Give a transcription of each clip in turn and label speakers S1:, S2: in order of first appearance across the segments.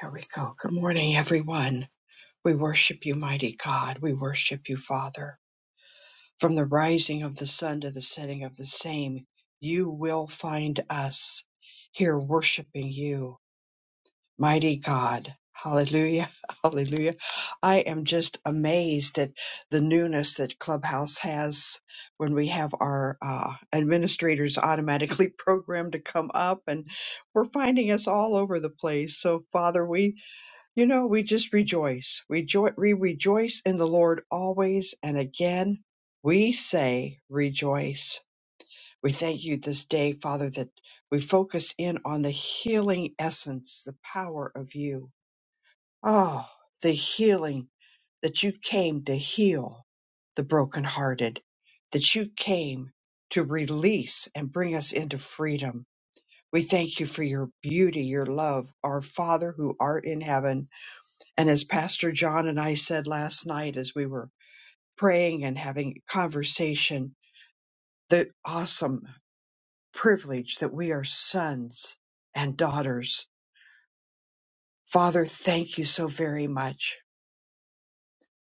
S1: Here we go. Good morning, everyone. We worship you, mighty God. We worship you, Father. From the rising of the sun to the setting of the same, you will find us here worshiping you, mighty God. Hallelujah. Hallelujah. I am just amazed at the newness that Clubhouse has when we have our uh, administrators automatically programmed to come up, and we're finding us all over the place. So, Father, we you know, we just rejoice. Rejo- we rejoice in the Lord always. And again, we say rejoice. We thank you this day, Father, that we focus in on the healing essence, the power of you. Oh, the healing that you came to heal the brokenhearted, that you came to release and bring us into freedom. We thank you for your beauty, your love, our Father who art in heaven and as Pastor John and I said last night as we were praying and having conversation, the awesome privilege that we are sons and daughters. Father, thank you so very much.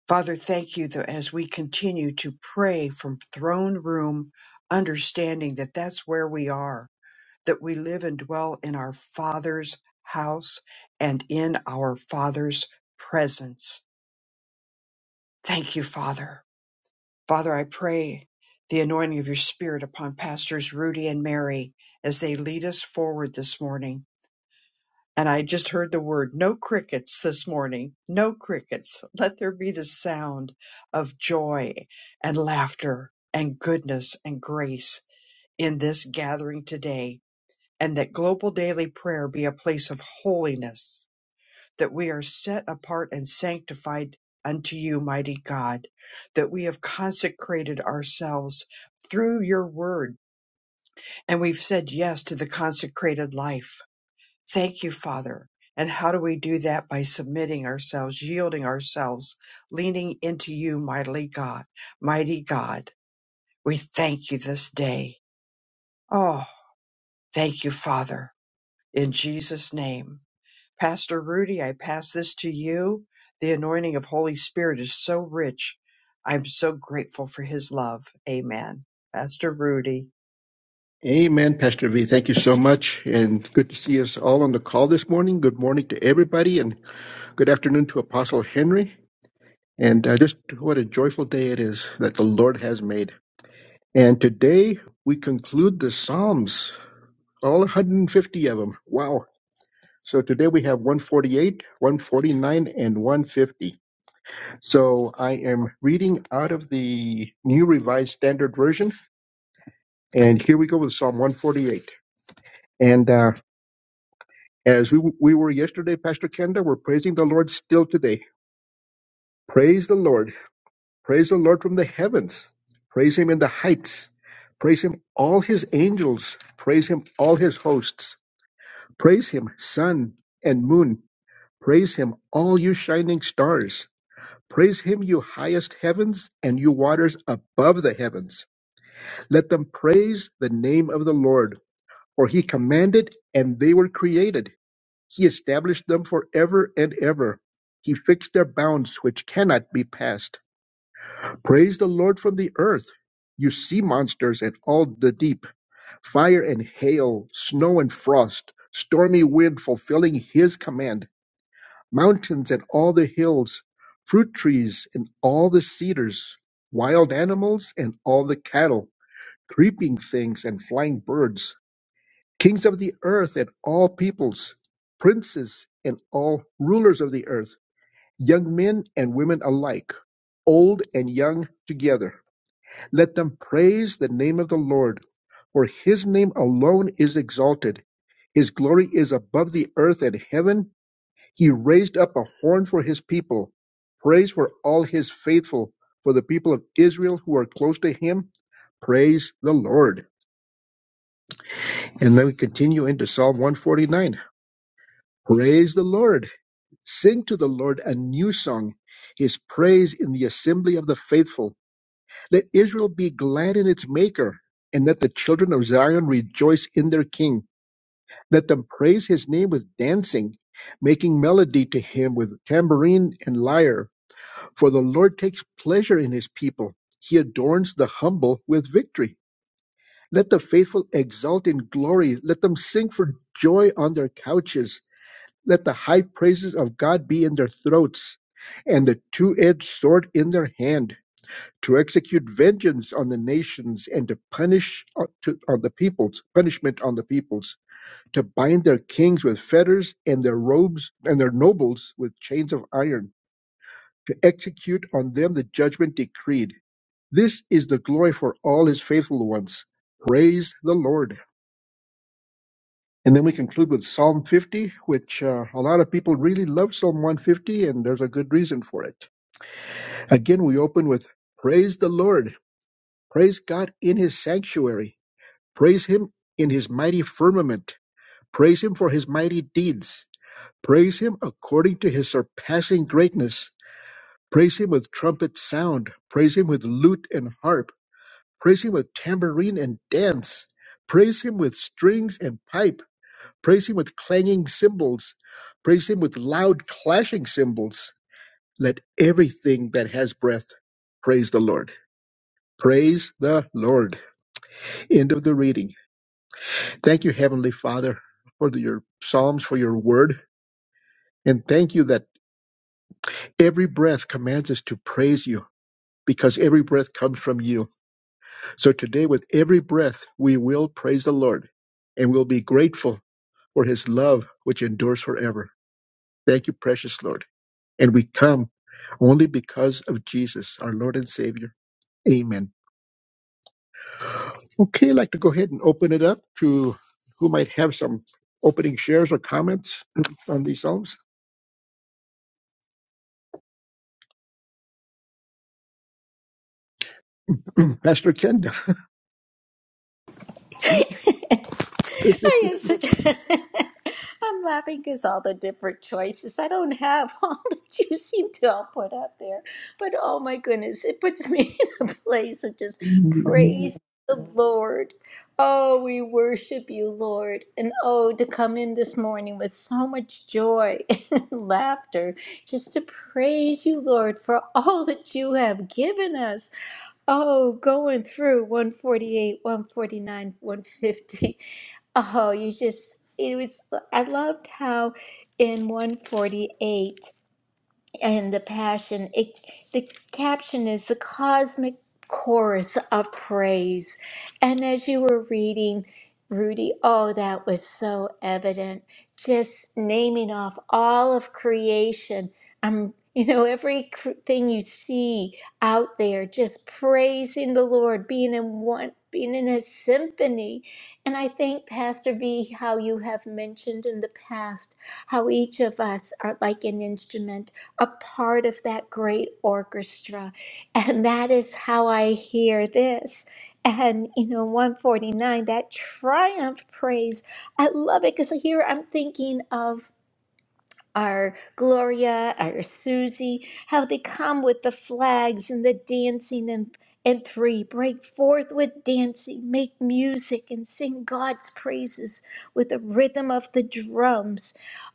S1: Father, thank you that as we continue to pray from throne room, understanding that that's where we are, that we live and dwell in our Father's house and in our Father's presence. Thank you, Father. Father, I pray the anointing of your spirit upon pastors Rudy and Mary as they lead us forward this morning. And I just heard the word no crickets this morning. No crickets. Let there be the sound of joy and laughter and goodness and grace in this gathering today. And that global daily prayer be a place of holiness that we are set apart and sanctified unto you, mighty God, that we have consecrated ourselves through your word and we've said yes to the consecrated life. Thank you, Father. And how do we do that? By submitting ourselves, yielding ourselves, leaning into you, mighty God, mighty God. We thank you this day. Oh, thank you, Father, in Jesus' name. Pastor Rudy, I pass this to you. The anointing of Holy Spirit is so rich. I'm so grateful for his love. Amen. Pastor Rudy.
S2: Amen, Pastor V. Thank you so much. And good to see us all on the call this morning. Good morning to everybody, and good afternoon to Apostle Henry. And uh, just what a joyful day it is that the Lord has made. And today we conclude the Psalms, all 150 of them. Wow. So today we have 148, 149, and 150. So I am reading out of the New Revised Standard Version. And here we go with Psalm 148. And uh, As we, we were yesterday, Pastor Kenda, we're praising the Lord still today. Praise the Lord. Praise the Lord from the heavens. Praise Him in the heights. Praise Him, all His angels. Praise Him, all His hosts. Praise Him, sun and moon. Praise Him, all you shining stars. Praise Him, you highest heavens and you waters above the heavens. Let them praise the name of the Lord, for He commanded and they were created. He established them forever and ever. He fixed their bounds, which cannot be passed. Praise the Lord from the earth, you sea monsters and all the deep, fire and hail, snow and frost, stormy wind fulfilling his command, mountains and all the hills, fruit trees and all the cedars, wild animals and all the cattle, creeping things and flying birds kings of the earth and all peoples, princes and all rulers of the earth, young men and women alike, old and young together. Let them praise the name of the Lord, for his name alone is exalted. His glory is above the earth and heaven. He raised up a horn for his people, praise for all his faithful, for the people of Israel who are close to him. Praise the Lord. And then we continue into Psalm 149. Praise the Lord. Sing to the Lord a new song, his praise in the assembly of the faithful. Let Israel be glad in its maker, and let the children of Zion rejoice in their king. Let them praise his name with dancing, making melody to him with tambourine and lyre. For the Lord takes pleasure in his people. He adorns the humble with victory. Let the faithful exult in glory. Let them sing for joy on their couches. Let the high praises of God be in their throats, and the two edged sword in their hand, to execute vengeance on the nations, and to punish on, to, on the peoples, punishment on the peoples, to bind their kings with fetters, and their robes, and their nobles with chains of iron, to execute on them the judgment decreed. This is the glory for all his faithful ones. Praise the Lord. And then we conclude with Psalm 50, which uh, a lot of people really love Psalm 150, and there's a good reason for it. Again, we open with Praise the Lord, praise God in his sanctuary, praise him in his mighty firmament, praise him for his mighty deeds, praise him according to his surpassing greatness, praise him with trumpet sound, praise him with lute and harp, praise him with tambourine and dance, praise him with strings and pipe Praise him with clanging cymbals. Praise him with loud clashing cymbals. Let everything that has breath praise the Lord. Praise the Lord. End of the reading. Thank you, Heavenly Father, for the- your Psalms, for your word. And thank you that every breath commands us to praise you because every breath comes from you. So today, with every breath, we will praise the Lord and we'll be grateful for his love, which endures forever. Thank you, precious Lord. and we come only because of Jesus, our Lord and Savior. Amen. Okay, I'd like to go ahead and open it up to who might have some opening shares or comments on these songs. Pastor Kenda.
S3: I used to, I'm laughing because all the different choices. I don't have all that you seem to all put out there. But oh my goodness, it puts me in a place of just praise the Lord. Oh, we worship you, Lord. And oh, to come in this morning with so much joy and laughter, just to praise you, Lord, for all that you have given us. Oh, going through 148, 149, 150. Oh, you just, it was, I loved how in 148 and the passion it the caption is the cosmic chorus of praise and as you were reading rudy oh that was so evident just naming off all of creation um you know every cr- thing you see out there just praising the lord being in one being in a symphony and i think pastor v how you have mentioned in the past how each of us are like an instrument a part of that great orchestra. And that is how I hear this. And, you know, 149, that triumph praise. I love it because here I'm thinking of our Gloria, our Susie, how they come with the flags and the dancing and and three, break forth with dancing, make music, and sing God's praises with the rhythm of the drums.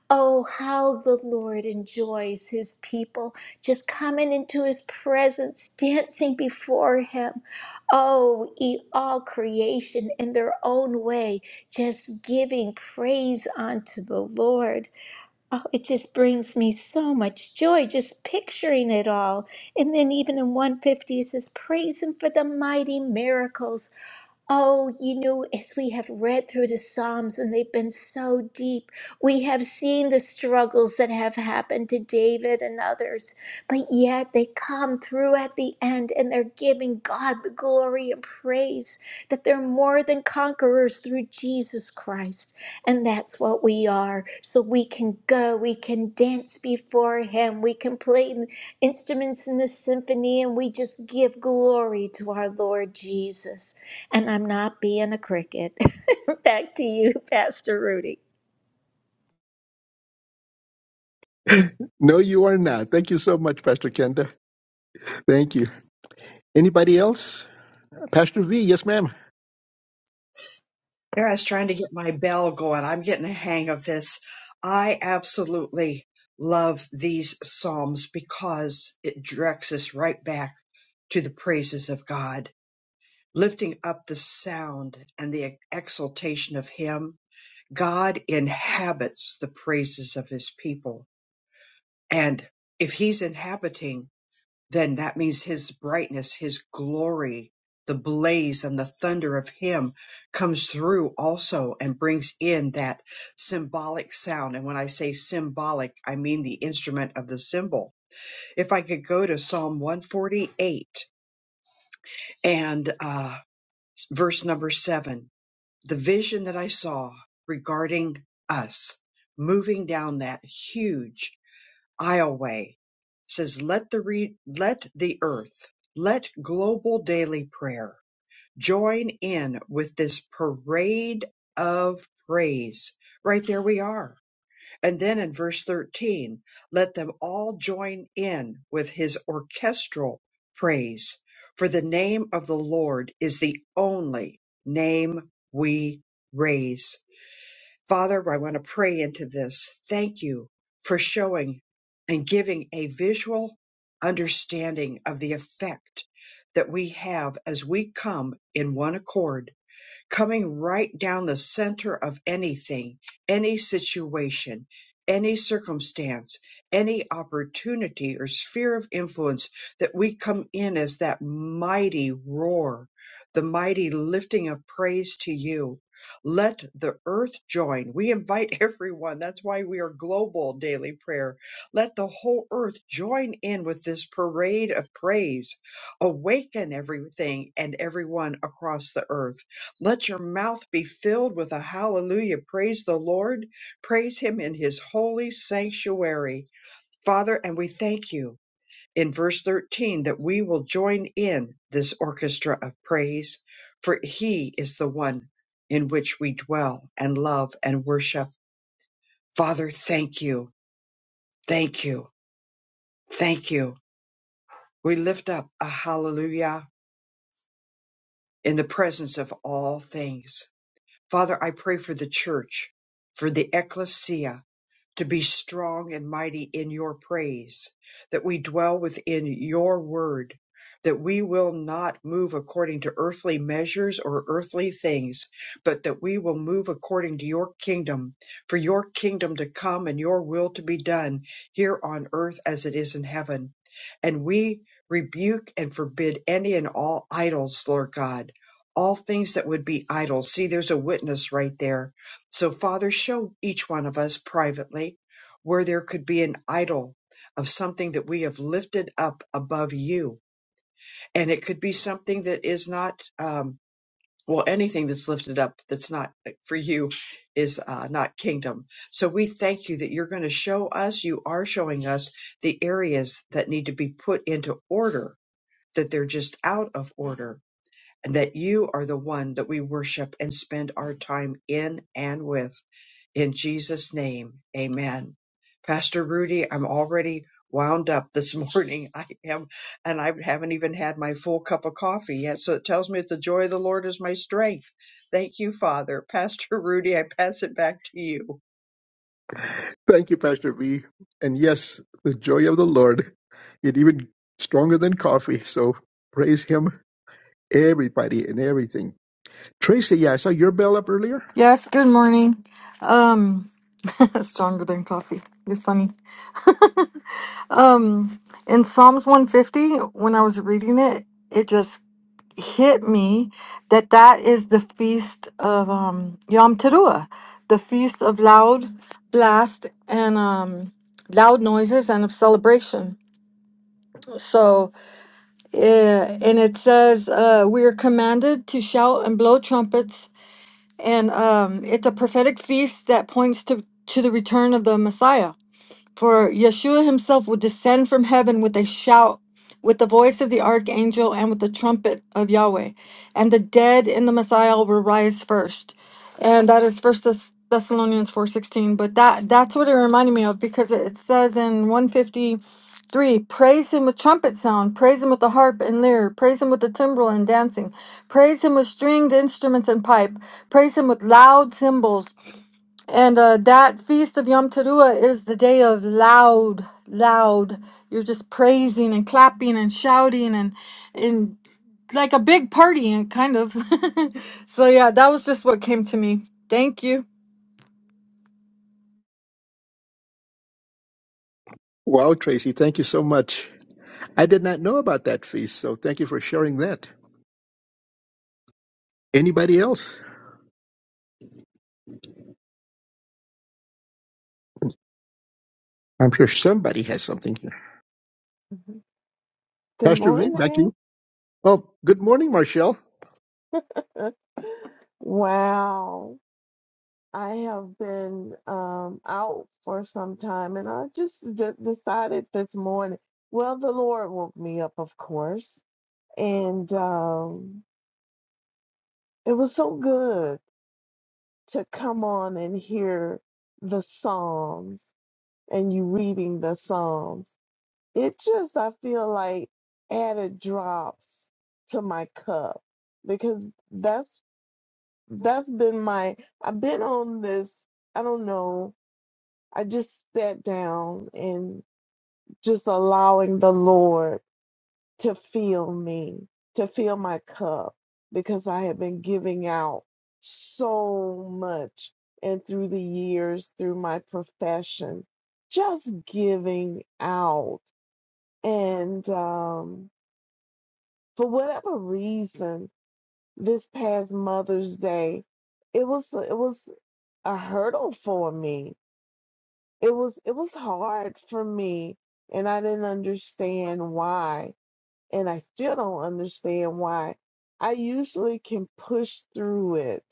S3: Oh, how the Lord enjoys his people just coming into his presence, dancing before him. Oh, e all creation in their own way, just giving praise unto the Lord. Oh, it just brings me so much joy just picturing it all. And then, even in 150, it says, Praise Him for the mighty miracles. Oh, you know, as we have read through the Psalms and they've been so deep, we have seen the struggles that have happened to David and others, but yet they come through at the end and they're giving God the glory and praise that they're more than conquerors through Jesus Christ. And that's what we are. So we can go, we can dance before Him, we can play instruments in the symphony and we just give glory to our Lord Jesus. And I'm not being a cricket. Back to you, Pastor Rudy.
S2: No, you are not. Thank you so much, Pastor Kenda. Thank you. Anybody else? Pastor V, yes, ma'am.
S1: There, I was trying to get my bell going. I'm getting a hang of this. I absolutely love these Psalms because it directs us right back to the praises of God, lifting up the sound and the exaltation of Him. God inhabits the praises of His people. And if he's inhabiting, then that means his brightness, his glory, the blaze and the thunder of him comes through also and brings in that symbolic sound. And when I say symbolic, I mean the instrument of the symbol. If I could go to Psalm 148 and uh, verse number seven, the vision that I saw regarding us moving down that huge Ioway says let the re- let the earth, let global daily prayer join in with this parade of praise. Right there we are. And then in verse 13, let them all join in with his orchestral praise, for the name of the Lord is the only name we raise. Father, I want to pray into this. Thank you for showing and giving a visual understanding of the effect that we have as we come in one accord coming right down the center of anything, any situation, any circumstance, any opportunity or sphere of influence that we come in as that mighty roar, the mighty lifting of praise to you. Let the earth join. We invite everyone. That's why we are global daily prayer. Let the whole earth join in with this parade of praise. Awaken everything and everyone across the earth let your mouth be filled with a hallelujah. Praise the Lord. Praise him in his holy sanctuary. Father, and we thank you in verse 13 that we will join in this orchestra of praise, for he is the one in which we dwell and love and worship. Father, thank you. Thank you. Thank you. We lift up a hallelujah in the presence of all things. Father, I pray for the church, for the ecclesia, to be strong and mighty in your praise, that we dwell within your word, that we will not move according to earthly measures or earthly things, but that we will move according to your kingdom, for your kingdom to come and your will to be done here on earth as it is in heaven. And we rebuke and forbid any and all idols, Lord God. All things that would be idols. See, there's a witness right there so, Father, show each one of us privately where there could be an idol of something that we have lifted up above you. And it could be something that is not, um, well, anything that's lifted up that's not uh, for you is uh, not kingdom. So we thank you that you're going to show us, you are showing us the areas that need to be put into order, that they're just out of order and that you are the one that we worship and spend our time in and with. In Jesus' name, amen. Pastor Rudy, I'm already wound up this morning. I am, and I haven't even had my full cup of coffee yet. So it tells me that the joy of the Lord is my strength. Thank you, Father. Pastor Rudy, I pass it back to you.
S2: Thank you, Pastor V. And yes, the joy of the Lord, it even stronger than coffee. So praise him, everybody and everything. Tracy, yeah, I saw your bell up earlier.
S4: Yes, good morning. Um, stronger than coffee. You're funny. Um, in Psalms 150, when I was reading it, it just hit me that that is the feast of um, Yom Teruah, the feast of loud blast and um, loud noises and of celebration. So, uh, and it says, uh, we are commanded to shout and blow trumpets and um, it's a prophetic feast that points to to the return of the Messiah. For Yeshua himself will descend from heaven with a shout, with the voice of the archangel, and with the trumpet of Yahweh. And the dead in the Messiah will rise first. And that is First Thess- Thessalonians 4.16. But that that's what it reminded me of because it it says in 153, praise him with trumpet sound, praise him with the harp and lyre, praise him with the timbrel and dancing, praise him with stringed instruments and pipe, praise him with loud cymbals and uh, that feast of Yom Teruah is the day of loud, loud. You're just praising and clapping and shouting and and like a big party and kind of. so yeah, that was just what came to me. Thank you.
S2: Wow, Tracy, thank you so much. I did not know about that feast, so thank you for sharing that. Anybody else? I'm sure somebody has something here.
S5: Mhm. Good
S2: Pastor V, back to
S5: morning.
S2: you. Oh, good morning, Marshall.
S5: Uh, Wow. I have been um out for some time and I just d decided this morning. Well, the Lord woke me up, of course, and um it was so good to come on and hear the Psalms and you reading the Psalms. it just I feel like added drops to my cup because that's that's been my I've been on this I don't know I just sat down and just allowing the Lord to fill me to fill my cup because I have been giving out so much and through the years through my profession just giving out and um for whatever reason, this past Mother's Day, it was it was a hurdle for me. It was it was hard for me, and I didn't understand why, and I still don't understand why. I usually can push through it,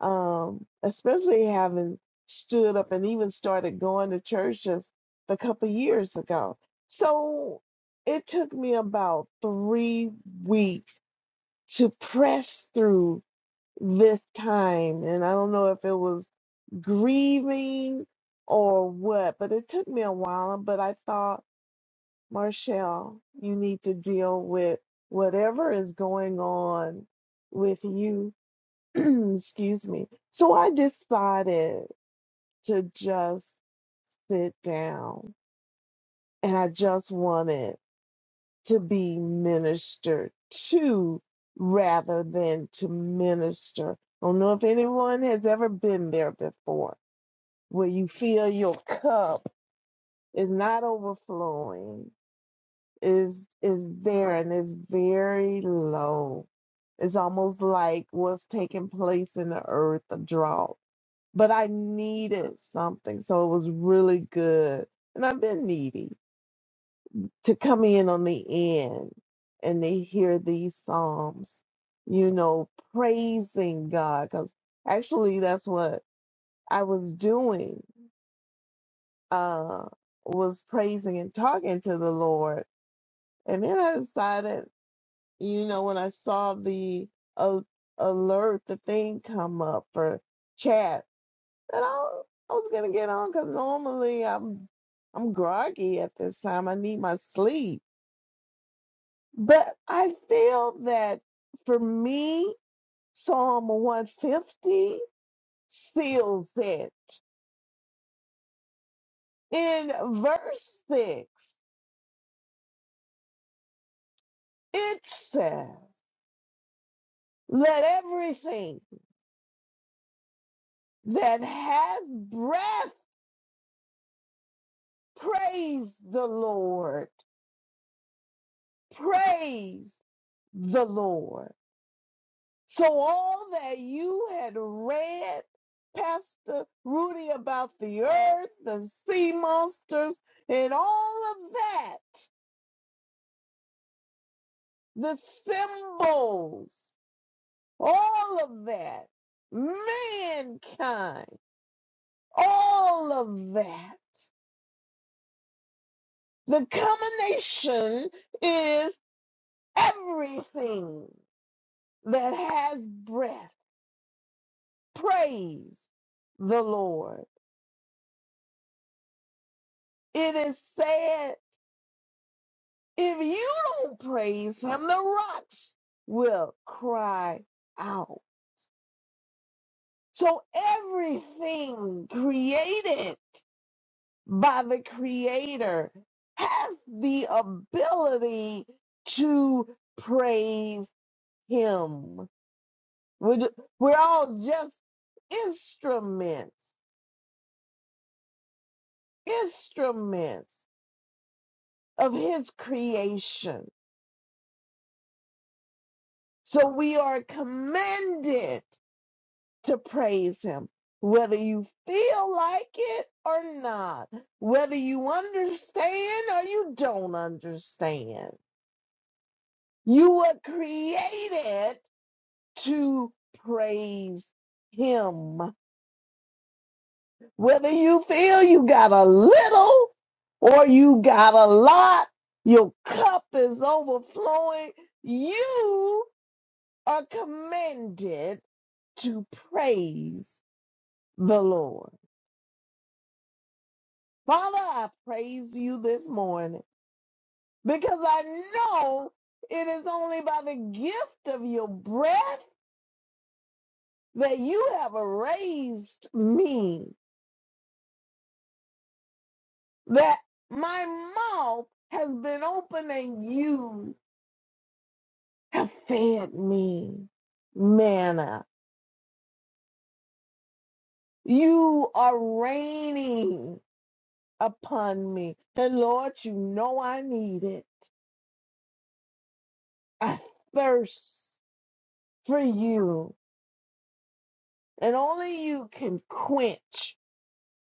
S5: um, especially having stood up and even started going to church just a couple years ago. So it took me about three weeks to press through this time. And I don't know if it was grieving or what, but it took me a while. But I thought, Marshall, you need to deal with whatever is going on with you. Excuse me. So I decided to just sit down and I just wanted to be ministered to rather than to minister. I don't know if anyone has ever been there before, where you feel your cup is not overflowing, is is there and it's very low. It's almost like what's taking place in the earth, a drought. But I needed something, so it was really good. And I've been needy. to come in on the end and they hear these psalms, you know, praising God. Because actually, that's what I was doing, uh, was praising and talking to the Lord. And then I decided, you know, when I saw the a alert, the thing come up for chat, that I, I was gonna get on because normally I'm I'm groggy at this time. I need my sleep But I feel that for me, Psalm 150 seals it. In verse 6, it says, Let everything that has breath praise the Lord. Praise the Lord. So, all that you had read, Pastor Rudy, about the earth, the sea monsters, and all of that the symbols, all of that, mankind, all of that. The combination is everything that has breath. Praise the Lord. It is said, if you don't praise him, the rocks will cry out. So everything created by the creator has the ability to praise him. We're, ju- we're all just instruments, instruments of his creation. So we are commanded to praise him, whether you feel like it or not, whether you understand or you don't understand. You were created to praise him. Whether you feel you got a little or you got a lot, your cup is overflowing, you are commanded to praise the Lord. Father, I praise you this morning because I know it is only by the gift of your breath that you have raised me. that my mouth has been open and you have fed me manna. You are raining upon me. And Lord, you know I need it. I thirst for you, and only you can quench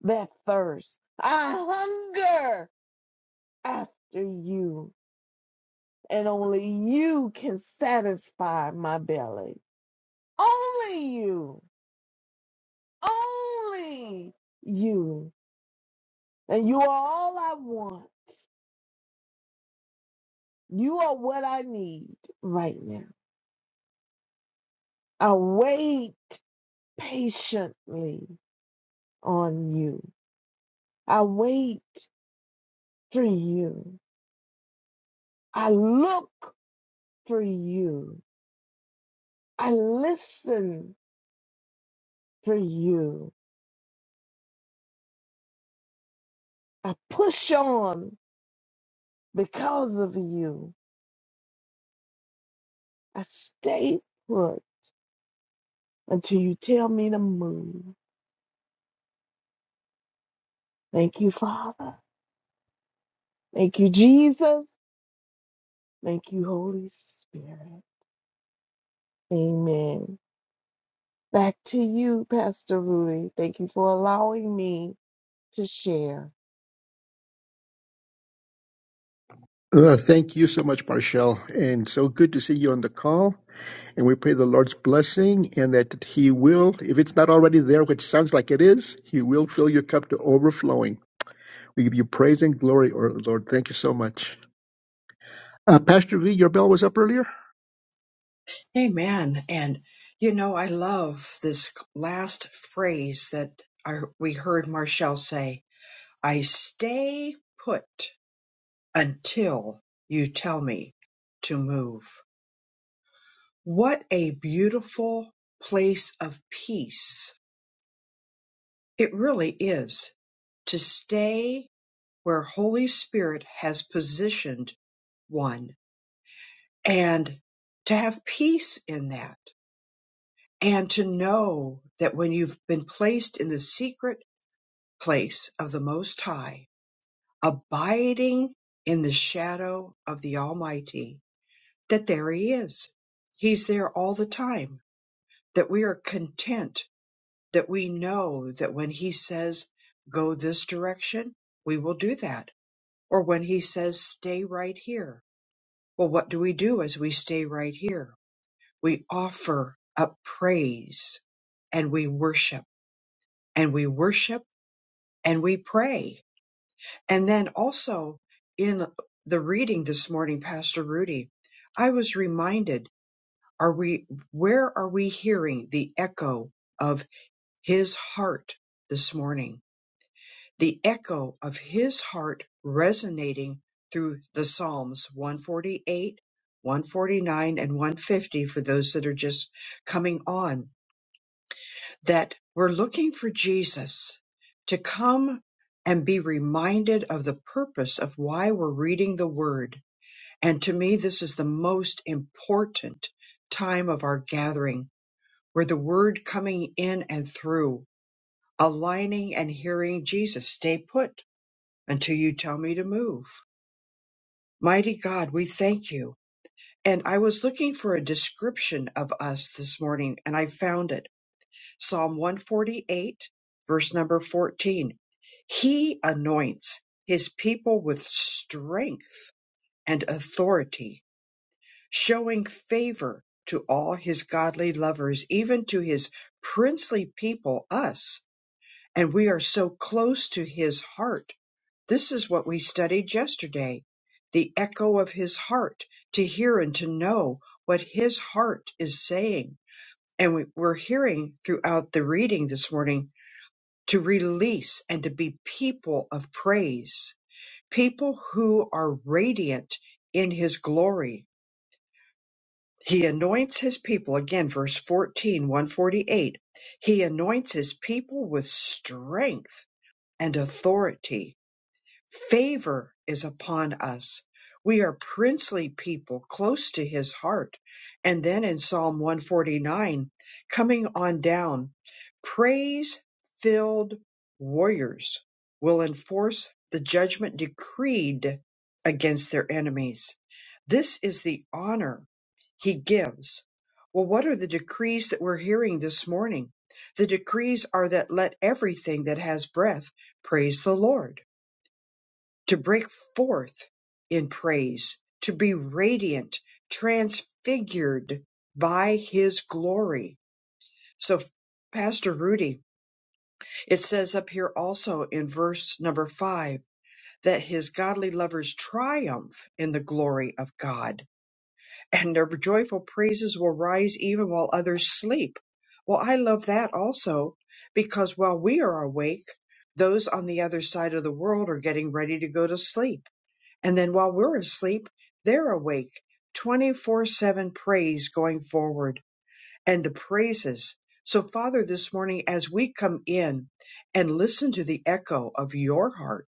S5: that thirst. I hunger after you, and only you can satisfy my belly. Only you. only you. And you are all I want. You are what I need right now. I wait patiently on you. I wait for you. I look for you. I listen for you. I push on because of you. I stay put until you tell me to move. Thank you, Father. Thank you, Jesus. Thank you, Holy Spirit. Amen. Back to you, Pastor Rudy. Thank you for allowing me to share.
S2: Uh, thank you so much, Marshall. And so good to see you on the call. And we pray the Lord's blessing and that He will, if it's not already there, which sounds like it is, He will fill your cup to overflowing. We give you praise and glory, O Lord. Thank you so much. Uh, Pastor V, your bell was up earlier.
S1: Amen. And, you know, I love this last phrase that I, we heard Marshall say I stay put. until you tell me to move. What a beautiful place of peace it really is to stay where Holy Spirit has positioned one and to have peace in that and to know that when you've been placed in the secret place of the Most High, abiding in the shadow of the Almighty, that there He is. He's there all the time that we are content, that we know that when He says, go this direction, we will do that. Or when He says, stay right here. Well, what do we do as we stay right here? We offer up praise and we worship and we worship and we pray. And then also in the reading this morning, Pastor Rudy, I was reminded, are we, where are we hearing the echo of? his heart this morning, the echo of his heart resonating through the Psalms 148, 149, and 150 for those that are just coming on, that we're looking for Jesus to come and be reminded of the purpose of why we're reading the Word. And to me, this is the most important time of our gathering where the Word coming in and through aligning and hearing Jesus, stay put until you tell me to move. Mighty God, we thank you. And I was looking for a description of us this morning and I found it. Psalm 148, verse number 14. He anoints his people with strength and authority, showing favor to all his godly lovers, even to his princely people, us and we are so close to his heart. This is what we studied yesterday the echo of his heart, to hear and to know what his heart is saying. And we, we're hearing throughout the reading this morning to release and to be people of praise, people who are radiant in his glory. He anoints his people, again, verse fourteen, one forty-eight. He anoints his people with strength and authority Favor is upon us. We are princely people close to his heart. And then in Psalm 149, coming on down, praise filled warriors will enforce the judgment decreed against their enemies. This is the honor he gives. Well, what are the decrees that we're hearing this morning? The decrees are that let everything that has breath praise the Lord to break forth in praise, to be radiant, transfigured by his glory. So, Pastor Rudy, it says up here also in verse number five that his godly lovers triumph in the glory of God and their joyful praises will rise even while others sleep. Well, I love that also because while we are awake, those on the other side of the world are getting ready to go to sleep and then while we're asleep, they're awake 24 7 praise going forward and the praises. So, Father, this morning, as we come in and listen to the echo of your heart,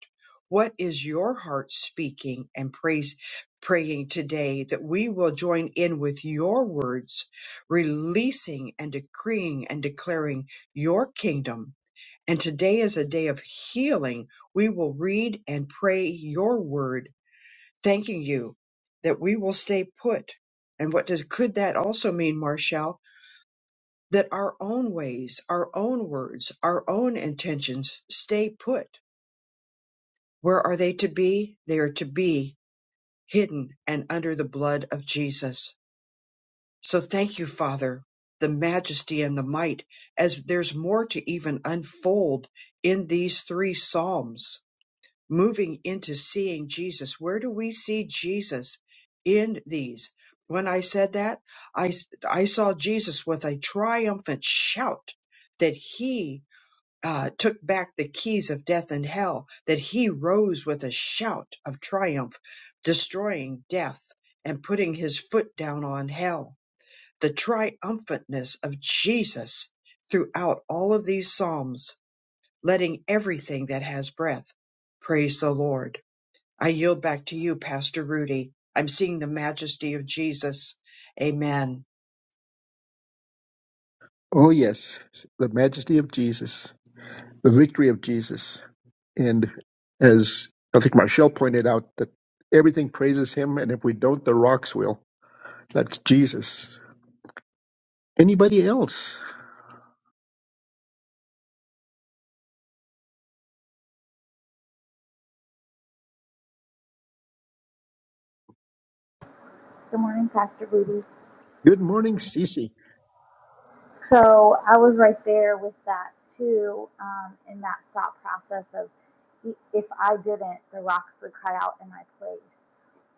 S1: what is your heart speaking and praise, praying today that we will join in with your words, releasing and decreeing and declaring your kingdom? And today is a day of healing. We will read and pray your word thanking you that we will stay put. And what does, could that also mean, Marshall? That our own ways, our own words, our own intentions stay put. Where are they to be? They are to be hidden and under the blood of Jesus. So thank you, Father, the majesty and the might, as there's more to even unfold in these three Psalms moving into seeing Jesus. Where do we see Jesus in these? When I said that, I, s- I saw Jesus with a triumphant shout that he uh, took back the keys of death and hell, that he rose with a shout of triumph, destroying death and putting his foot down on hell. The triumphantness of Jesus throughout all of these Psalms, letting everything that has breath praise the Lord I yield back to you, Pastor Rudy. I'm seeing the majesty of Jesus. Amen.
S2: Oh, yes, the majesty of Jesus, the victory of Jesus. And as I think Marshall pointed out, that everything praises him, and if we don't, the rocks will. That's Jesus. Anybody else?
S6: Good morning, Pastor Rudy.
S2: Good morning, Cece.
S6: So I was right there with that too, um, in that thought process of i- if I didn't, the rocks would cry out in my place.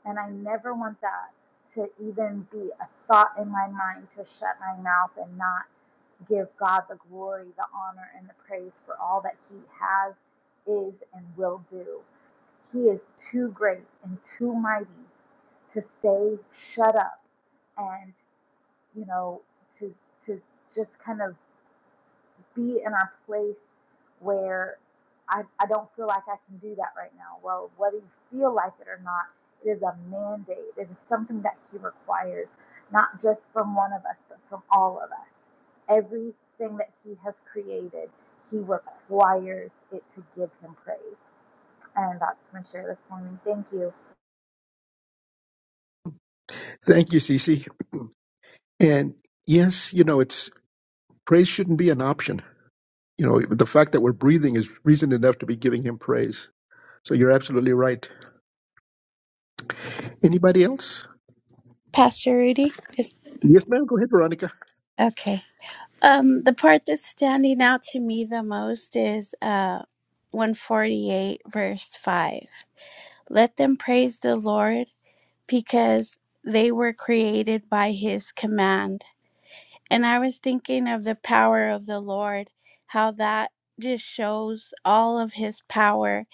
S6: And I never want that to even be a thought in my mind to shut my mouth and not give God the glory, the honor, and the praise for all that He has, is, and will do. He is too great and too mighty to stay shut up and. you know, to to just kind of be in our place where I, I don't feel like I can do that right now. Well, whether you feel like it or not, it is a mandate. It is something that he requires, not just from one of us, but from all of us. Everything that he has created, he requires it to give him praise. And that's my share this morning. Thank you.
S2: Thank you, Cece. And yes, you know, it's praise shouldn't be an option. You know, the fact that we're breathing is reason enough to be giving him praise. So you're absolutely right. Anybody else?
S7: Pastor Rudy. Is,
S2: Yes, ma'am. Go ahead, Veronica.
S7: Okay. um, the part that's standing out to me the most is uh, 148, verse 5. Let them praise the Lord because they were created by his command. And I was thinking of the power of the Lord, how that just shows all of his power,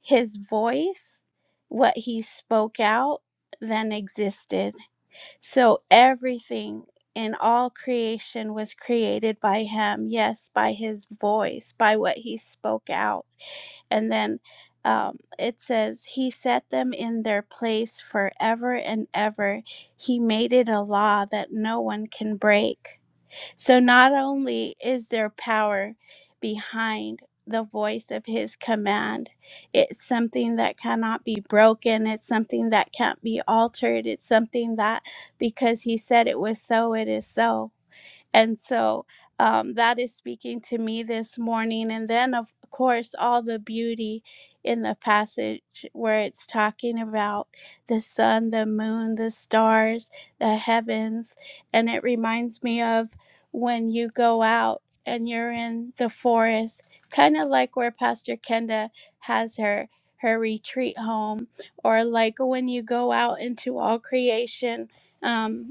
S7: his voice, what he spoke out, then existed. So everything in all creation was created by him. Yes, by his voice, by what he spoke out. And then um, it says, He set them in their place forever and ever. He made it a law that no one can break. So not only is there power behind the voice of his command, it's something that cannot be broken, it's something that can't be altered, it's something that because he said it was so, it is so. And so um, that is speaking to me this morning. And then, of course, all the beauty in the passage where it's talking about the sun, the moon, the stars, the heavens. And it reminds me of when you go out and you're in the forest, kind of like where Pastor Kenda has her. Her retreat home, or like when you go out into all creation, um,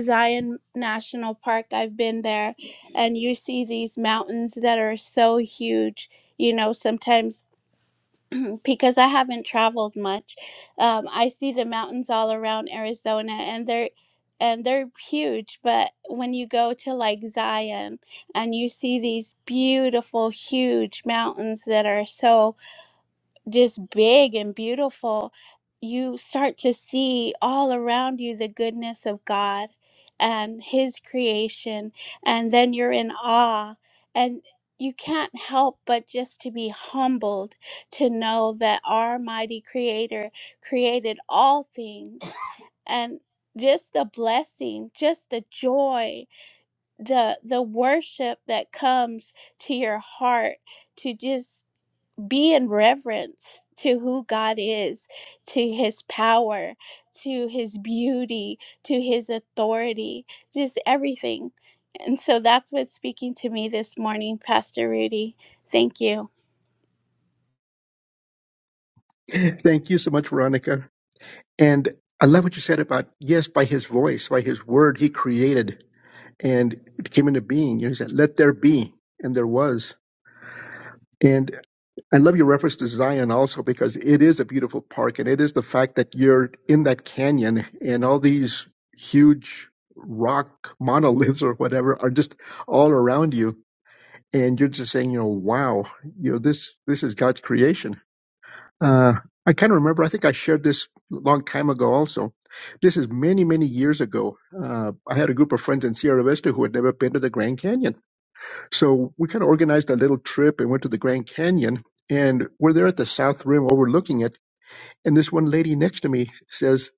S7: Zion National Park. I've been there, and you see these mountains that are so huge. You know, sometimes because I haven't traveled much, um, I see the mountains all around Arizona, and they're and they're huge. But when you go to like Zion, and you see these beautiful, huge mountains that are so just big and beautiful, you start to see all around you the goodness of God and His creation. And then you're in awe. And you can't help but just to be humbled to know that our mighty Creator created all things. And just the blessing, just the joy, the the worship that comes to your heart to just be in reverence to who God is, to his power, to his beauty, to his authority, just everything. And so that's what's speaking to me this morning, Pastor Rudy. Thank you.
S2: Thank you so much, Veronica. And I love what you said about, yes, by his voice, by his word, he created and it came into being. You know, he said, let there be. And there was. And I love your reference to Zion also because it is a beautiful park and it is the fact that you're in that canyon and all these huge rock monoliths or whatever are just all around you. And you're just saying, you know, wow, you know, this, this is God's creation uh, I can't remember. I think I shared this a long time ago also. This is many, many years ago. Uh, I had a group of friends in Sierra Vista who had never been to the Grand Canyon. So we kind of organized a little trip and went to the Grand Canyon. And we're there at the South Rim overlooking it. And this one lady next to me says,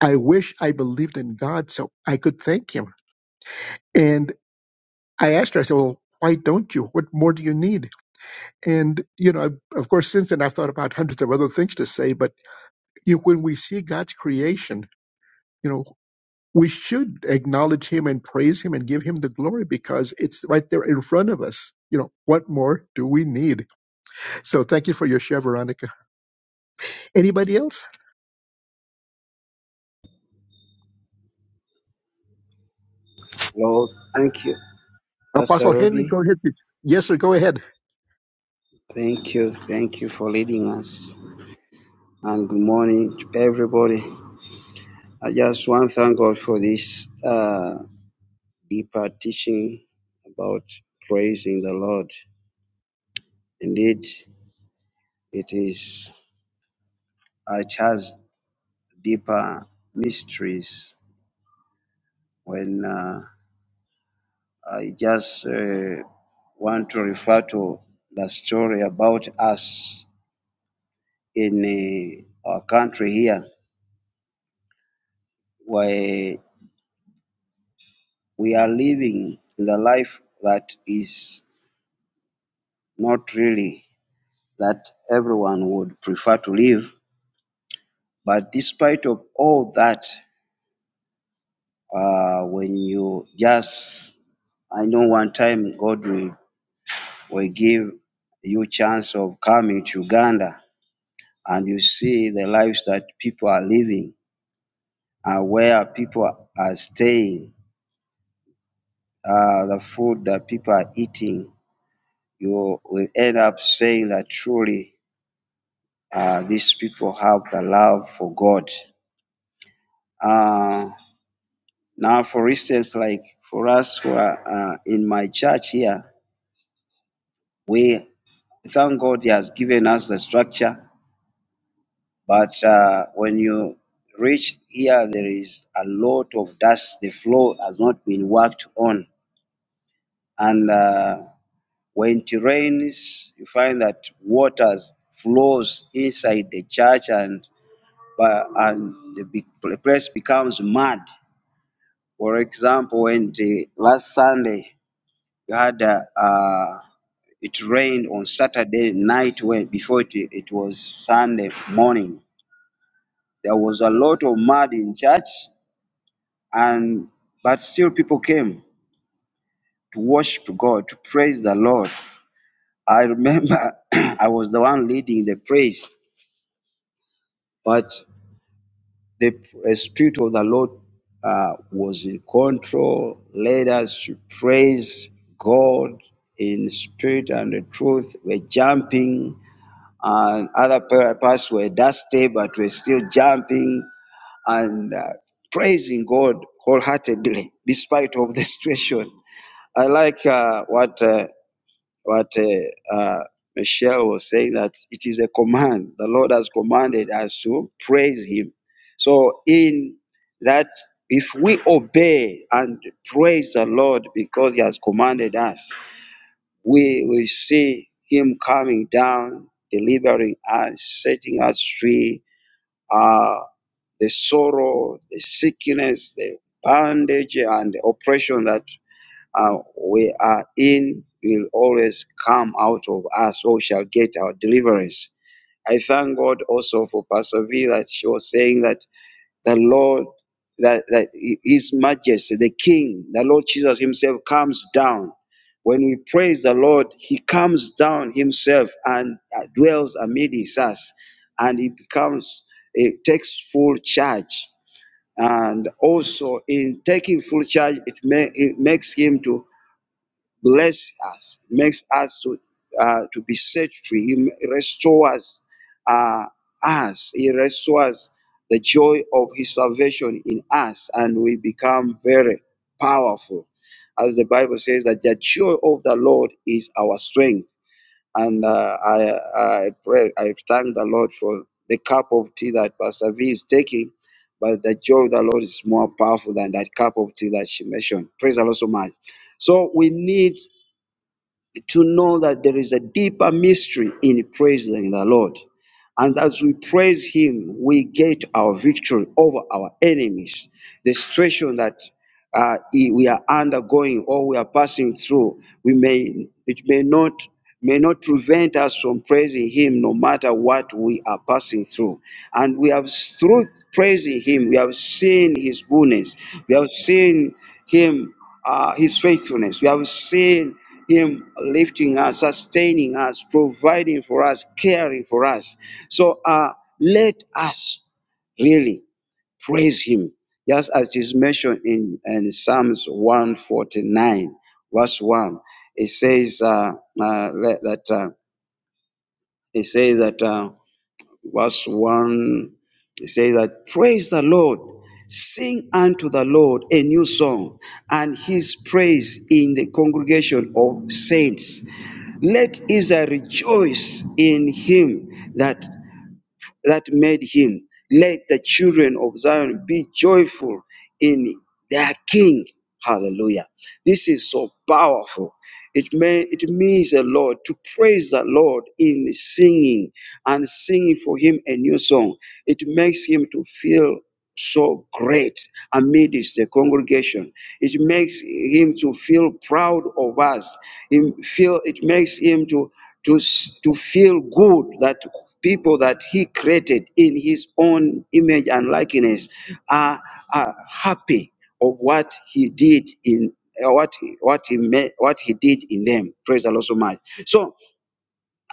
S2: I wish I believed in God so I could thank him. And I asked her, I said, Well, why don't you? What more do you need? And, you know, I, of course, since then I've thought about hundreds of other things to say, but you when we see God's creation, you know, we should acknowledge Him and praise Him and give Him the glory because it's right there in front of us. You know, what more do we need? So thank you for your share, Veronica. Anybody else?
S8: Lord, thank you. Pastor
S2: Apostle Henry,
S8: Rudy,
S2: go ahead. please. Yes, sir, go ahead.
S8: thank you. Thank you for leading us. And good morning to everybody. I just want to thank God for this uh, deeper teaching about praising the Lord. Indeed, it is, it has deeper mysteries when uh, I just uh, want to refer to the story about us in uh, our country here, where We are living in the life that is not really that everyone would prefer to live. But despite of all that, uh, when you just, I know one time God will, will give you chance of coming to Uganda and you see the lives that people are living and where people are staying, uh, the food that people are eating, you will end up saying that truly uh, these people have the love for God. Uh, now, for instance, like for us who are uh, in my church here, we thank God He has given us the structure. But uh, when you reach here, there is a lot of dust. The floor has not been worked on. And uh, when it rains, you find that water flows inside the church and, but- and the big- the place becomes mud For example, when the last Sunday you had uh, uh, it rained on Saturday night when before it, it was Sunday morning. There was a lot of mud in church and but still people came to worship God, to praise the Lord. I remember I was the one leading the praise, but The Spirit of the Lord uh, was in control, led us to praise God in spirit and the truth. We're jumping, and other pa- parts were dusty, but we're still jumping and uh, praising God wholeheartedly, despite of the situation. I like uh, what uh, but uh, uh, Michelle was saying that it is a command. The Lord has commanded us to praise Him. So, in that, if we obey and praise the Lord because He has commanded us, we will see Him coming down, delivering us, setting us free. Uh, the sorrow, the sickness, the bondage, and the oppression that uh, we are in will always come out of us or shall get our deliverance. I thank God also for Pastor V that she was saying that the Lord, that, that His Majesty, the King, the Lord Jesus Himself comes down. When we praise the Lord, He comes down Himself and uh, dwells amid us, and He becomes, it takes full charge and also in taking full charge it, ma- it makes him to bless us, makes us to uh, to be set free. He restores uh, us. He restores the joy of His salvation in us, and we become very powerful, as the Bible says that the joy of the Lord is our strength. And uh, I I pray I thank the Lord for the cup of tea that Pastor V is taking. But the joy of the Lord is more powerful than that cup of tea that she mentioned. Praise the Lord so much. So we need to know that there is a deeper mystery in praising the Lord. And as we praise Him, we get our victory over our enemies. The situation that uh, i- we are undergoing or we are passing through, we may it may not may not prevent us from praising Him, no matter what we are passing through. And we have s- through praising Him, we have seen His goodness. We have seen Him uh, His faithfulness. We have seen him lifting us, sustaining us, providing for us, caring for us. So uh, let us really praise Him, just as is mentioned in, in Psalms 149, verse 1. It says uh, uh, let- that uh, it says that uh, verse 1 it says that praise the Lord, sing unto the Lord a new song, and his praise in the congregation of saints. Let Israel rejoice in him that, that made him. Let the children of Zion be joyful in their king. Hallelujah. This is so powerful. It may it means the Lord to praise the Lord in singing and singing for him a new song. It makes him to feel so great amidst the congregation. It makes him to feel proud of us. Him feel it makes him to to s- to feel good that people that he created in his own image and likeness are are happy of what he did in uh, what he- what he made, what he did in them. Praise the Lord so much. So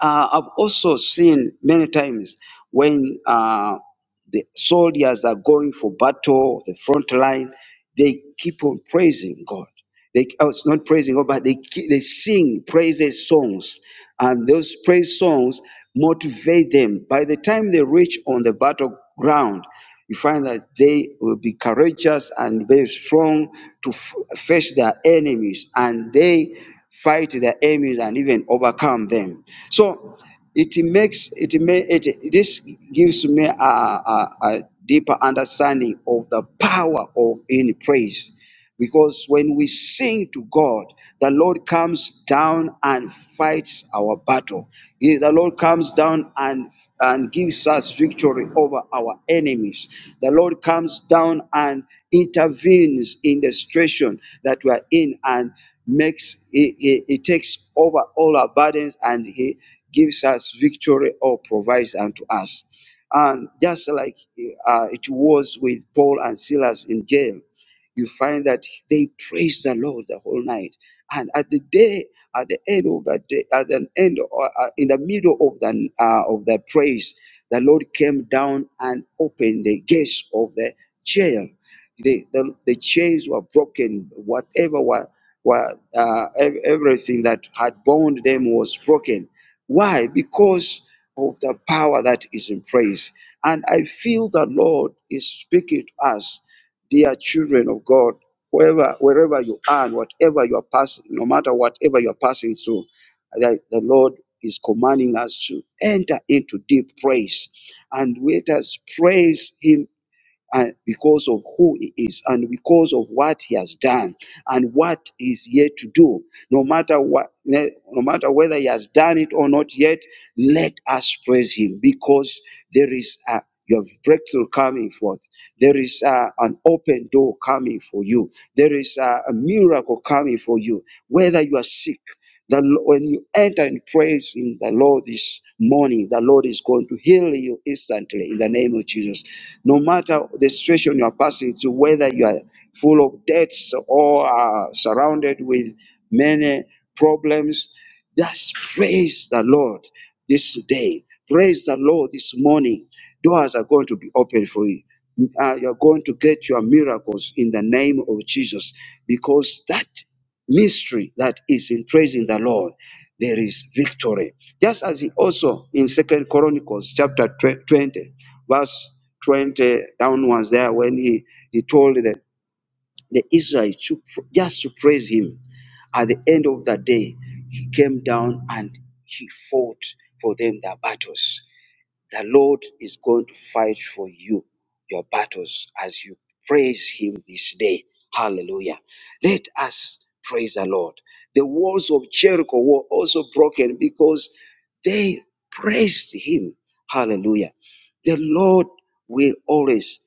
S8: uh, I've also seen many times when uh, the soldiers are going for battle, the front line, they keep on praising God. They, oh, it's not praising God, but they, keep, they sing praises songs. And those praise songs motivate them. By the time they reach on the battleground, you find that they will be courageous and very strong to f- face their enemies and they fight their enemies and even overcome them. So it makes it may it this gives me a, a, a deeper understanding of the power of in praise because when we sing to god the lord comes down and fights our battle He- the lord comes down and and gives us victory over our enemies the lord comes down and intervenes in the situation that we are in and makes he, he, he takes over all our burdens and he gives us victory or provides unto us. And just like uh, it was with Paul and Silas in jail, you find that they praised the Lord the whole night. And at the day, at the end of the day, at the end, or uh, in the middle of the uh, of the praise, the Lord came down and opened the gates of the jail. The, the, the chains were broken. Whatever were, were uh, ev- everything that had bound them was broken why? Because of the power that is in praise. And I feel the Lord is speaking to us, dear children of God, wherever, wherever you are, and whatever you are passing, no matter whatever you are passing through, that the Lord is commanding us to enter into deep praise. And let us praise Him and because of who he is and because of what he has done and what he's yet to do no matter what no matter whether he has done it or not yet let us praise him because there is a your breakthrough coming forth. There is uh, an open door coming for you. There is uh, a miracle coming for you. Whether you are sick, the, Lo- when you enter and praise in the Lord this morning, the Lord is going to heal you instantly in the name of Jesus. No matter the situation you are passing through, whether you are full of debts or are surrounded with many problems, just praise the Lord this day. Praise the Lord this morning. Doors are going to be opened for you. Uh, you're going to get your miracles in the name of Jesus because that mystery that is in praising the Lord, there is victory. Just as he also in Second Chronicles chapter 20, verse Twenty uh, downwards there when he, he told the, the Israelites to, pr- just to praise him. At the end of the day, he came down and he fought for them their battles. The Lord is going to fight for you your battles as you praise Him this day. Hallelujah. Let us praise the Lord. The walls of Jericho were also broken because they praised Him. Hallelujah. The Lord will always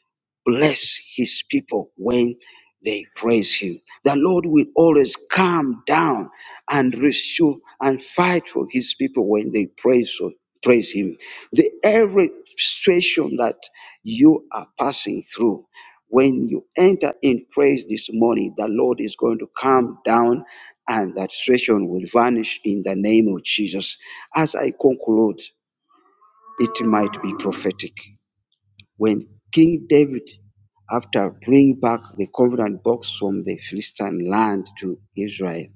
S8: bless His people when they praise Him. The Lord will always come down and rescue and fight for His people when they praise, for praise Him. The every situation that you are passing through, when you enter in praise this morning, the Lord is going to come down and that situation will vanish in the name of Jesus. As I conclude, it might be prophetic. When King David, after bringing back the covenant box from the Philistine land to Israel,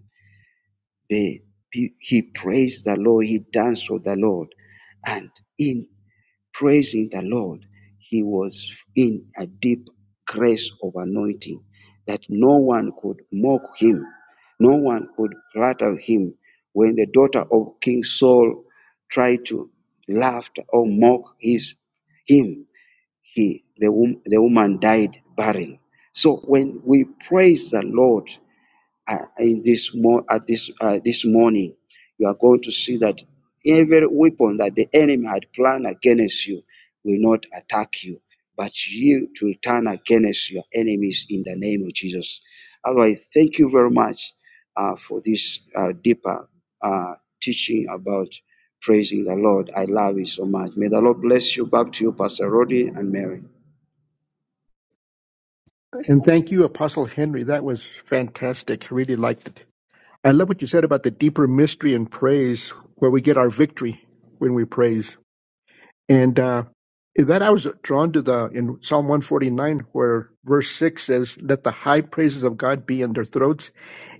S8: they, he he praised the Lord, he danced with the Lord. And in praising the Lord, he was in a deep grace of anointing that no one could mock him, no one could flatter him. When the daughter of King Saul tried to laugh or mock his him, he the, wom- the woman died barren. So when we praise the Lord, uh, in this mo- at this uh, this morning, you are going to see that every weapon that the enemy had planned against you will not attack you, but you to turn against your enemies in the name of Jesus. Otherwise, thank you very much uh, for this uh, deeper uh, teaching about praising the Lord. I love it so much. May the Lord bless you. Back to you, Pastor Roddy and Mary.
S2: And thank you, Apostle Henry. That was fantastic. Really liked it. I love what you said about the deeper mystery and praise where we get our victory when we praise. And uh, in that I was drawn to the in Psalm 149, where verse 6 says, Let the high praises of God be in their throats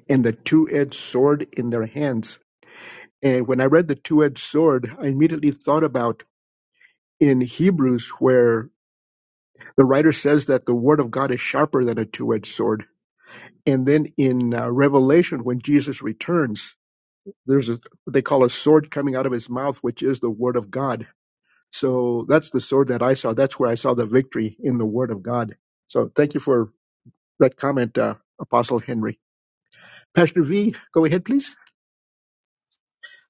S2: and the two edged sword in their hands. And when I read the two edged sword, I immediately thought about in Hebrews, where the writer says that the word of God is sharper than a two edged sword. And then in uh, Revelation, when Jesus returns, there's a, what they call a sword coming out of his mouth, which is the word of God So that's the sword that I saw. That's where I saw the victory in the Word of God. So thank you for that comment, uh, Apostle Henry. Pastor V, go ahead, please.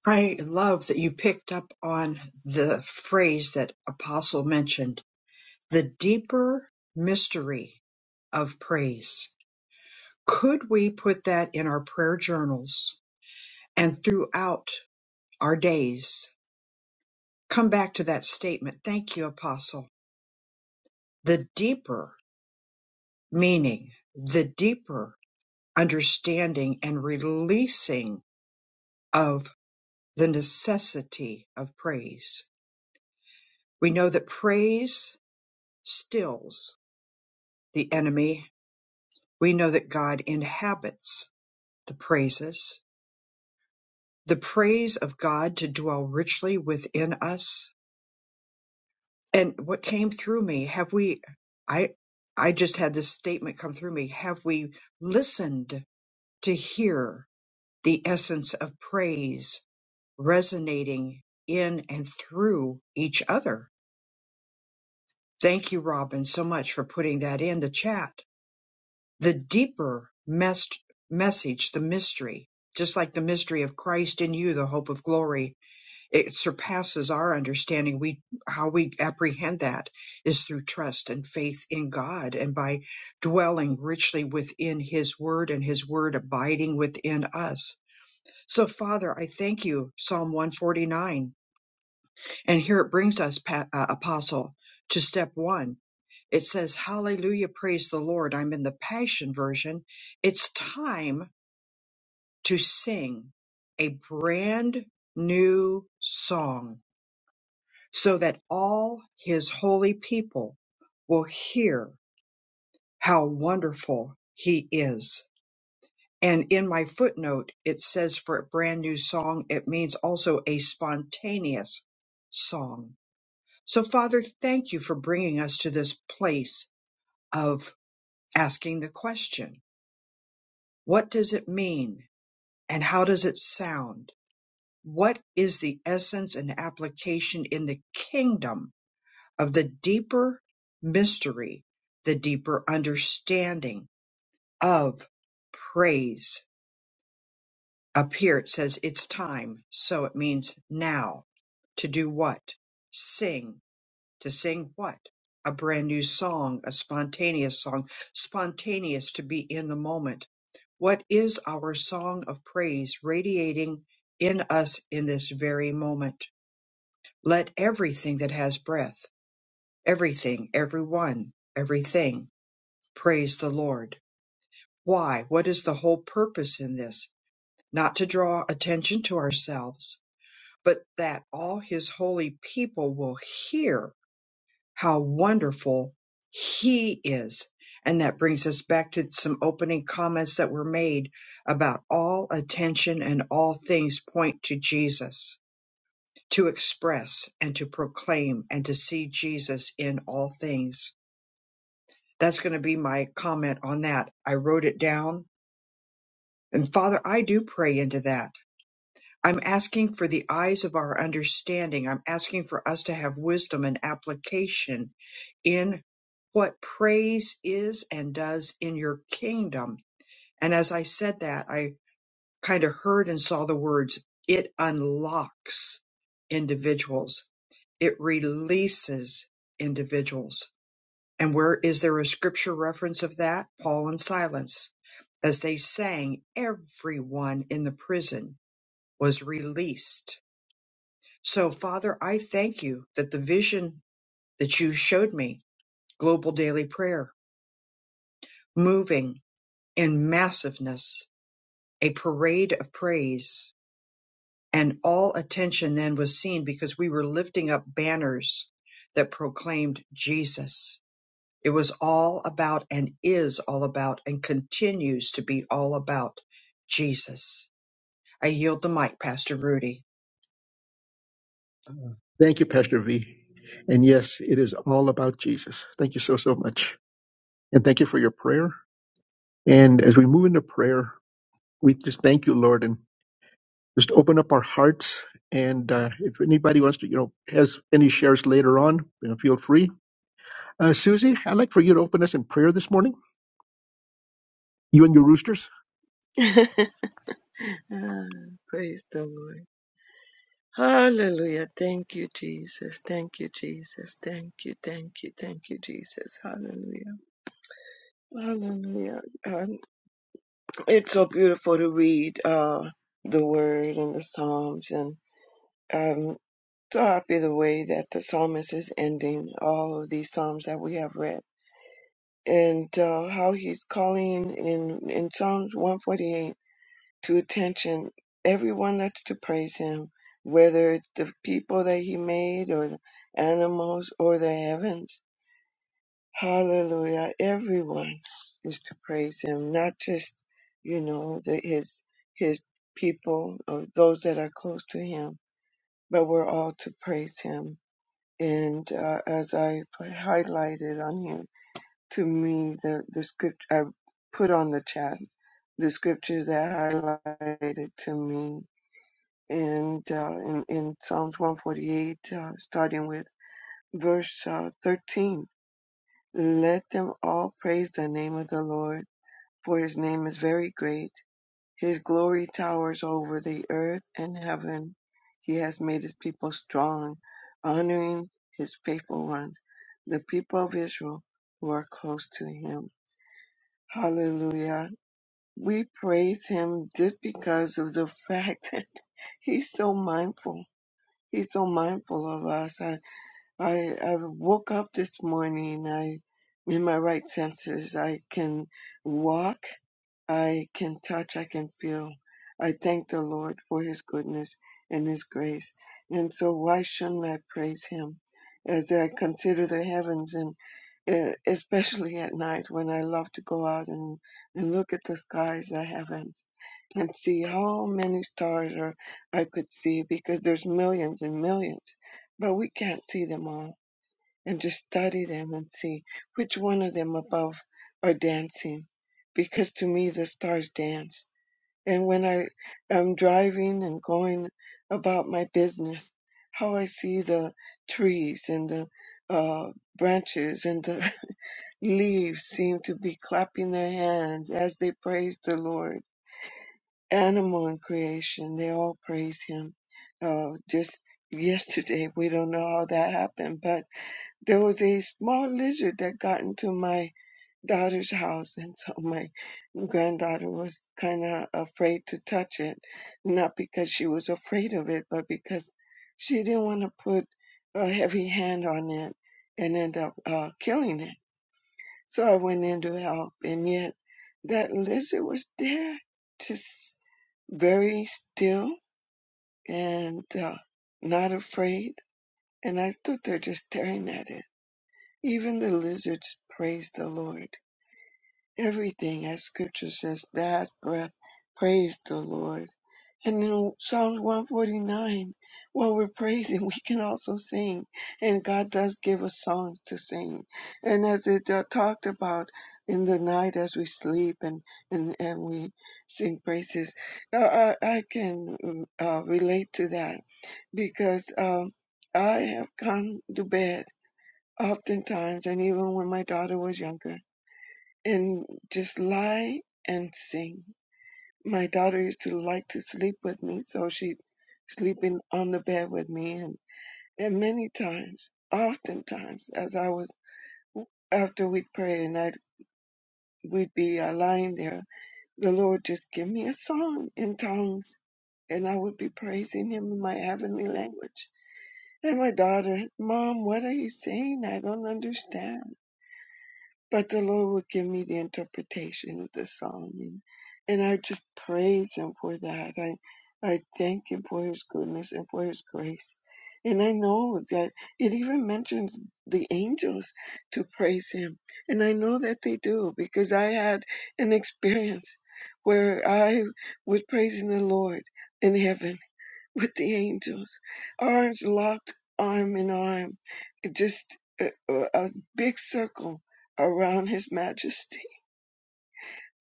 S1: I love that you picked up on the phrase that Apostle mentioned the deeper mystery of praise. Could we put that in our prayer journals and throughout our days? Come back to that statement. Thank you, Apostle. The deeper meaning, the deeper understanding and releasing of the necessity of praise. We know that praise stills the enemy. We know that God inhabits the praises, the praise of God to dwell richly within us. And what came through me, have we, I, I just had this statement come through me. Have we listened to hear the essence of praise resonating in and through each other? Thank you, Robin, so much for putting that in the chat. The deeper mes- message, the mystery, just like the mystery of Christ in you, the hope of glory, it surpasses our understanding. We, how we apprehend that is through trust and faith in God and by dwelling richly within his word and his word abiding within us. So Father, I thank you, Psalm 149. And here it brings us, Pat, uh, Apostle, to step one it says, Hallelujah, praise the Lord. I'm in the Passion Version. It's time to sing a brand new song so that all his holy people will hear how wonderful he is. And in my footnote, it says for a brand new song, it means also a spontaneous song. So, Father, thank you for bringing us to this place of asking the question What does it mean and how does it sound? What is the essence and application in the kingdom of the deeper mystery, the deeper understanding of praise? Up here it says it's time, so it means now. To do what? Sing to sing what? A brand new song, a spontaneous song, spontaneous to be in the moment. What is our song of praise radiating in us in this very moment? Let everything that has breath, everything, everyone, everything, praise the Lord. Why? What is the whole purpose in this? Not to draw attention to ourselves, but that all his holy people will hear how wonderful He is. And that brings us back to some opening comments that were made about all attention and all things point to Jesus, to express and to proclaim and to see Jesus in all things. That's going to be my comment on that. I wrote it down. And Father, I do pray into that. I'm asking for the eyes of our understanding. I'm asking for us to have wisdom and application in what praise is and does in your kingdom. And as I said that, I kind of heard and saw the words, it unlocks individuals, it releases individuals. And where is there a scripture reference of that? Paul and Silas, As they sang, everyone in the prison was released. So, Father, I thank you that the vision that you showed me, global daily prayer, moving in massiveness, a parade of praise, and all attention then was seen because we were lifting up banners that proclaimed Jesus. It was all about and is all about and continues to be all about Jesus. I yield the mic, Pastor Rudy.
S2: Thank you, Pastor V. And yes, it is all about Jesus. Thank you so, so much. And thank you for your prayer. And as we move into prayer, we just thank you, Lord, and just open up our hearts. And uh, if anybody wants to, you know, has any shares later on, you know, feel free. Uh, Susie, I'd like for you to open us in prayer this morning, you and your roosters.
S9: Ah, Praise the Lord. Hallelujah. Thank you, Jesus. Thank you, Jesus. Thank you, thank you, thank you, Jesus. Hallelujah. Hallelujah. Um, it's so beautiful to read uh, the word and the Psalms. And I'm so happy the way that the psalmist is ending all of these Psalms that we have read and uh, how he's calling in, in Psalms 148. to attention everyone that's to praise him, whether it's the people that he made or the animals or the heavens. Hallelujah. Everyone is to praise him, not just, you know, the, his, his people or those that are close to him, but we're all to praise him. And uh, as I put- highlighted on here, to me, the, the script I put on the chat, the scriptures that highlighted to me and uh, in, in Psalms 148, uh, starting with verse uh, 13. Let them all praise the name of the Lord, for his name is very great. His glory towers over the earth and heaven. He has made his people strong, honoring his faithful ones, the people of Israel who are close to him. Hallelujah. We praise him just because of the fact that he's so mindful He's so mindful of us. I, I, I woke up this morning. I, in my right senses, I can walk, I can touch, I can feel. I thank the Lord for His goodness and His grace. And so, why shouldn't I praise Him as I consider the heavens and uh, especially at night when I love to go out and, and look at the skies, the heavens and see how many stars are, I could see because there's millions and millions, but we can't see them all. And just study them and see which one of them above are dancing, because to me the stars dance. And when I am driving and going about my business, how I see the trees and the uh, branches and the leaves seem to be clapping their hands as they praise the Lord animal and creation, they all praise him. Uh, just yesterday, we don't know how that happened, but there was a small lizard that got into my daughter's house, and so my granddaughter was kind of afraid to touch it, not because she was afraid of it, but because she didn't want to put a heavy hand on it and end up uh, killing it. So I went in to help, and yet that lizard was there, just very still and uh, not afraid. And I stood there just staring at it. Even the lizards praised the Lord. Everything, as scripture says, that breath praised the Lord. And in Psalms 149, while we're praising, we can also sing. And God does give us songs to sing. And as it uh, talked about in the night as we sleep and, and, and we sing praises, uh, I, I can uh, relate to that because um, I have gone to bed oftentimes, and even when my daughter was younger, and just lie and sing my daughter used to like to sleep with me, so she'd sleep in on the bed with me, and and many times, oftentimes, as I was after we'd pray and I'd we'd be uh, lying there, the Lord just give me a song in tongues, and I would be praising Him in my heavenly language. And my daughter, Mom, what are you saying? I don't understand. But the Lord would give me the interpretation of the song, and, and I just praise Him for that. I I thank Him for His goodness and for His grace, and I know that it even mentions the angels to praise Him, and I know that they do because I had an experience where I was praising the Lord in heaven with the angels, arms locked, arm in arm, just a, a big circle around His Majesty.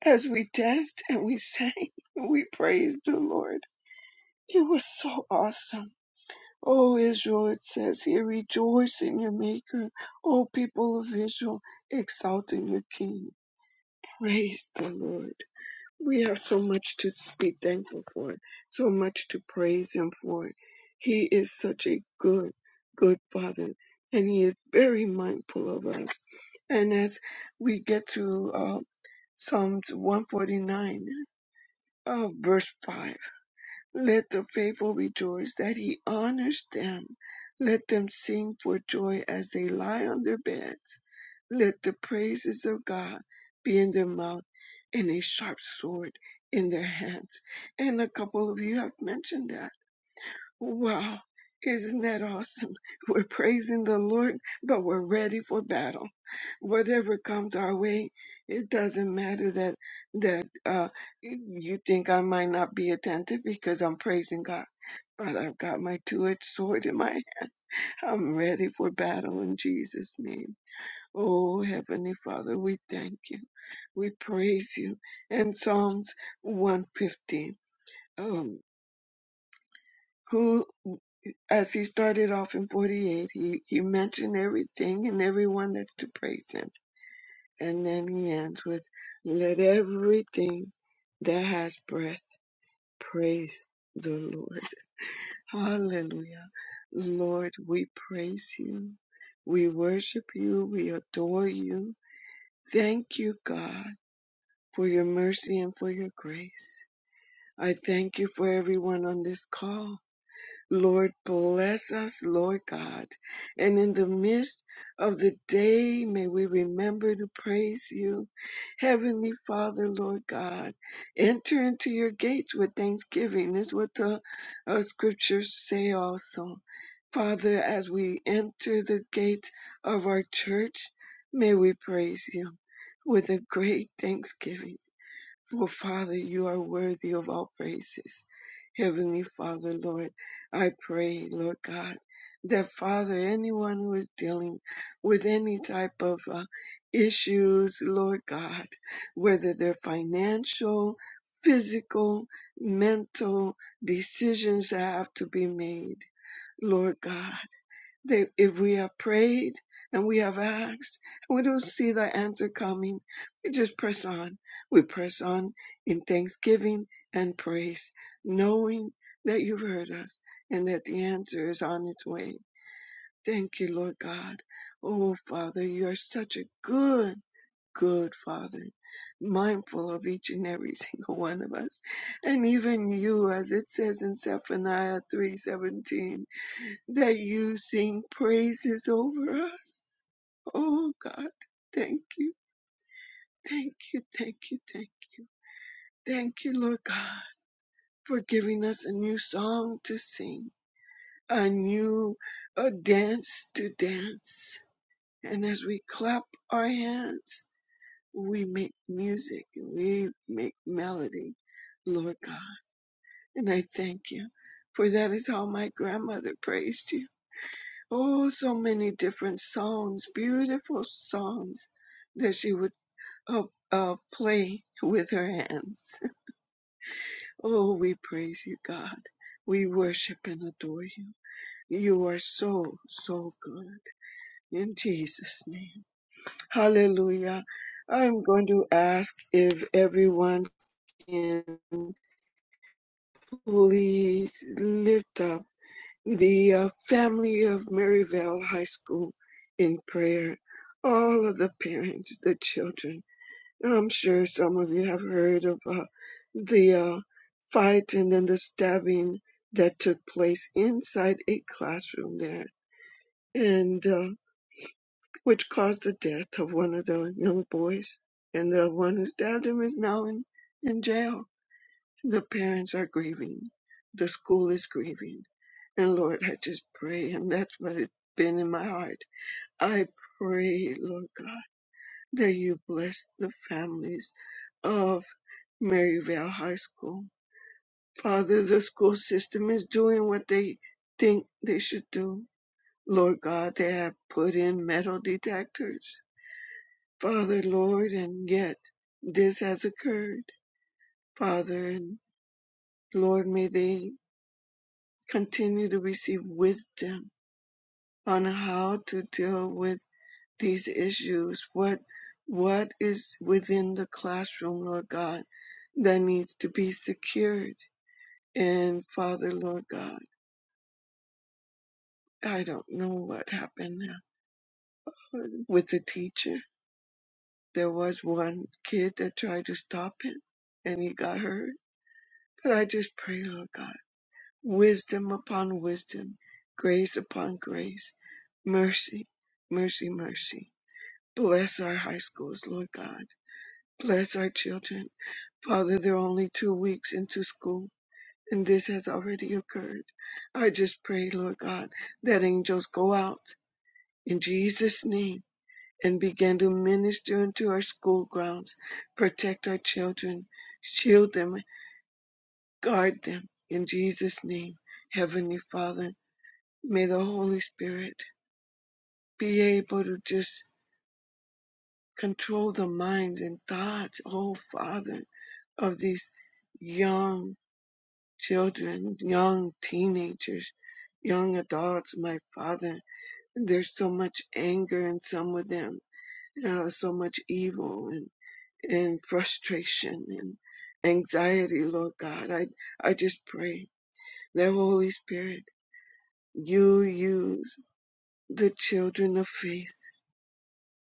S9: As we danced and we sang, we praised the Lord. It was so awesome. O Israel, it says here, rejoice in your Maker. O people of Israel, exalt in your King. Praise the Lord. We have so much to be thankful for, so much to praise Him for. He is such a good, good Father, and He is very mindful of us. And as we get to uh, Psalms 149, uh, verse 5. Let the faithful rejoice that he honors them. Let them sing for joy as they lie on their beds. Let the praises of God be in their mouth and a sharp sword in their hands. And a couple of you have mentioned that. Wow, isn't that awesome? We're praising the Lord, but we're ready for battle. Whatever comes our way, it doesn't matter that that uh, you think I might not be attentive because I'm praising God. But I've got my two-edged sword in my. I'm ready for battle in Jesus' name. Oh, Heavenly Father, we thank you, we praise you. And Psalms 150. Um, who? as he started off in 48, he, he mentioned everything and everyone that's to praise him. And then he ends with, Let everything that has breath praise the Lord. Hallelujah. Lord, we praise you. We worship you. We adore you. Thank you, God, for your mercy and for your grace. I thank you for everyone on this call. Lord, bless us, Lord God. And in the midst of the day, may we remember to praise you. Heavenly Father, Lord God, enter into your gates with thanksgiving, is what the uh, scriptures say also. Father, as we enter the gates of our church, may we praise you with a great thanksgiving. For Father, you are worthy of all praises. Heavenly Father, Lord, I pray, Lord God, that Father, anyone who is dealing with any type of uh, issues, Lord God, whether they're financial, physical, mental, decisions that have to be made, Lord God that if we have prayed and we have asked and we don't see the answer coming, we just press on. We press on in thanksgiving and praise, knowing that you've heard us and that the answer is on its way. Thank you, Lord God. Oh, Father, you are such a good, good Father, mindful of each and every single one of us. And even you, as it says in Zephaniah 3:17 that you sing praises over us. Oh God, thank you, thank you, thank you, thank you, thank you, Lord God, for giving us a new song to sing, a new a dance to dance. And as we clap our hands, we make music, we make melody, Lord God. And I thank you, for that is how my grandmother praised you Oh, so many different songs, beautiful songs that she would uh, uh, play with her hands. Oh, we praise you, God. We worship and adore you. You are so, so good. In Jesus' name. Hallelujah. I'm going to ask if everyone can please lift up. the uh, family of Maryvale High School in prayer, all of the parents, the children. I'm sure some of you have heard of uh, the uh, fight and then the stabbing that took place inside a classroom there, and uh, which caused the death of one of the young boys. And the one who stabbed him is now in, in jail the parents are grieving. The school is grieving. And Lord, I just pray, and that's what it's been in my heart. I pray, Lord God, that you bless the families of Maryvale High School. Father, the school system is doing what they think they should do. Lord God, they have put in metal detectors. Father, Lord, and yet this has occurred. Father, and Lord, may they continue to receive wisdom on how to deal with these issues. What what is within the classroom, Lord God, that needs to be secured? And Father, Lord God, I don't know what happened now with the teacher. There was one kid that tried to stop him, and he got hurt. But I just pray, Lord God, wisdom upon wisdom, grace upon grace, mercy, mercy, mercy Bless our high schools, Lord God. Bless our children. Father, they're only two weeks into school, and this has already occurred. I just pray, Lord God, that angels go out in Jesus' name and begin to minister into our school grounds, protect our children, shield them, guard them. In Jesus' name, Heavenly Father, may the Holy Spirit be able to just Control the minds and thoughts, oh Father, of these young children, young teenagers, young adults, my Father. There's so much anger in some of them, uh, so much evil and, and frustration and anxiety, Lord God. I, I just pray that Holy Spirit, you use the children of faith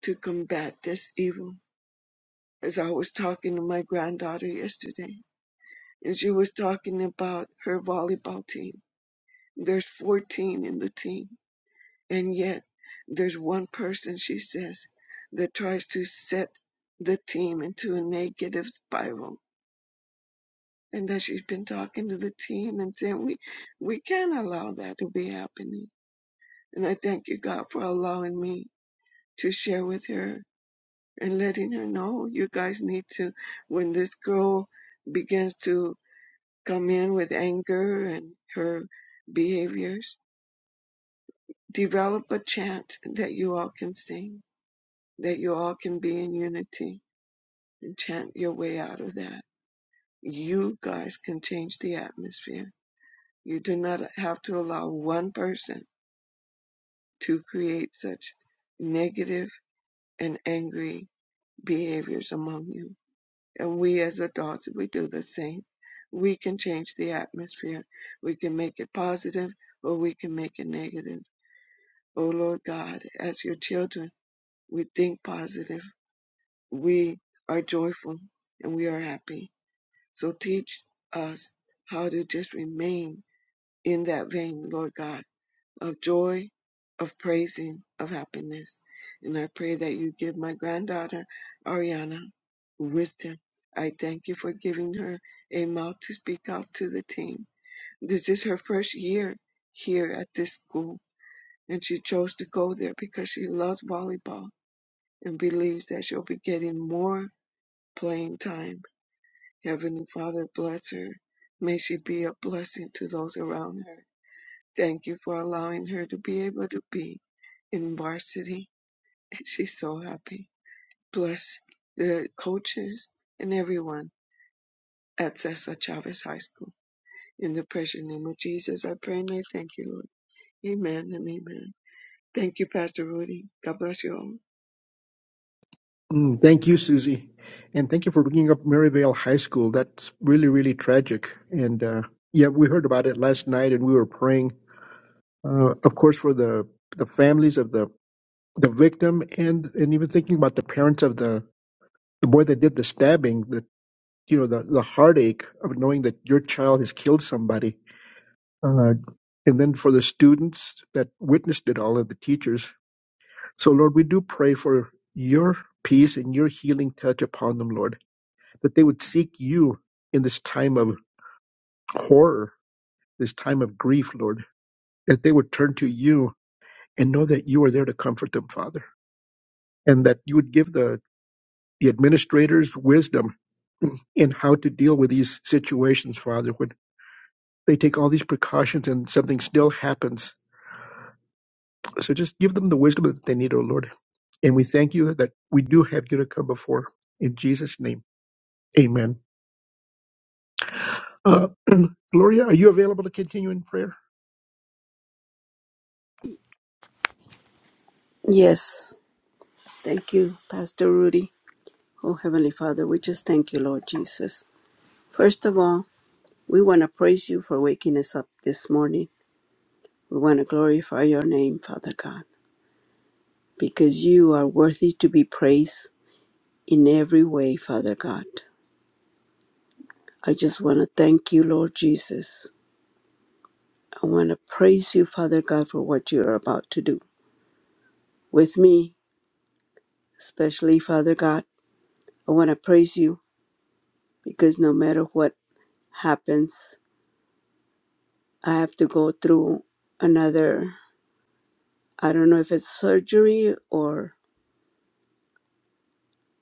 S9: to combat this evil. As I was talking to my granddaughter yesterday, and she was talking about her volleyball team. There's 14 in the team, and yet there's one person, she says, that tries to set the team into a negative spiral. And that she's been talking to the team and saying, we, we can't allow that to be happening. And I thank you, God, for allowing me to share with her and letting her know you guys need to, when this girl begins to come in with anger and her behaviors. Develop a chant that you all can sing, that you all can be in unity and chant your way out of that. You guys can change the atmosphere. You do not have to allow one person to create such negative and angry behaviors among you. And we as adults, we do the same. We can change the atmosphere. We can make it positive or we can make it negative Oh Lord God, as your children, we think positive, we are joyful, and we are happy. So teach us how to just remain in that vein, Lord God, of joy, of praising, of happiness. And I pray that you give my granddaughter, Ariana, wisdom. I thank you for giving her a mouth to speak out to the team. This is her first year here at this school, and she chose to go there because she loves volleyball and believes that she'll be getting more playing time. Heavenly Father, bless her. May she be a blessing to those around her. Thank you for allowing her to be able to be in varsity, and she's so happy. Bless the coaches and everyone at Cesar Chavez High School. In the precious name of Jesus, I pray and I thank you, Lord. Amen and amen. Thank you, Pastor Rudy. God bless you all.
S2: Mm, Thank you, Susie. And thank you for bringing up Maryvale High School. That's really, really tragic. And uh, yeah, we heard about it last night and we were praying, uh, of course, for the, the families of the, the victim and, and even thinking about the parents of the, the boy that did the stabbing, the, you know, the, the heartache of knowing that your child has killed somebody. Uh, and then for the students that witnessed it all and the teachers. So, Lord, we do pray for your peace and your healing touch upon them, Lord that they would seek you in this time of horror, this time of grief, Lord, that they would turn to you and know that you are there to comfort them, Father, and that you would give the, the administrators wisdom in how to deal with these situations, Father, when they take all these precautions and something still happens. So just give them the wisdom that they need, O Lord. And we thank you that we do have you to come before. In Jesus' name, amen. Uh, Gloria, are you available to continue in prayer?
S7: Yes. Thank you, Pastor Rudy. Oh, Heavenly Father, we just thank you, Lord Jesus. First of all, we want to praise you for waking us up this morning. We want to glorify your name, Father God, because you are worthy to be praised. in every way, Father God. I just want to thank you, Lord Jesus. I want to praise you, Father God, for what you are about to do with me, especially, Father God. I want to praise you because no matter what happens, I have to go through another, I don't know if it's surgery or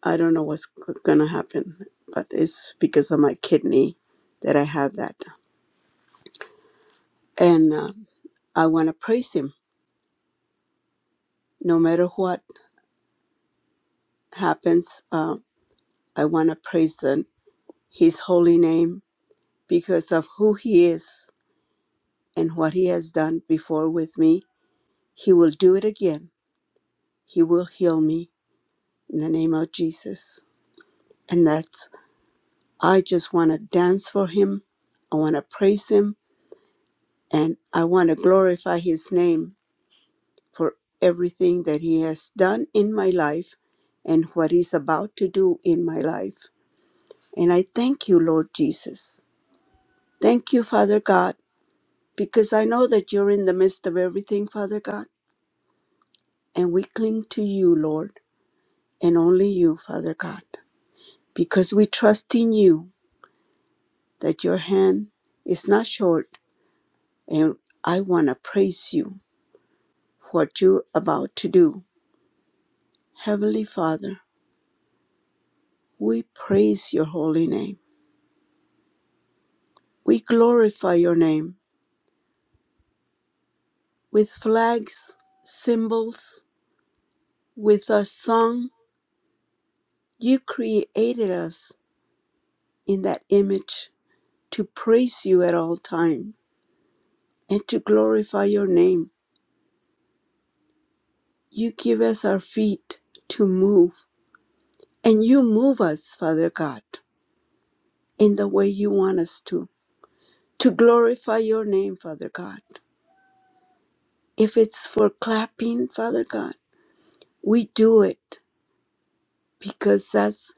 S7: I don't know what's going to happen, but it's because of my kidney that I have that. And uh, I want to praise him no matter what happens. Um, I want to praise the- His holy name because of who He is and what He has done before with me. He will do it again. He will heal me in the name of Jesus. And that's, I just want to dance for Him. I want to praise Him and I want to glorify His name for everything that He has done in my life and what He's about to do in my life. And I thank you, Lord Jesus. Thank you, Father God because I know that you're in the midst of everything, Father God. And we cling to you, Lord, and only you, Father God, because we trust in you that your hand is not short. And I want to praise you for what you're about to do. Heavenly Father, we praise your holy name. We glorify your name with flags, symbols, with a song. You created us in that image to praise you at all times and to glorify your name. You give us our feet to move, and you move us, Father God, in the way you want us to, to glorify your name, Father God. If it's for clapping, Father God, we do it because that's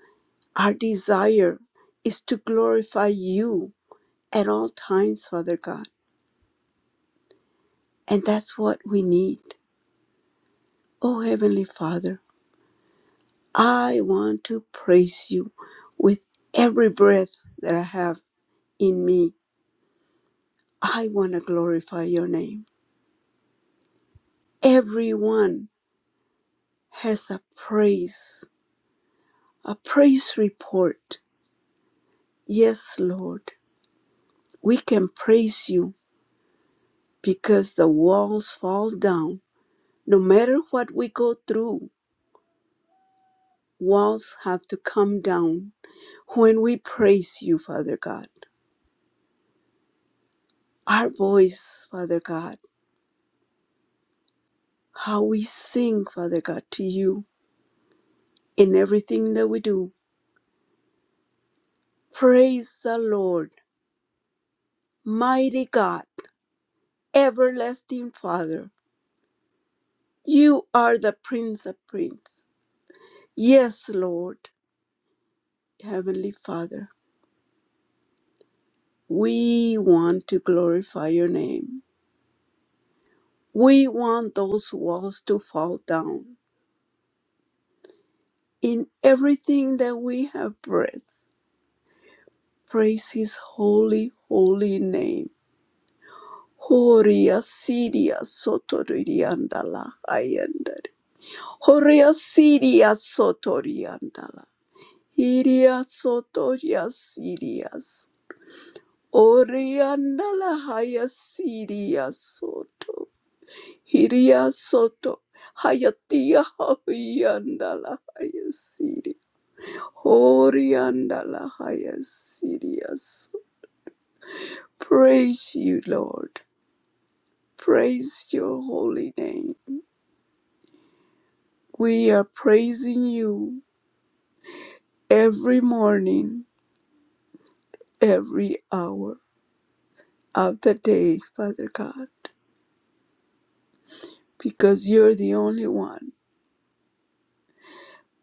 S7: our desire is to glorify you at all times, Father God. And that's what we need. Oh, Heavenly Father, I want to praise you with every breath that I have in me. I want to glorify your name. Everyone has a praise, a praise report. Yes, Lord, we can praise you because the walls fall down. No matter what we go through, walls have to come down when we praise you, Father God. Our voice, Father God, how we sing, Father God, to you in everything that we do. Praise the Lord, mighty God Everlasting Father, you are the Prince of Prince. Yes, Lord, Heavenly Father, we want to glorify your name. We want those walls to fall down. In everything that we have breath, praise his holy, holy name. Horia Siria Sotoriandala Ayandari. Horia Siria Sotoriandala. Iria Sotoria Sirias. Oriandala haya siria soto. Hiria soto. Hayatia haviandala haya siria. Oriandala haya siria soto. Praise you, Lord. Praise your holy name. We are praising you every morning, every hour of the day, Father God, because you're the only one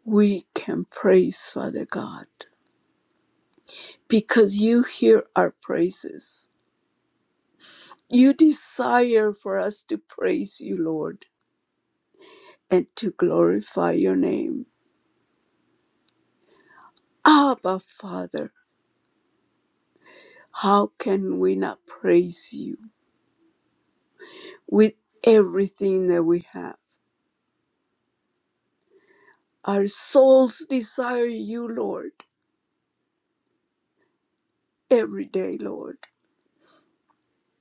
S7: we can praise, Father God. because you hear our praises. You desire for us to praise you, Lord, and to glorify your name. Abba, Father, how can we not praise you with everything that we have? Our souls desire you, Lord, every day, Lord.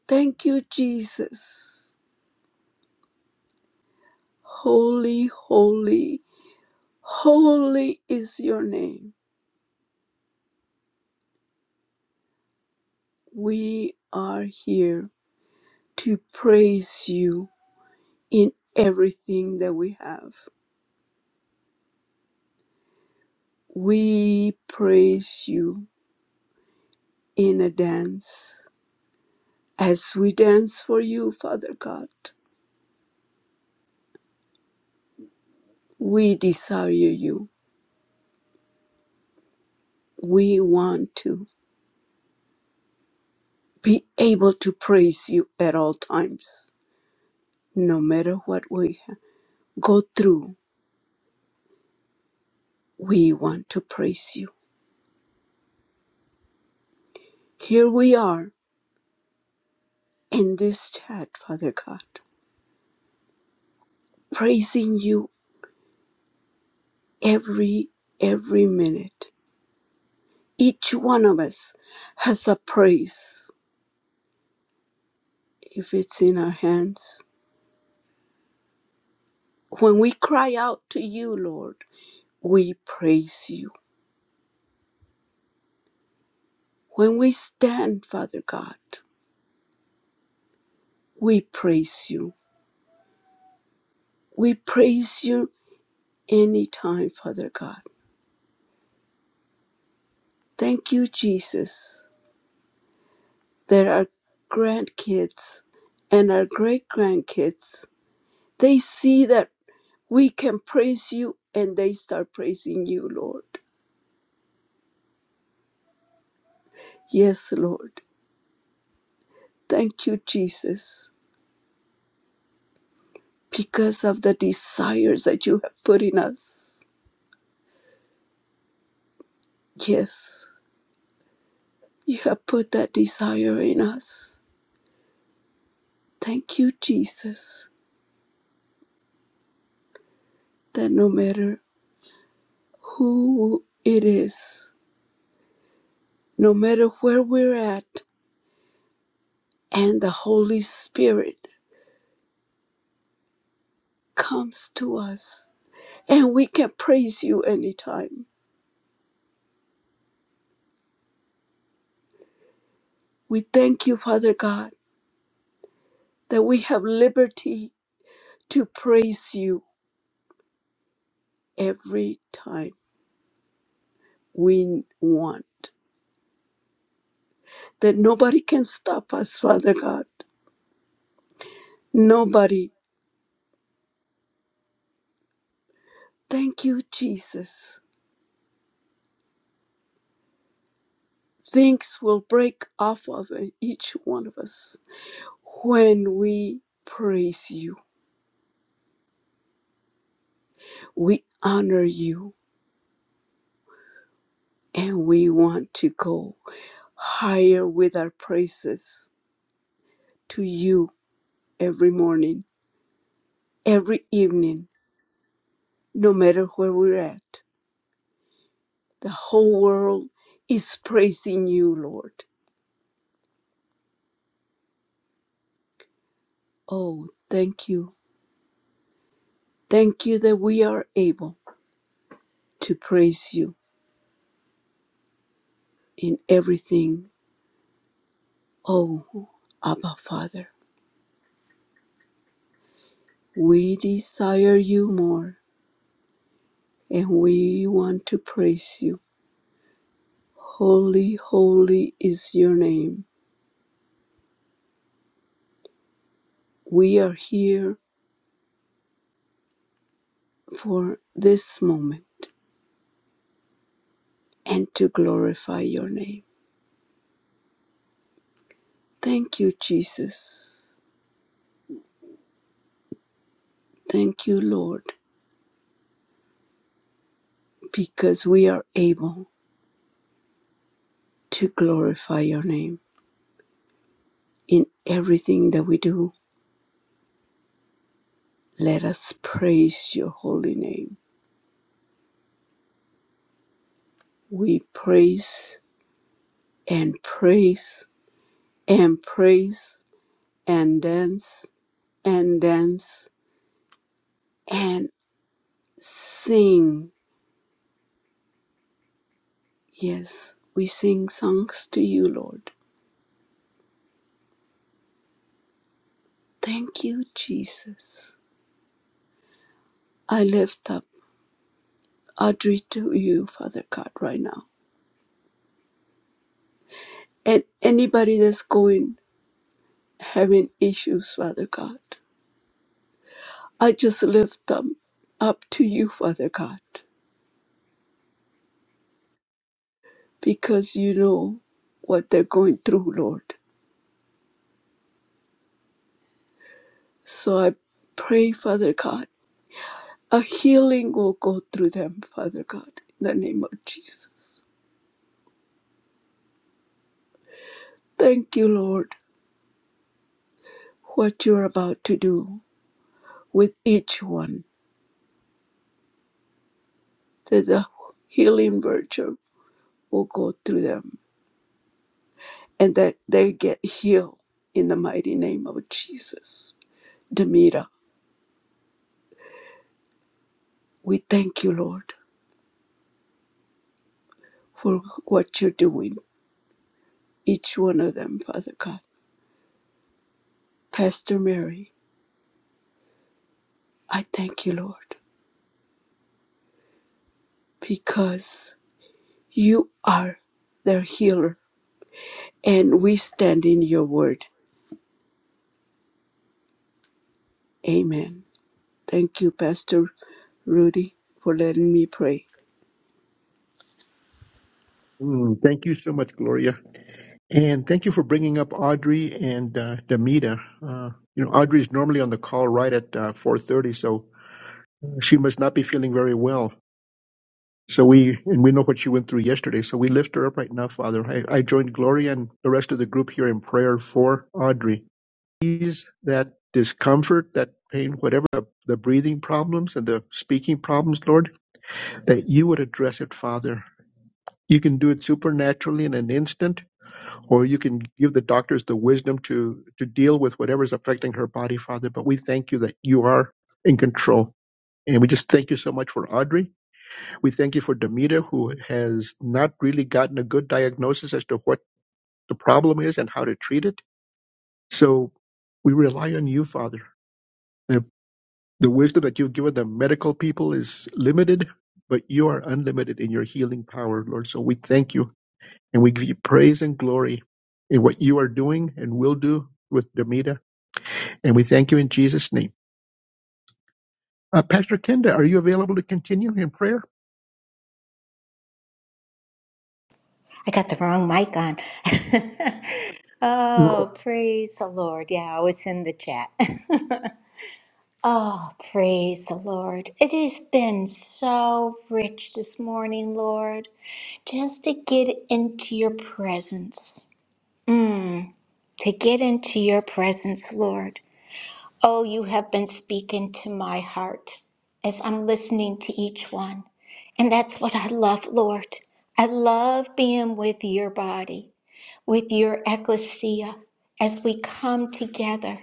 S7: Thank you, Jesus. Holy, holy, holy is your name. We are here to praise you in everything that we have. We praise you in a dance. As we dance for you, Father God, we desire you. We want to be able to praise you at all times. No matter what we ha- go through, we want to praise you. Here we are in this chat, Father God, praising you every every minute Each one of us has a praise if it's in our hands. When we cry out to you, Lord, we praise you. When we stand, Father God, we praise you. We praise you anytime, Father God. Thank you, Jesus, that our grandkids and our great grandkids, they see that we can praise you and they start praising you, Lord. Yes, Lord. Thank you, Jesus, because of the desires that you have put in us. Yes, you have put that desire in us. Thank you, Jesus, that no matter who it is, no matter where we're at, and the Holy Spirit comes to us, and we can praise you anytime. We thank you, Father God, that we have liberty to praise you every time we want. that nobody can stop us, Father God. Nobody. Thank you, Jesus. Things will break off of each one of us when we praise you, we honor you, and we want to go higher with our praises to you every morning, every evening, no matter where we're at. The whole world is praising you, Lord. Oh, thank you. Thank you that we are able. to praise you in everything, oh Abba Father. We desire you more and we want to praise you. Holy, holy is your name. We are here for this moment and to glorify your name. Thank you, Jesus. Thank you, Lord, because we are able to glorify your name in everything that we do. Let us praise your holy name. We praise and praise and praise and dance and dance and sing. Yes, we sing songs to you, Lord. Thank you, Jesus. I lift up Audrey to you, Father God, right now. And anybody that's going having issues, Father God, I just lift them up to you, Father God, because you know what they're going through, Lord. So I pray, Father God, a healing will go through them, Father God, in the name of Jesus. Thank you, Lord, what you're about to do with each one, that the healing virtue will go through them and that they get healed in the mighty name of Jesus. Demita, we thank you, Lord, for what you're doing, each one of them, Father God. Pastor Mary, I thank you, Lord, because You are their healer, and we stand in your word. Amen. Thank you, Pastor Rudy, for letting me pray.
S2: Mm, thank you so much, Gloria. And thank you for bringing up Audrey and uh, Demita. Uh, you know, Audrey is normally on the call right at uh, 4:30, so uh, she must not be feeling very well. So we and we know what she went through yesterday. So we lift her up right now, Father. I, I joined Gloria and the rest of the group here in prayer for Audrey. Ease that discomfort, that pain, whatever the, the breathing problems and the speaking problems, Lord, that you would address it, Father. You can do it supernaturally in an instant or you can give the doctors the wisdom to to deal with whatever's affecting her body, Father. But we thank you that you are in control. And we just thank you so much for Audrey. We thank you for Demita, who has not really gotten a good diagnosis as to what the problem is and how to treat it. So we rely on you, Father. The, the wisdom that you've given the medical people is limited, but you are unlimited in your healing power, Lord. So we thank you And we give you praise and glory in what you are doing and will do with Demita. And we thank you in Jesus' name. Uh, Pastor Kenda, are you available to continue in prayer?
S3: I got the wrong mic on. oh, praise the Lord. Yeah, I was in the chat. oh, praise the Lord. It has been so rich this morning, Lord, just to get into your presence. Mm. to get into your presence, Lord. Oh, you have been speaking to my heart as I'm listening to each one. And that's what I love, Lord. I love being with your body, with your ecclesia, as we come together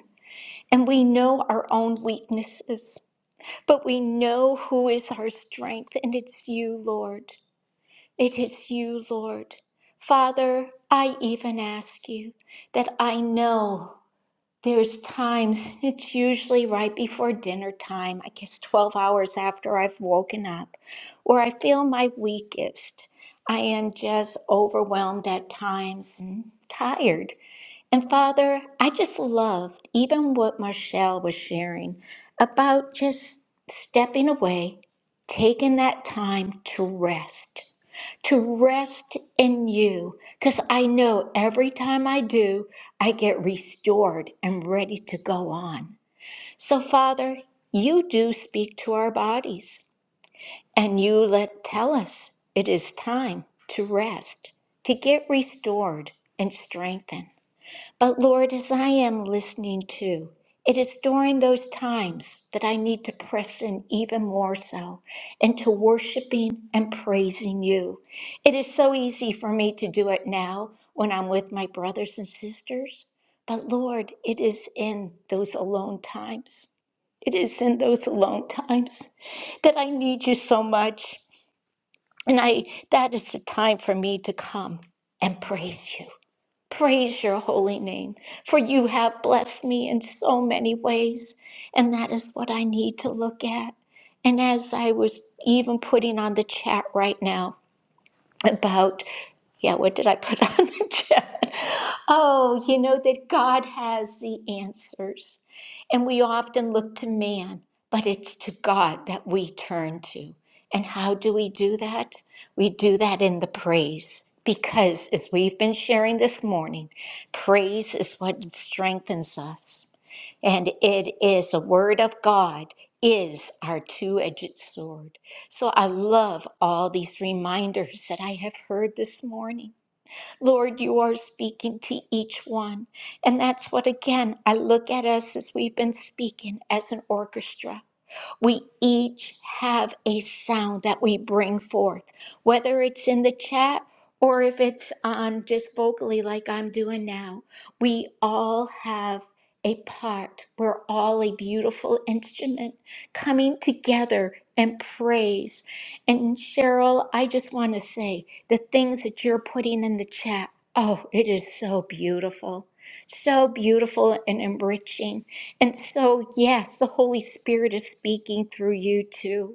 S3: and we know our own weaknesses, but we know who is our strength, and it's you, Lord. It is you, Lord. Father, I even ask you that I know. There's times, it's usually right before dinner time, I guess 12 hours after I've woken up, where I feel my weakest. I am just overwhelmed at times and tired. And Father, I just loved even what Marshall was sharing about just stepping away, taking that time to rest, to rest in you. Because I know every time I do, I get restored and ready to go on. So, Father, you do speak to our bodies, and you let tell us it is time to rest, to get restored and strengthened. But Lord, as I am listening too, it is during those times that I need to press in even more so into worshiping and praising you. It is so easy for me to do it now when I'm with my brothers and sisters. But Lord, it is in those alone times. It is in those alone times that I need you so much. And I that is the time for me to come and praise you Praise your holy name, for you have blessed me in so many ways, and that is what I need to look at. And as I was even putting on the chat right now, about yeah what did i put on the chat oh you know that god has the answers and we often look to man but it's to god that we turn to and how do we do that we do that in the praise because as we've been sharing this morning praise is what strengthens us and it is the word of God is our two-edged sword. So I love all these reminders that I have heard this morning. Lord, you are speaking to each one. And that's what again I look at us as we've been speaking as an orchestra we each have a sound that we bring forth, whether it's in the chat or if it's on just vocally like I'm doing now. We all have a part. We're all a beautiful instrument coming together and praise. And Cheryl, I just want to say the things that you're putting in the chat. Oh, it is so beautiful. So beautiful and enriching. And so, yes, the Holy Spirit is speaking through you too.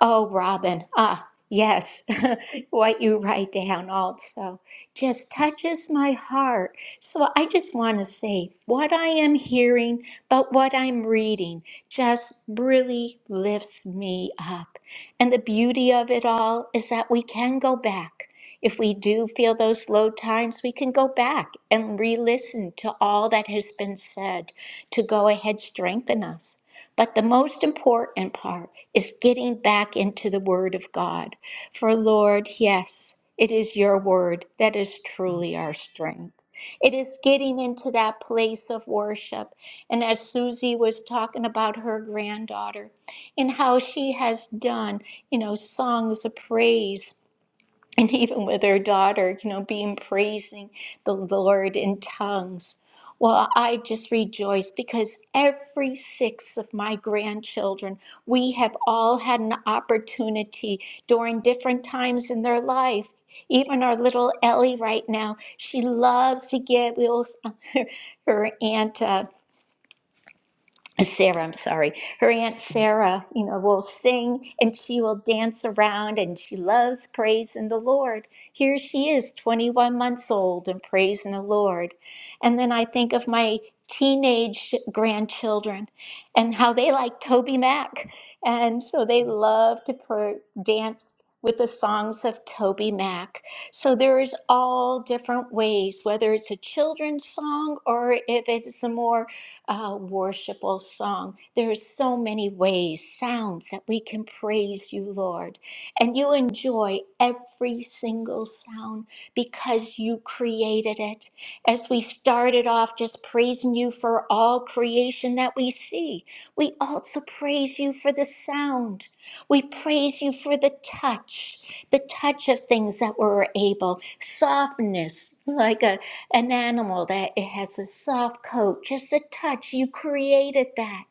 S3: Oh, Robin, ah, yes, what you write down also just touches my heart. So I just want to say what I am hearing, but what I'm reading just really lifts me up. And the beauty of it all is that we can go back. If we do feel those low times, we can go back and re listen to all that has been said to go ahead, strengthen us. But the most important part is getting back into the Word of God. For Lord, yes, it is your Word that is truly our strength. It is getting into that place of worship. And as Susie was talking about her granddaughter and how she has done, you know, songs of praise and even with her daughter, you know, being praising the Lord in tongues. Well, I just rejoice because every six of my grandchildren, we have all had an opportunity during different times in their life. Even our little Ellie right now, she loves to get. We also, her aunt. uh, Sarah, I'm sorry, her Aunt Sarah, you know, will sing and she will dance around and she loves praising the Lord. Here she is, 21 months old and praising the Lord. And then I think of my teenage grandchildren and how they like Toby Mac. And so they love to pr- dance with the songs of Toby Mac. So there is all different ways, whether it's a children's song or if it's a more uh, worshipful song. There are so many ways, sounds that we can praise you, Lord. And you enjoy every single sound because you created it. As we started off just praising you for all creation that we see, we also praise you for the sound. We praise you for the touch, the touch of things that were able, softness, like a an animal that it has a soft coat, just a touch. You created that.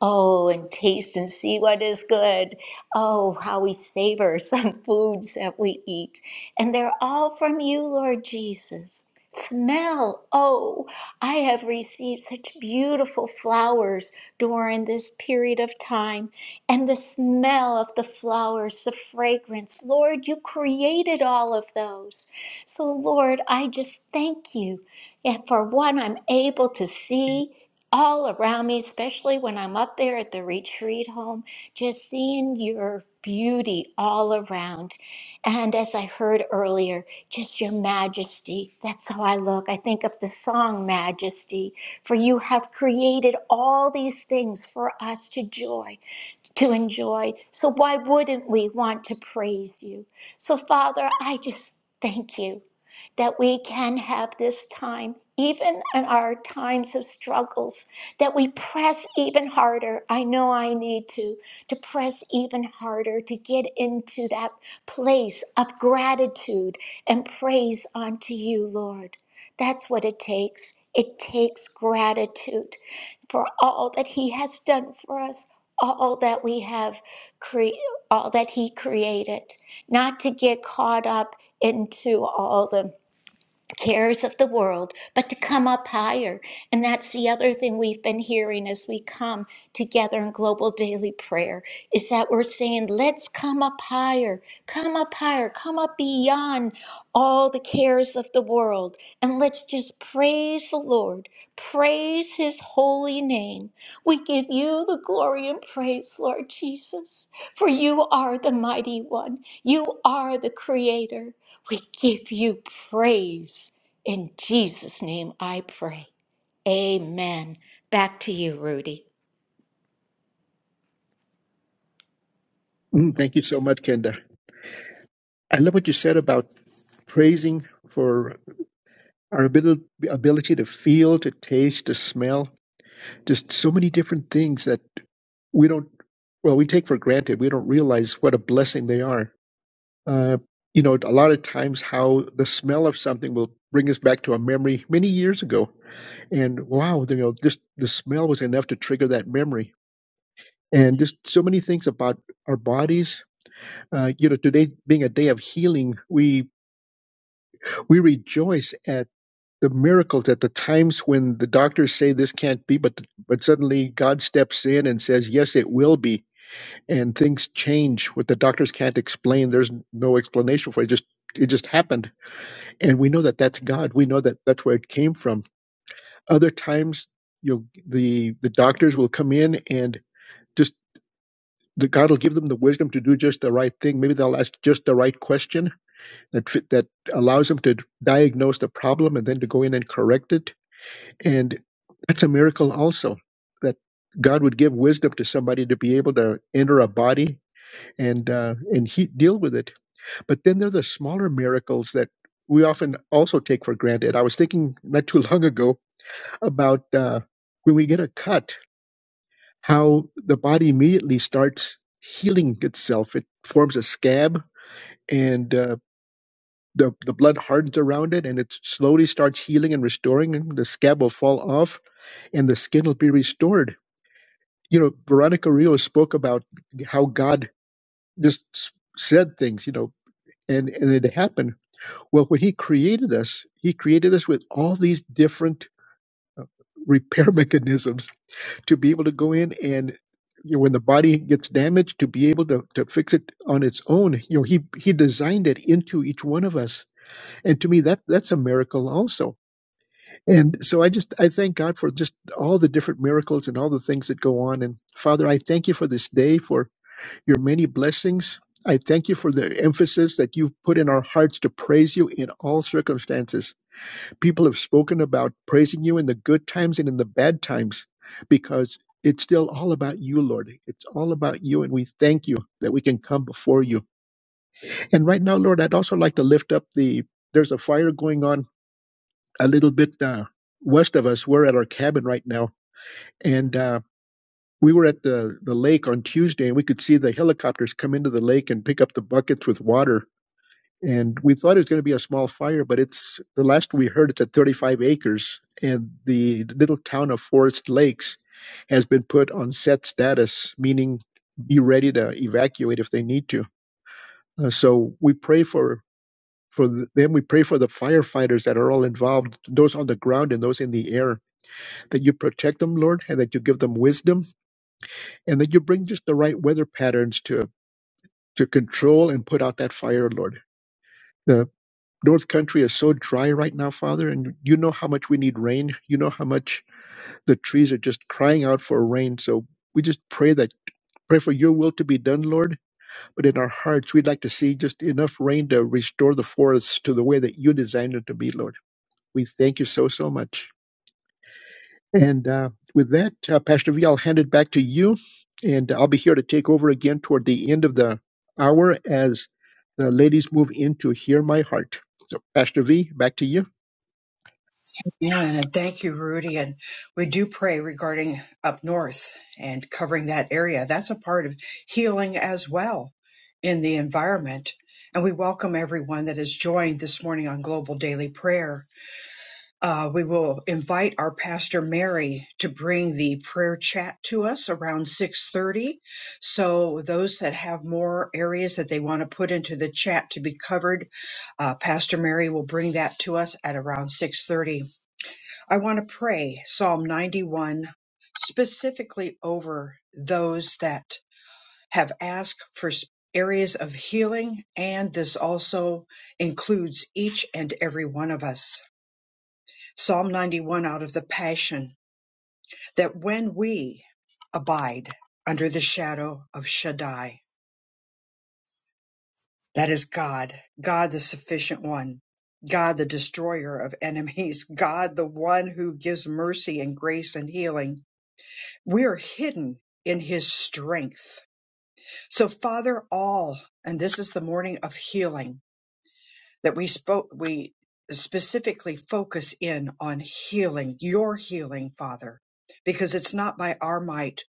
S3: Oh, and taste and see what is good. Oh, how we savor some foods that we eat. And they're all from you, Lord Jesus. Smell. Oh, I have received such beautiful flowers during this period of time. And the smell of the flowers, the fragrance. Lord, you created all of those. So, Lord, I just thank you and for one I'm able to see all around me, especially when I'm up there at the retreat home, just seeing your beauty all around. And as I heard earlier, just your majesty. That's how I look. I think of the song Majesty, for you have created all these things for us to joy to enjoy. So, why wouldn't we want to praise you? So, Father, I just thank you that we can have this time, even in our times of struggles, that we press even harder. I know I need to, to press even harder to get into that place of gratitude and praise unto you, Lord. That's what it takes. It takes gratitude for all that he has done for us, all that we have cre- all that he created, not to get caught up into all the cares of the world, but to come up higher. And that's the other thing we've been hearing as we come together in global daily prayer is that we're saying, let's come up higher, come up higher, come up beyond all the cares of the world. And let's just praise the Lord, praise his holy name. We give you the glory and praise, Lord Jesus, for you are the mighty one, you are the creator. We give you praise. In Jesus' name I pray. Amen. Back to you, Rudy.
S2: Mm, thank you so much, Kenda. I love what you said about praising for our abil- ability to feel, to taste, to smell, just so many different things that we don't, well, we take for granted. We don't realize what a blessing they are Uh, you know, a lot of times how the smell of something will bring us back to a memory many years ago. And wow, you know, just the smell was enough to trigger that memory. And just so many things about our bodies. Uh, you know, today being a day of healing, we we rejoice at the miracles at the times when the doctors say this can't be, but but suddenly God steps in and says, "Yes, it will be," and things change. What the doctors can't explain, there's no explanation for it. Just it just happened and we know that that's God. We know that that's where it came from. Other times, you know, the the doctors will come in and just the God will give them the wisdom to do just the right thing. Maybe they'll ask just the right question that fit, that allows them to diagnose the problem and then to go in and correct it. And that's a miracle also that God would give wisdom to somebody to be able to enter a body and uh, and he, deal with it But then there are the smaller miracles that we often also take for granted. I was thinking not too long ago about uh, when we get a cut, how the body immediately starts healing itself. It forms a scab and uh, the, the blood hardens around it and it slowly starts healing and restoring. And the scab will fall off and the skin will be restored. You know, Veronica Rios spoke about how God just s- said things, you know, and, and it happened Well, when he created us, he created us with all these different repair mechanisms to be able to go in and you know, when the body gets damaged, to be able to, to fix it on its own. You know, he he designed it into each one of us. And to me that that's a miracle also. And so I just I thank God for just all the different miracles and all the things that go on. And Father, I thank you for this day, for your many blessings. I thank you for the emphasis that you've put in our hearts to praise you in all circumstances people have spoken about praising you in the good times and in the bad times because it's still all about you, Lord. It's all about you. And we thank you that we can come before you. And right now, Lord, I'd also like to lift up the, there's a fire going on a little bit uh, west of us. We're at our cabin right now. And, uh, we were at the, the lake on Tuesday and we could see the helicopters come into the lake and pick up the buckets with water and we thought it was going to be a small fire, but it's the last we heard it's at 35 acres, and the little town of Forest Lakes has been put on set status, meaning be ready to evacuate if they need to. Uh, so we pray for for them. We pray for the firefighters that are all involved, those on the ground and those in the air, that you protect them, Lord, and that you give them wisdom, and that you bring just the right weather patterns to to control and put out that fire, Lord The North Country is so dry right now, Father, and you know how much we need rain. You know how much the trees are just crying out for rain. So we just pray that pray for your will to be done, Lord. But in our hearts, we'd like to see just enough rain to restore the forests to the way that you designed it to be, Lord. We thank you so so much. And uh, with that, uh, Pastor V, I'll hand it back to you. And I'll be here to take over again toward the end of the hour as the ladies move into Hear My Heart. So, Pastor V, back to you.
S1: Yeah, and thank you, Rudy. And we do pray regarding up north and covering that area. That's a part of healing as well in the environment. And we welcome everyone that has joined this morning on Global Daily Prayer. Uh, we will invite our pastor Mary to bring the prayer chat to us around 6:30. So those that have more areas that they want to put into the chat to be covered, uh, Pastor Mary will bring that to us at around 6:30 I want to pray Psalm 91 specifically over those that have asked for s- areas of healing, and this also includes each and every one of us. Psalm 91 out of the Passion that when we abide under the shadow of Shaddai, that is God, God the sufficient one. God, the destroyer of enemies, God, the one who gives mercy and grace and healing, We are hidden in his strength. So Father, all, and this is the morning of healing that we spoke, we specifically focus in on healing, your healing, Father, because it's not by our might,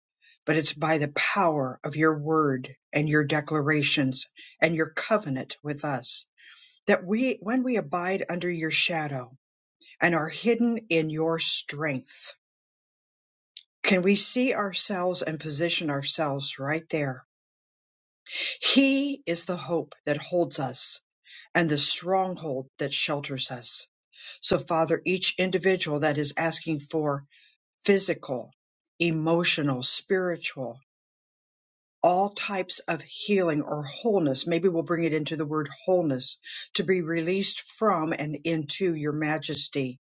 S1: but it's by the power of your word and your declarations and your covenant with us that we, when we abide under your shadow and are hidden in your strength, can we see ourselves and position ourselves right there? He is the hope that holds us and the stronghold that shelters us. So, Father, each individual that is asking for physical, emotional, spiritual, all types of healing or wholeness, maybe we'll bring it into the word wholeness, to be released from and into your majesty.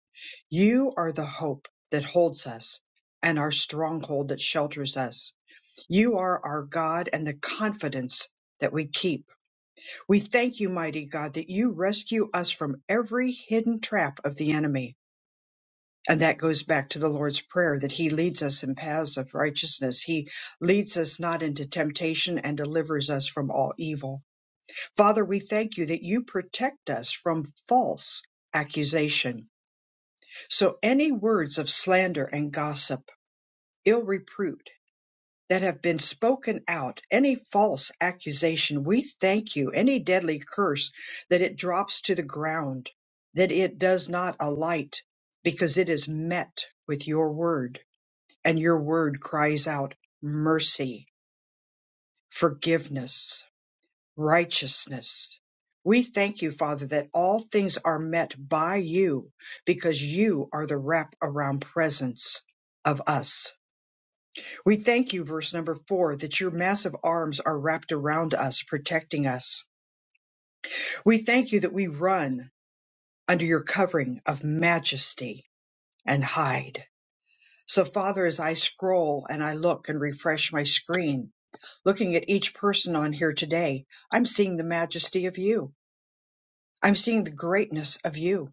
S1: You are the hope that holds us and our stronghold that shelters us. You are our God and the confidence that we keep. We thank you, mighty God, that you rescue us from every hidden trap of the enemy. And that goes back to the Lord's Prayer that He leads us in paths of righteousness. He leads us not into temptation and delivers us from all evil. Father, we thank you that you protect us from false accusation. So any words of slander and gossip, ill repute, that have been spoken out, any false accusation, we thank you, any deadly curse, that it drops to the ground, that it does not alight, because it is met with your word, and your word cries out mercy, forgiveness, righteousness. We thank you, Father, that all things are met by you because you are the wrap around presence of us. We thank you, verse number four, that your massive arms are wrapped around us, protecting us. We thank you that we run under your covering of majesty and hide. So, Father, as I scroll and I look and refresh my screen, looking at each person on here today, I'm seeing the majesty of you. I'm seeing the greatness of you,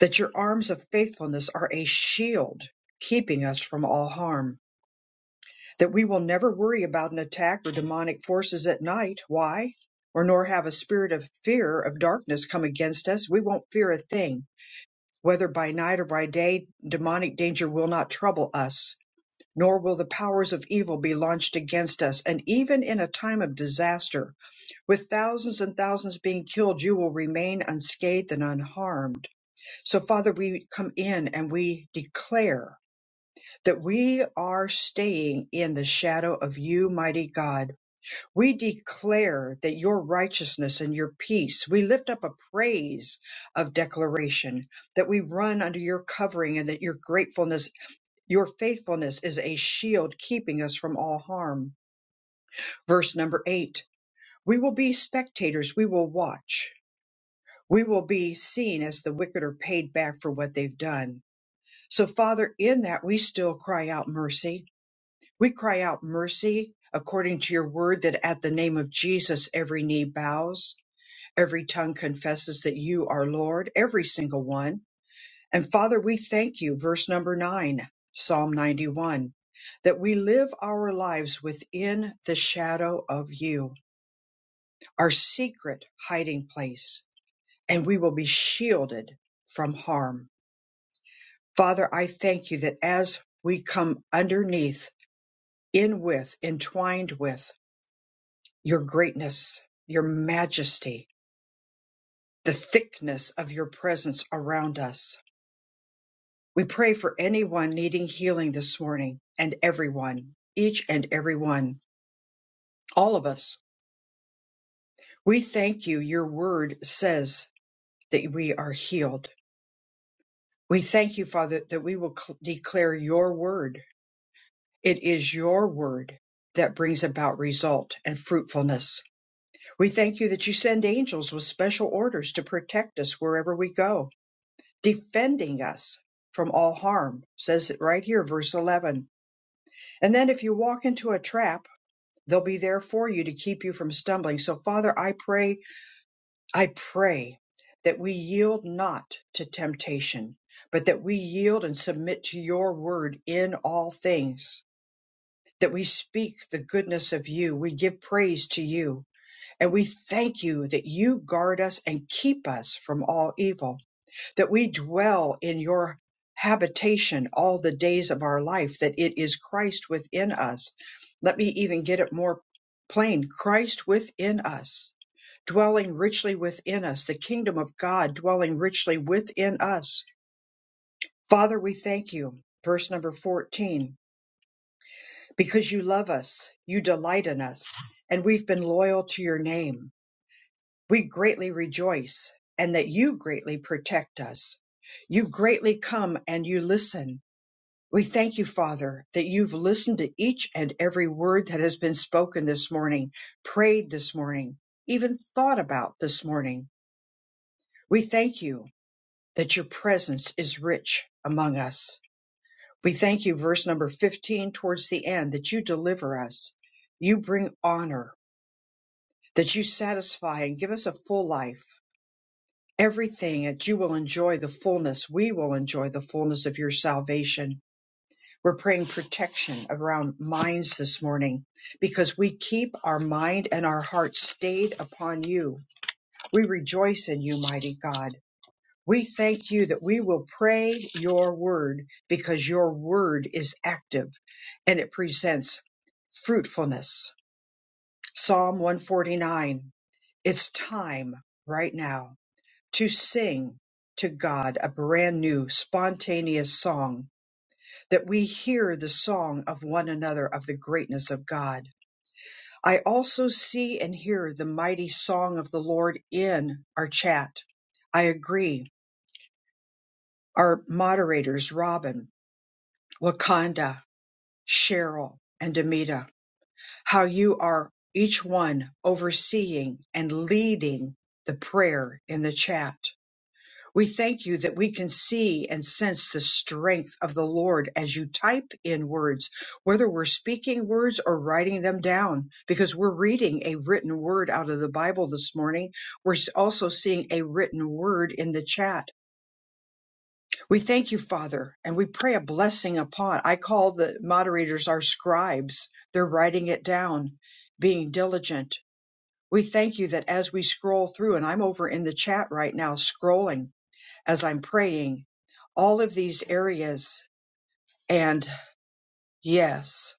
S1: that your arms of faithfulness are a shield keeping us from all harm that we will never worry about an attack or demonic forces at night. Why? Or nor have a spirit of fear of darkness come against us. We won't fear a thing. Whether by night or by day, demonic danger will not trouble us, nor will the powers of evil be launched against us. And even in a time of disaster, with thousands and thousands being killed, you will remain unscathed and unharmed. So, Father, we come in and we declare that we are staying in the shadow of you, mighty God. We declare that your righteousness and your peace, we lift up a praise of declaration that we run under your covering and that your gratefulness, your faithfulness is a shield keeping us from all harm. Verse number eight, we will be spectators. We will watch. We will be seen as the wicked are paid back for what they've done. So Father, in that we still cry out mercy We cry out mercy according to your word that at the name of Jesus every knee bows, every tongue confesses that you are Lord, every single one. And Father, we thank you, verse number nine, Psalm 91, that we live our lives within the shadow of you, our secret hiding place, and we will be shielded from harm. Father, I thank you that as we come underneath, in with, entwined with, your greatness, your majesty, the thickness of your presence around us. We pray for anyone needing healing this morning and everyone, each and every one, all of us. We thank you. Your word says that we are healed. We thank you, Father, that we will cl- declare your word. It is your word that brings about result and fruitfulness. We thank you that you send angels with special orders to protect us wherever we go defending us from all harm. Says it right here, verse 11. And then if you walk into a trap, they'll be there for you to keep you from stumbling. So, Father, I pray, I pray that we yield not to temptation, but that we yield and submit to your word in all things. That we speak the goodness of you. We give praise to you. And we thank you that you guard us and keep us from all evil. that we dwell in your habitation all the days of our life, that it is Christ within us. Let me even get it more plain Christ within us, dwelling richly within us, the kingdom of God dwelling richly within us. Father, we thank you. Verse number 14, because you love us, you delight in us, and we've been loyal to your name. We greatly rejoice and that you greatly protect us. You greatly come and you listen. We thank you, Father, that you've listened to each and every word that has been spoken this morning, prayed this morning, even thought about this morning. We thank you that your presence is rich among us. We thank you, verse number 15 towards the end, that you deliver us. You bring honor, that you satisfy and give us a full life everything that you will enjoy the fullness. We will enjoy the fullness of your salvation. We're praying protection around minds this morning because we keep our mind and our heart stayed upon you. We rejoice in you, mighty God. We thank you that we will pray your word because your word is active and it presents fruitfulness. Psalm 149. It's time right now to sing to God a brand new spontaneous song that we hear the song of one another of the greatness of God. I also see and hear the mighty song of the Lord in our chat. I agree. Our moderators, Robin, Wakanda, Cheryl, and Demita, how you are each one overseeing and leading the prayer in the chat. We thank you that we can see and sense the strength of the Lord as you type in words, whether we're speaking words or writing them down, because we're reading a written word out of the Bible this morning. We're s- also seeing a written word in the chat. We thank you, Father, and we pray a blessing upon. I call the moderators our scribes. They're writing it down, being diligent. We thank you that as we scroll through, and I'm over in the chat right now scrolling, as I'm praying all of these areas. And yes,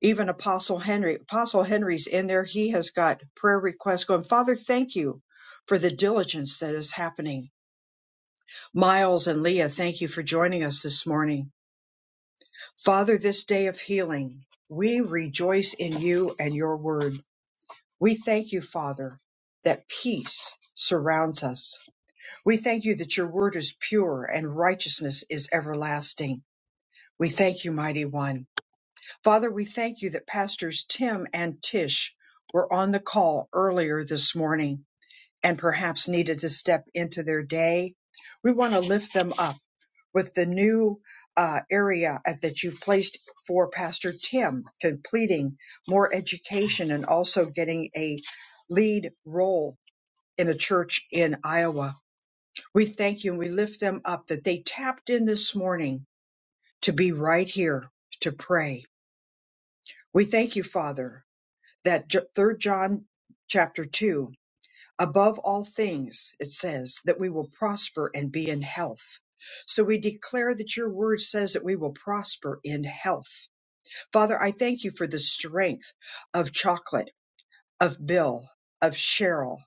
S1: even Apostle Henry, Apostle Henry's in there. He has got prayer requests going. Father, thank you for the diligence that is happening. Miles and Leah, thank you for joining us this morning. Father, this day of healing, we rejoice in you and your word. We thank you, Father, that peace surrounds us. We thank you that your word is pure and righteousness is everlasting. We thank you, mighty one. Father, we thank you that pastors Tim and Tish were on the call earlier this morning and perhaps needed to step into their day. We want to lift them up with the new uh, area at- that you've placed for Pastor Tim, completing more education and also getting a lead role in a church in Iowa. We thank you and we lift them up that they tapped in this morning to be right here to pray We thank you, Father, that J- 3 John chapter 2, above all things, it says that we will prosper and be in health. So we declare that your word says that we will prosper in health. Father, I thank you for the strength of chocolate, of Bill, of Cheryl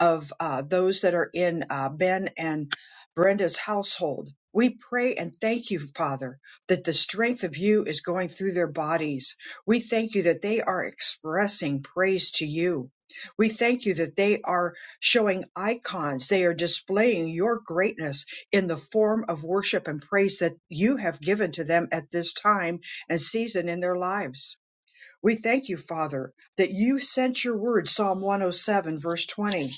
S1: of uh, those that are in uh, Ben and Brenda's household. We pray and thank you, Father, that the strength of you is going through their bodies. We thank you that they are expressing praise to you. We thank you that they are showing icons. They are displaying your greatness in the form of worship and praise that you have given to them at this time and season in their lives. We thank you, Father, that you sent your word, Psalm 107, verse 20,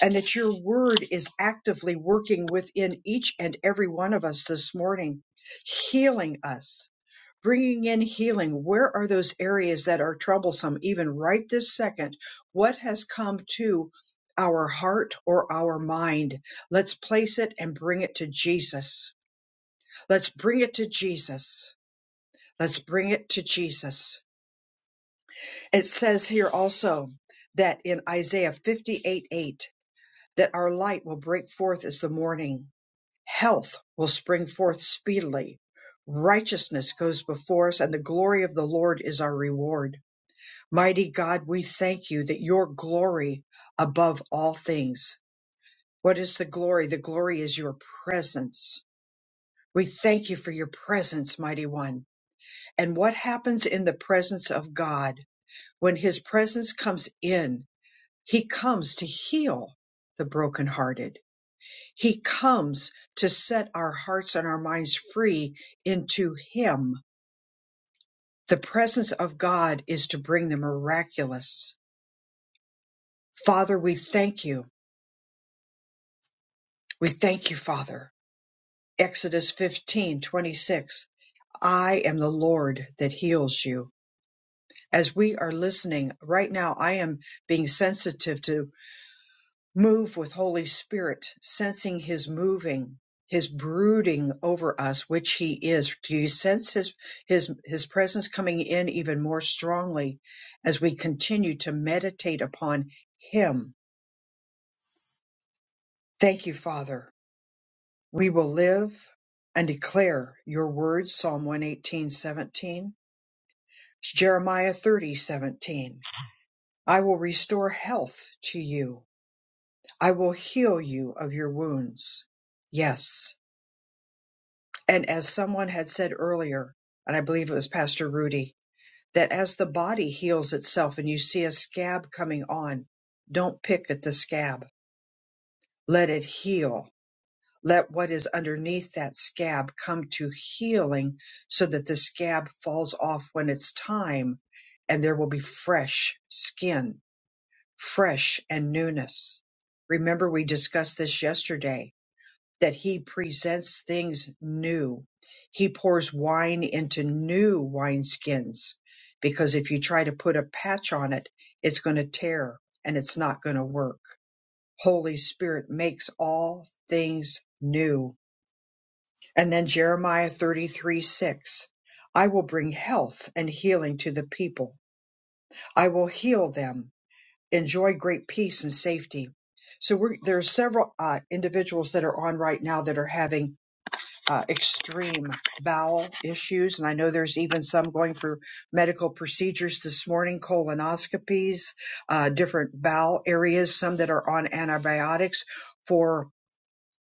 S1: and that your word is actively working within each and every one of us this morning, healing us, bringing in healing. Where are those areas that are troublesome, even right this second? What has come to our heart or our mind? Let's place it and bring it to Jesus. Let's bring it to Jesus. Let's bring it to Jesus. It says here also that in Isaiah 58 8, that our light will break forth as the morning, health will spring forth speedily, righteousness goes before us, and the glory of the Lord is our reward. Mighty God, we thank you that your glory above all things. What is the glory? The glory is your presence. We thank you for your presence, mighty one. And what happens in the presence of God? When his presence comes in, He comes to heal the brokenhearted. He comes to set our hearts and our minds free into Him. The presence of God is to bring the miraculous. Father, we thank you. We thank you, Father. Exodus 15 26. I am the Lord that heals you. As we are listening right now, I am being sensitive to. Move with Holy Spirit, sensing His moving, His brooding over us, which He is. Do you sense His His His presence coming in even more strongly as we continue to meditate upon Him? Thank you, Father. We will live and declare Your words. Psalm one eighteen seventeen, Jeremiah thirty seventeen. I will restore health to you. I will heal you of your wounds. Yes. And as someone had said earlier, and I believe it was Pastor Rudy, that as the body heals itself and you see a scab coming on, don't pick at the scab. Let it heal. Let what is underneath that scab come to healing so that the scab falls off when it's time and there will be fresh skin, fresh and newness. Remember, we discussed this yesterday that he presents things new. He pours wine into new wineskins because if you try to put a patch on it, it's going to tear and it's not going to work. Holy Spirit makes all things new. And then Jeremiah 33 6. I will bring health and healing to the people. I will heal them. Enjoy great peace and safety. So we're, there are several uh, individuals that are on right now that are having uh, extreme bowel issues. And I know there's even some going for medical procedures this morning, colonoscopies, uh, different bowel areas, some that are on antibiotics for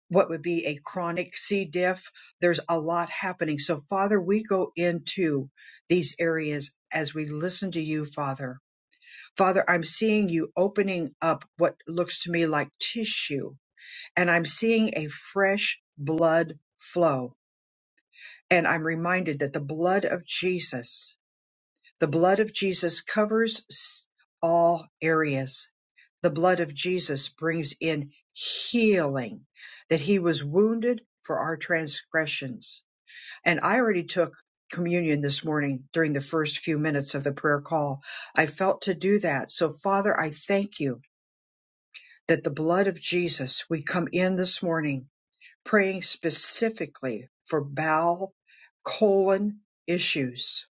S1: what would be a chronic C. diff. There's a lot happening. So, Father, we go into these areas as we listen to you, Father. Father, I'm seeing you opening up what looks to me like tissue, and I'm seeing a fresh blood flow and I'm reminded that the blood of Jesus, the blood of Jesus covers s- all areas. The blood of Jesus brings in healing, that he was wounded for our transgressions. And I already took communion this morning during the first few minutes of the prayer call. I felt to do that. So, Father, I thank you that the blood of Jesus, we come in this morning praying specifically for bowel colon issues.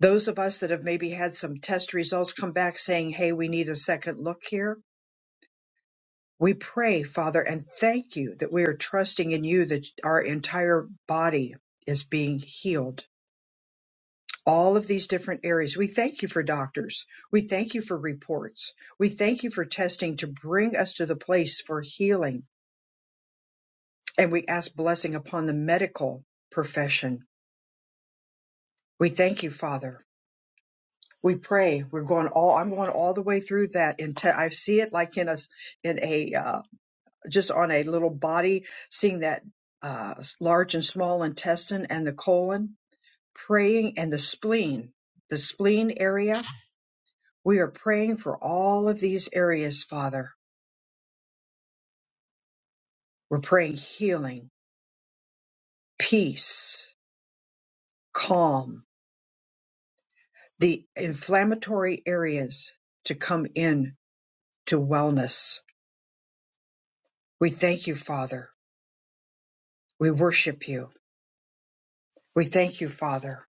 S1: Those of us that have maybe had some test results come back saying, Hey, we need a second look here. We pray, Father, and thank you that we are trusting in you that our entire body is being healed. All of these different areas. We thank you for doctors. We thank you for reports. We thank you for testing to bring us to the place for healing. And we ask blessing upon the medical profession We thank you, Father. We pray. We're going all. I'm going all the way through that. Into I see it like in a s- in a uh, just on a little body, seeing that uh, s- large and small intestine and the colon, praying and the spleen, the spleen area. We are praying for all of these areas, Father. We're praying healing, peace, calm, the inflammatory areas to come in to wellness. We thank you, Father We worship you. We thank you, Father.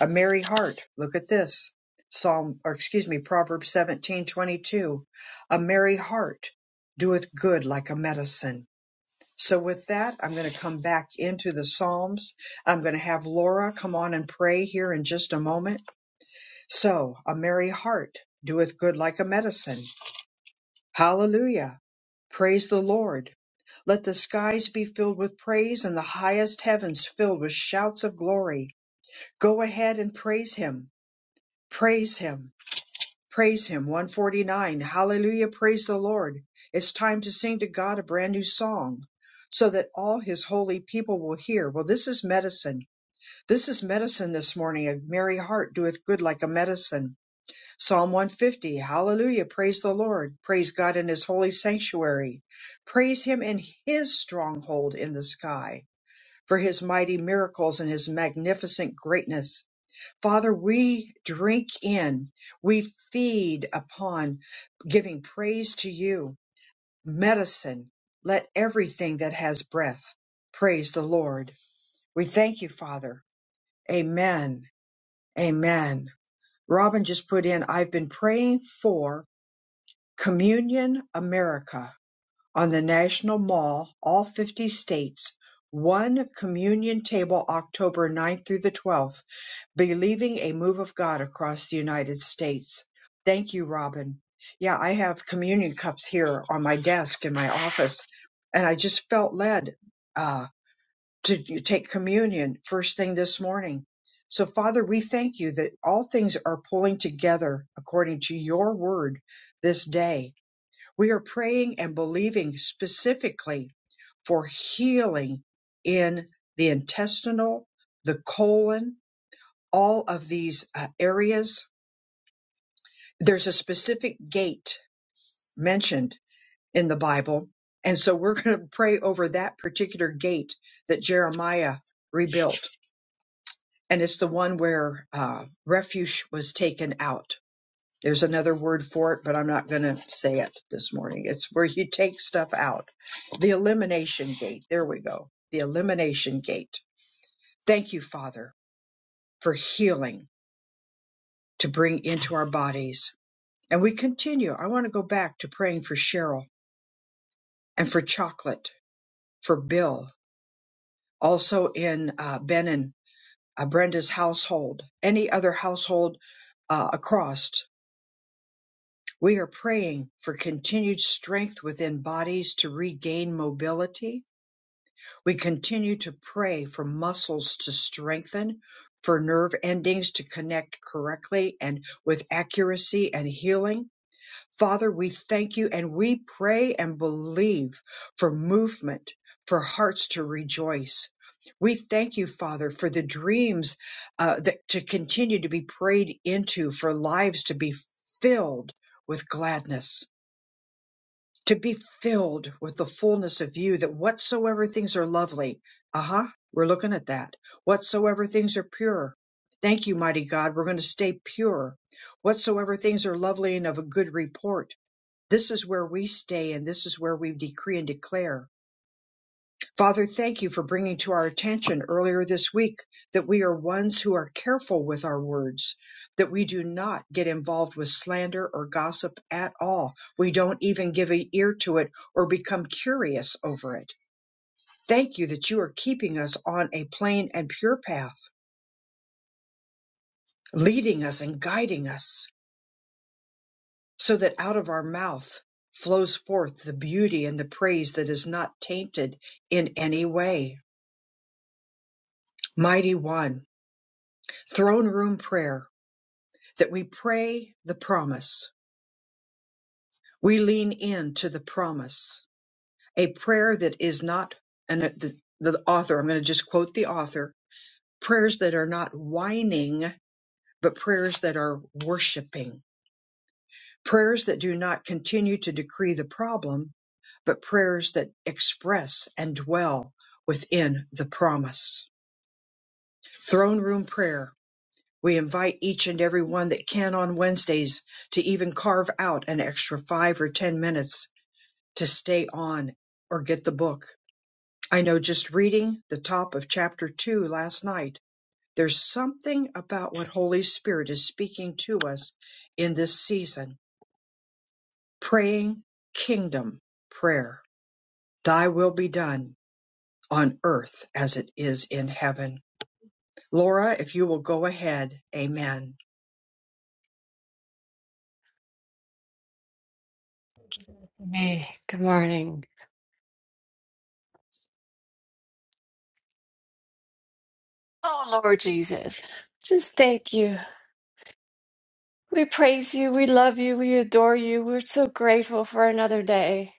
S1: A merry heart. Look at this. Psalm or excuse me, Proverbs seventeen twenty two. A merry heart doeth good like a medicine. So with that, I'm going to come back into the Psalms. I'm going to have Laura come on and pray here in just a moment. So a merry heart doeth good like a medicine. Hallelujah. Praise the Lord. Let the skies be filled with praise and the highest heavens filled with shouts of glory. Go ahead and praise him. Praise him. Praise him. 149. Hallelujah. Praise the Lord. It's time to sing to God a brand new song so that all his holy people will hear. Well, this is medicine. This is medicine this morning. A merry heart doeth good like a medicine. Psalm 150. Hallelujah. Praise the Lord. Praise God in his holy sanctuary. Praise him in his stronghold in the sky for his mighty miracles and his magnificent greatness Father, we drink in, we feed upon giving praise to you, medicine. Let everything that has breath praise the Lord. We thank you, Father. Amen. Amen. Robin just put in, I've been praying for Communion America on the National Mall, all 50 states, one communion table October 9th through the 12th. believing a move of God across the United States. Thank you, Robin. Yeah, I have communion cups here on my desk in my office, and I just felt led uh, to take communion first thing this morning. So, Father, we thank you that all things are pulling together according to your word this day. We are praying and believing specifically for healing in the intestinal, the colon, all of these uh, areas. There's a specific gate mentioned in the Bible. And so we're going to pray over that particular gate that Jeremiah rebuilt. And it's the one where uh, refuge was taken out. There's another word for it, but I'm not going to say it this morning. It's where you take stuff out. The elimination gate. There we go. The elimination gate. Thank you, Father, for healing to bring into our bodies And we continue. I want to go back to praying for Cheryl and for Chocolate, for Bill, also in uh, Ben and uh, Brenda's household, any other household uh, across. We are praying for continued strength within bodies to regain mobility. We continue to pray for muscles to strengthen, for nerve endings to connect correctly and with accuracy and healing. Father, we thank you and we pray and believe for movement, for hearts to rejoice. We thank you, Father, for the dreams uh, that to continue to be prayed into, for lives to be filled with gladness, to be filled with the fullness of you, that whatsoever things are lovely, uh huh, we're looking at that, whatsoever things are pure. Thank you, mighty God. We're going to stay pure. Whatsoever things are lovely and of a good report this is where we stay and this is where we decree and declare. Father, thank you for bringing to our attention earlier this week that we are ones who are careful with our words, that we do not get involved with slander or gossip at all. We don't even give an ear to it or become curious over it. Thank you that you are keeping us on a plain and pure path, leading us and guiding us. so that out of our mouth flows forth the beauty and the praise that is not tainted in any way. Mighty One, throne room prayer, that we pray the promise. We lean in to the promise, a prayer that is not, and the, the author, I'm going to just quote the author, prayers that are not whining, but prayers that are worshiping Prayers that do not continue to decree the problem, but prayers that express and dwell within the promise. Throne room prayer. We invite each and every one that can on Wednesdays to even carve out an extra five or 10 minutes to stay on or get the book. I know just reading the top of chapter two last night, there's something about what Holy Spirit is speaking to us in this season. Praying kingdom prayer Thy will be done on earth as it is in heaven. Laura, if you will go ahead. Amen.
S10: Hey, good morning. Oh, Lord Jesus, just thank you. We praise you. We love you. We adore you. We're so grateful for another day.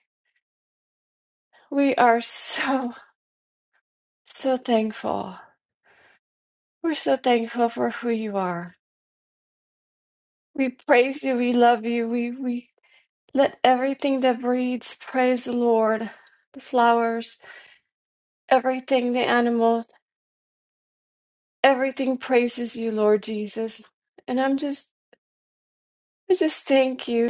S10: We are so, so thankful. We're so thankful for who you are. We praise you. We love you. We, we let everything that breathes praise the Lord. The flowers, everything, the animals, everything praises you, Lord Jesus. And I'm just, I just thank you.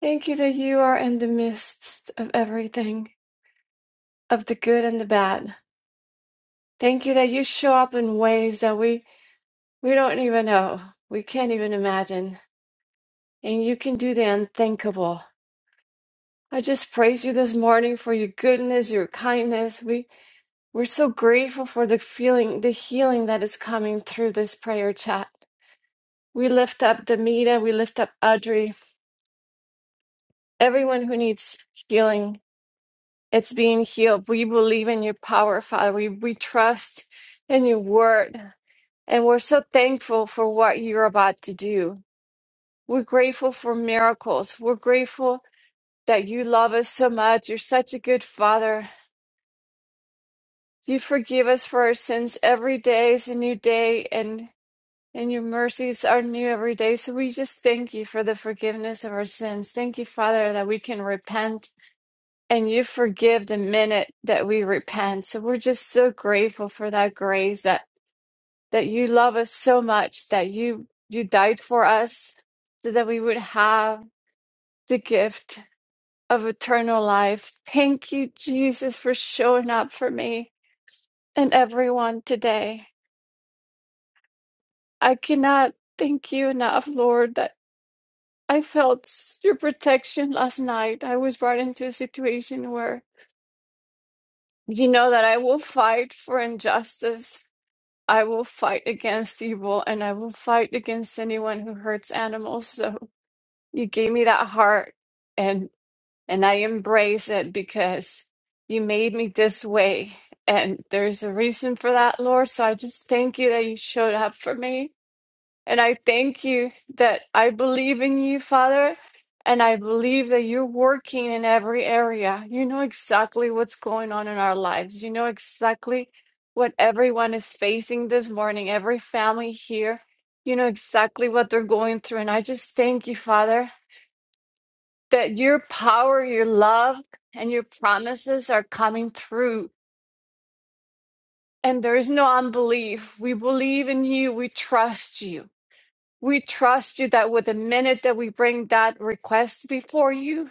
S10: Thank you that you are in the midst of everything, of the good and the bad. Thank you that you show up in ways that we, we don't even know. We can't even imagine. And you can do the unthinkable. I just praise you this morning for your goodness, your kindness. We we're so grateful for the feeling, the healing that is coming through this prayer chat. We lift up Demita, we lift up Audrey, everyone who needs healing It's being healed. We believe in your power, Father. We, we trust in your word. And we're so thankful for what you're about to do. We're grateful for miracles. We're grateful that you love us so much. You're such a good Father. You forgive us for our sins every day is a new day, and, and your mercies are new every day. So we just thank you for the forgiveness of our sins. Thank you, Father, that we can repent and you forgive the minute that we repent. So we're just so grateful for that grace that that you love us so much that you you died for us so that we would have the gift of eternal life. Thank you Jesus for showing up for me and everyone today. I cannot thank you enough, Lord, that I felt s- your protection last night. I was brought into a situation where you know that I will fight for injustice I will fight against evil and I will fight against anyone who hurts animals. So you gave me that heart and and I embrace it because you made me this way and there's a reason for that, Lord. So I just thank you that you showed up for me and I thank you that I believe in you, Father, and I believe that you're working in every area. You know exactly what's going on in our lives. You know exactly what everyone is facing this morning, every family here. You know exactly what they're going through. And I just thank you, Father, that your power, your love, and your promises are coming through. And there is no unbelief. We believe in you. We trust you. We trust you that with the minute that we bring that request before you,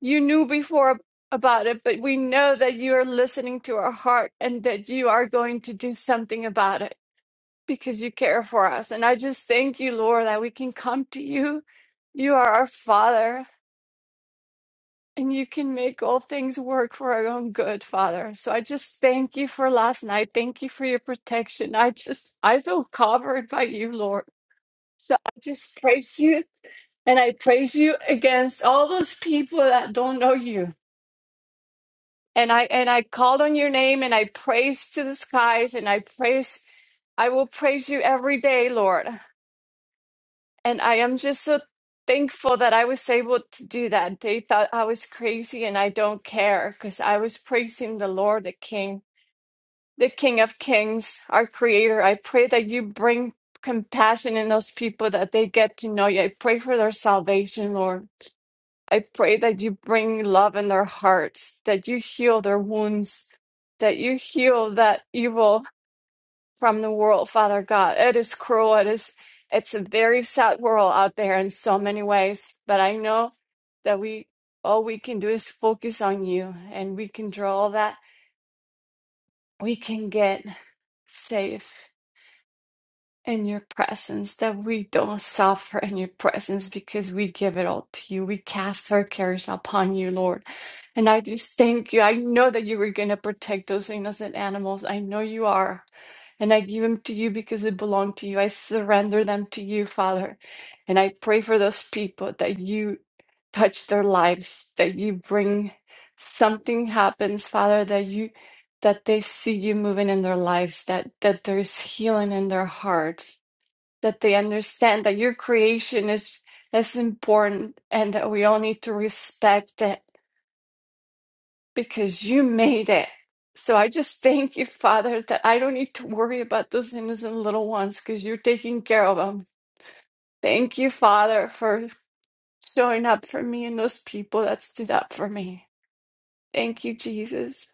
S10: you knew before ab- about it, but we know that you are listening to our heart and that you are going to do something about it because you care for us. And I just thank you, Lord, that we can come to you. You are our Father and you can make all things work for our own good, Father. So I just thank you for last night. Thank you for your protection. I just, I feel covered by you, Lord. So I just praise you and I praise you against all those people that don't know you. And I and I called on your name and I praise to the skies and I praise I will praise you every day, Lord. And I am just so thankful that I was able to do that. They thought I was crazy and I don't care because I was praising the Lord the King. the King of Kings, our Creator. I pray that you bring compassion in those people that they get to know you. I pray for their salvation, Lord. I pray that you bring love in their hearts, that you heal their wounds, that you heal that evil from the world, Father God. It is cruel. It is it's a very sad world out there in so many ways, but I know that we all we can do is focus on you and we can draw all that we can get safe in your presence, that we don't suffer in your presence because we give it all to you. We cast our cares upon you, Lord. And I just thank you. I know that you were going to protect those innocent animals. I know you are. And I give them to you because they belong to you. I surrender them to you, Father. And I pray for those people that you touch their lives, that you bring something happens, Father, that you that they see you moving in their lives, that that there's healing in their hearts, that they understand that your creation is is important and that we all need to respect it because you made it. So I just thank you, Father, that I don't need to worry about those innocent little ones because you're taking care of them. Thank you, Father, for showing up for me and those people that stood up for me. Thank you, Jesus.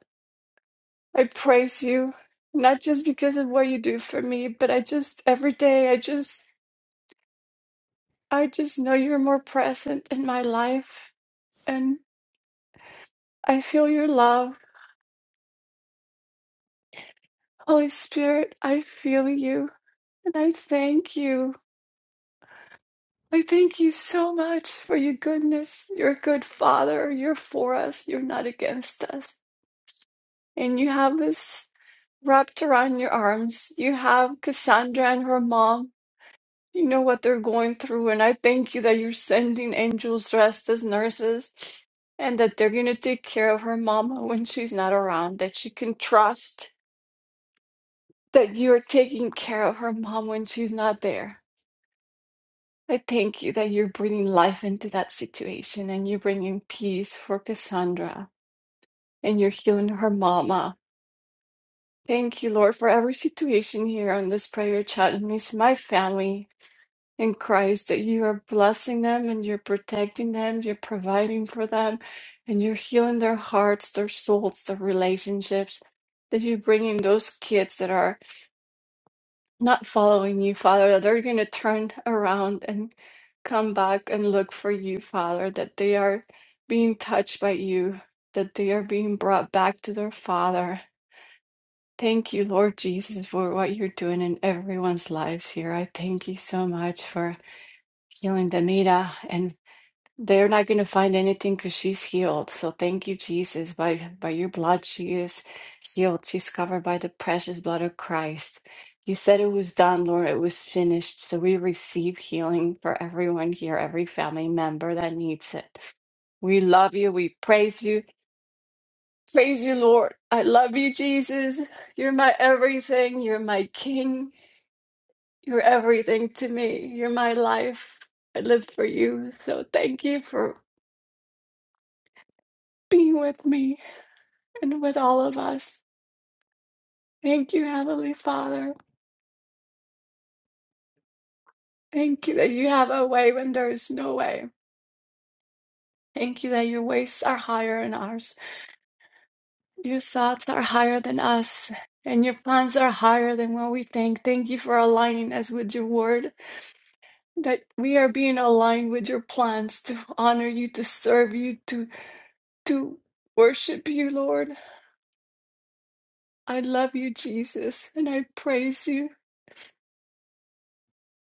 S10: I praise you, not just because of what you do for me, but I just, every day, I just, I just know you're more present in my life. and. I feel your love. Holy Spirit, I feel you and I thank you. I thank you so much for your goodness. You're a good father. You're for us. You're not against us. And you have us wrapped around your arms. You have Cassandra and her mom. You know what they're going through. And I thank you that you're sending angels dressed as nurses and that they're going to take care of her mama when she's not around, that she can trust that you are taking care of her mom when she's not there. I thank you that you're bringing life into that situation and you're bringing peace for Cassandra and you're healing her mama. Thank you, Lord, for every situation here on this prayer chat and it's my family in Christ that you are blessing them and you're protecting them, you're providing for them, and you're healing their hearts, their souls, their relationships. That you're bringing those kids that are not following you, Father, that they're going to turn around and come back and look for you, Father, that they are being touched by you, that they are being brought back to their Father. Thank you, Lord Jesus, for what you're doing in everyone's lives here. I thank you so much for healing Demita and they're not going to find anything because she's healed. So thank you, Jesus. By by your blood, she is healed. She's covered by the precious blood of Christ. You said it was done, Lord. It was finished. So we receive healing for everyone here, every family member that needs it. We love you. We praise you. Praise you, Lord. I love you, Jesus. You're my everything. You're my King. You're everything to me. You're my life. I live for you. So thank you for being with me. and with all of us. Thank you, Heavenly Father. Thank you that you have a way when there is no way. Thank you that your ways are higher than ours. Your thoughts are higher than us, and your plans are higher than what we think. Thank you for aligning us with your word, that we are being aligned with your plans to honor you, to serve you, to, to worship you, Lord. I love you, Jesus, and I praise you.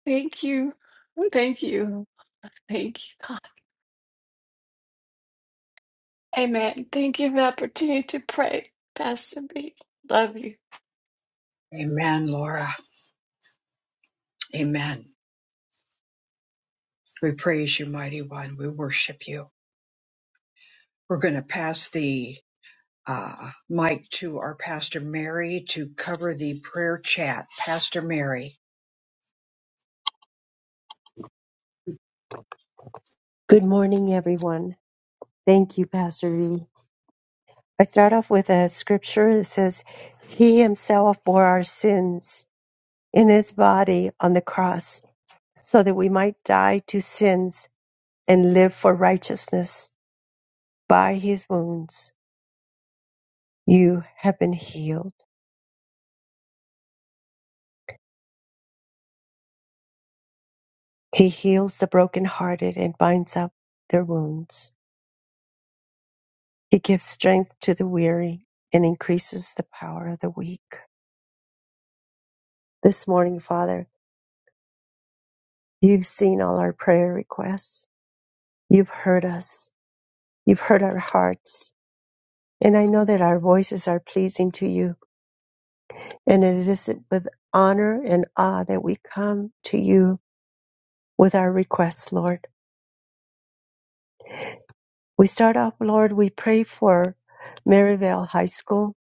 S10: Thank you. Thank you. Thank you, God. Amen. Thank you for the opportunity to pray, Pastor B. Love you.
S1: Amen, Laura. Amen. We praise you, mighty one. We worship you. We're going to pass the uh, mic to our Pastor Mary to cover the prayer chat. Pastor Mary.
S2: Good morning, everyone. Thank you, Pastor V. I start off with a scripture that says, He himself bore our sins. in his body on the cross so that we might die to sins and live for righteousness. By his wounds you have been healed. He heals the brokenhearted and binds up their wounds. He gives strength to the weary and increases the power of the weak. This morning, Father, you've seen all our prayer requests. You've heard us. You've heard our hearts. And I know that our voices are pleasing to you And it is with honor and awe that we come to you with our requests, Lord. We start off, Lord, we pray for Maryvale High School,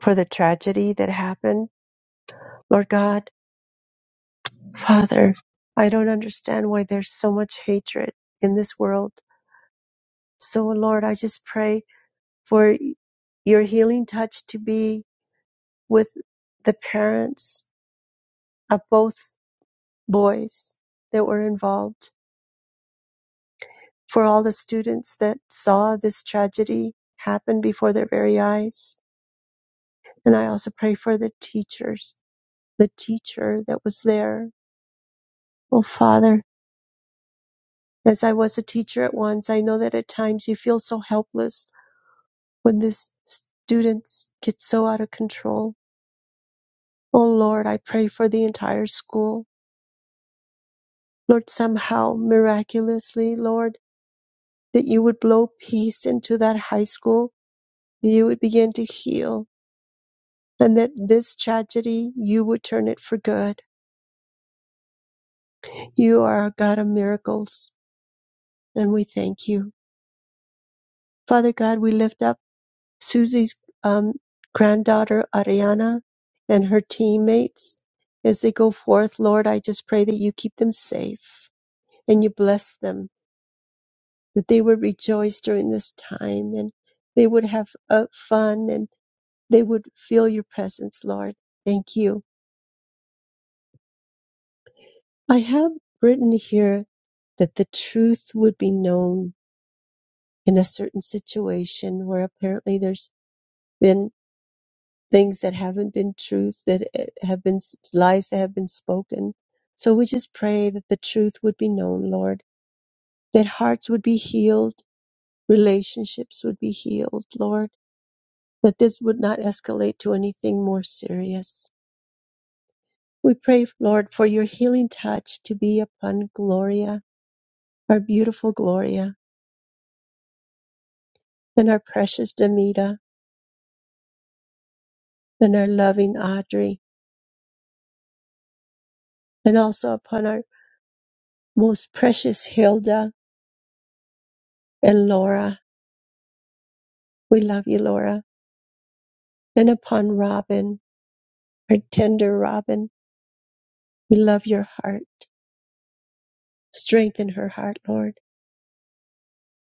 S2: for the tragedy that happened. Lord God, Father, I don't understand why there's so much hatred in this world. So, Lord, I just pray for your healing touch to be with the parents of both boys that were involved. for all the students that saw this tragedy happen before their very eyes. And I also pray for the teachers, the teacher that was there. Oh, Father, as I was a teacher at once, I know that at times you feel so helpless when this students get so out of control. Oh, Lord, I pray for the entire school. Lord, somehow, miraculously, Lord, that you would blow peace into that high school. You would begin to heal and that this tragedy you would turn it for good. You are a God of miracles, and we thank you. Father God, we lift up Susie's um, granddaughter, Ariana, and her teammates as they go forth. Lord, I just pray that you keep them safe and you bless them, that they would rejoice during this time and they would have uh, fun and they would feel your presence, Lord. Thank you. I have written here that the truth would be known in a certain situation where apparently there's been things that haven't been truth, that eh, have been s- lies that have been spoken. So we just pray that the truth would be known, Lord, that hearts would be healed, relationships would be healed, Lord, that this would not escalate to anything more serious. We pray, Lord, for your healing touch to be upon Gloria, our beautiful Gloria. and our precious Demita, and our loving Audrey, and also upon our most precious Hilda and Laura. We love you, Laura. And upon Robin, our tender Robin, we love your heart. Strengthen her heart, Lord.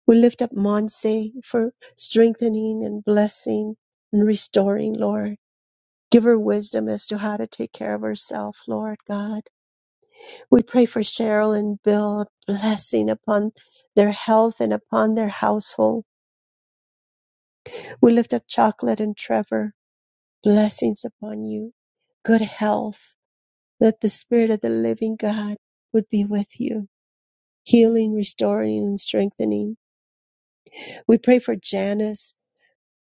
S2: We lift up Monse for strengthening and blessing and restoring, Lord. Give her wisdom as to how to take care of herself, Lord God. We pray for Cheryl and Bill, a blessing upon their health and upon their household. We lift up Chocolate and Trevor. Blessings upon you. Good health. That the Spirit of the living God would be with you. Healing, restoring, and strengthening. We pray for Janice.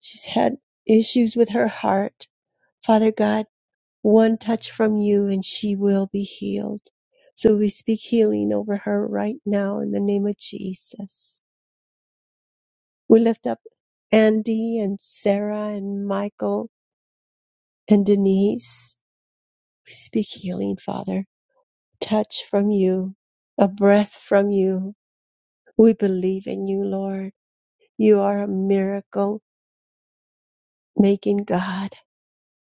S2: She's had issues with her heart. Father God, one touch from you and she will be healed. So we speak healing over her right now in the name of Jesus. We lift up Andy and Sarah and Michael and Denise. We speak healing, Father. Touch from you, a breath from you. We believe in you, Lord. You are a miracle making God.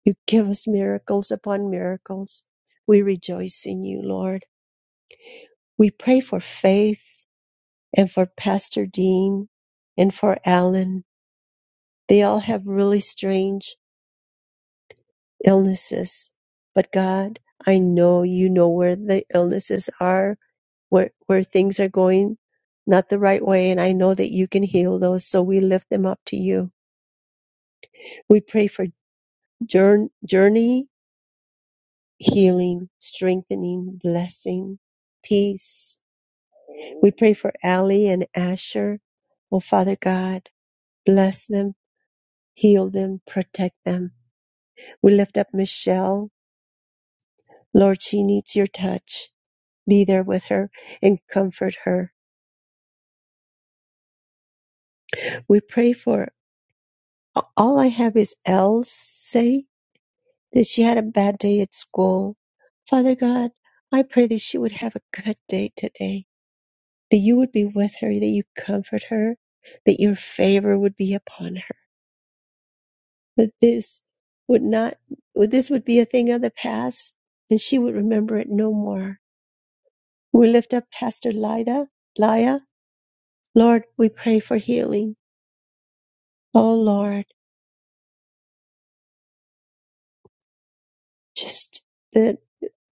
S2: You give us miracles upon miracles. We rejoice in you, Lord. We pray for faith and for Pastor Dean and for Alan. They all have really strange illnesses. But God, I know you know where the illnesses are, where where things are going not the right way, and I know that you can heal those. So we lift them up to you. We pray for jour- journey, healing, strengthening, blessing, peace. We pray for Allie and Asher. Oh Father God, bless them, heal them, protect them. We lift up Michelle. Lord, she needs your touch. be there with her and comfort her. We pray for all I have is Elle say that she had a bad day at school. Father God, I pray that she would have a good day today, that you would be with her, that you comfort her, that your favor would be upon her, that this would not, this would be a thing of the past and she would remember it no more. We lift up Pastor Lyda, Laya. Lord, we pray for healing. Oh Lord, just the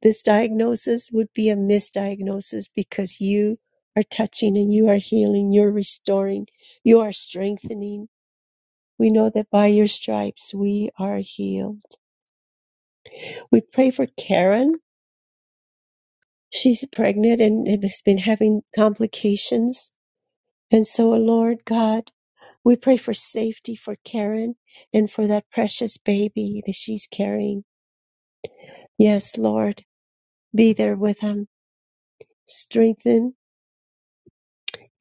S2: This diagnosis would be a misdiagnosis because you are touching and you are healing, you're restoring, you are strengthening. We know that by your stripes we are healed. We pray for Karen. She's pregnant and and has been having complications. And so, Lord God, we pray for safety for Karen and for that precious baby that she's carrying. Yes, Lord, be there with them. Strengthen.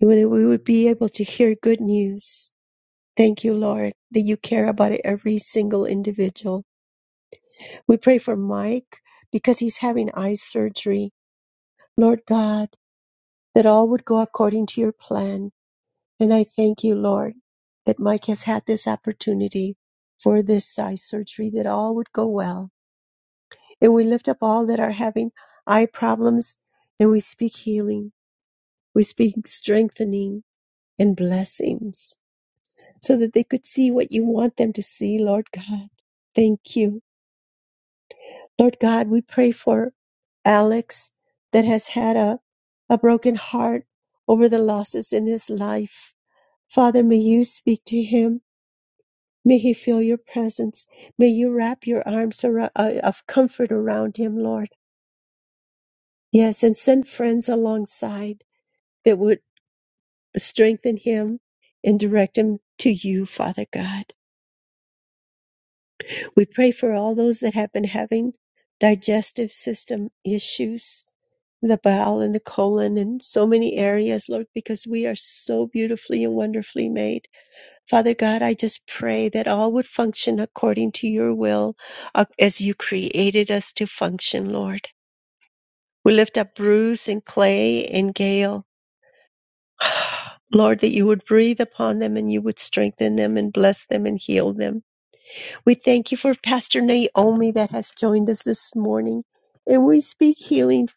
S2: that We would be able to hear good news Thank you, Lord, that you care about every single individual. We pray for Mike because he's having eye surgery. Lord God, that all would go according to your plan. And I thank you, Lord, that Mike has had this opportunity for this eye surgery, that all would go well. And we lift up all that are having eye problems and we speak healing, we speak strengthening and blessings so that they could see what you want them to see, Lord God. Thank you Lord God, we pray for Alex that has had a, a broken heart over the losses in his life. Father, may you speak to him. May he feel your presence. May you wrap your arms arou- uh, of comfort around him, Lord. Yes, and send friends alongside that would strengthen him and direct him to you, Father God. We pray for all those that have been having digestive system issues, the bowel and the colon, and so many areas, Lord, because we are so beautifully and wonderfully made. Father God, I just pray that all would function according to your will uh, as you created us to function, Lord. We lift up Bruce and Clay and Gail. Lord, that you would breathe upon them and you would strengthen them and bless them and heal them. We thank you for Pastor Naomi that has joined us this morning. And we speak healing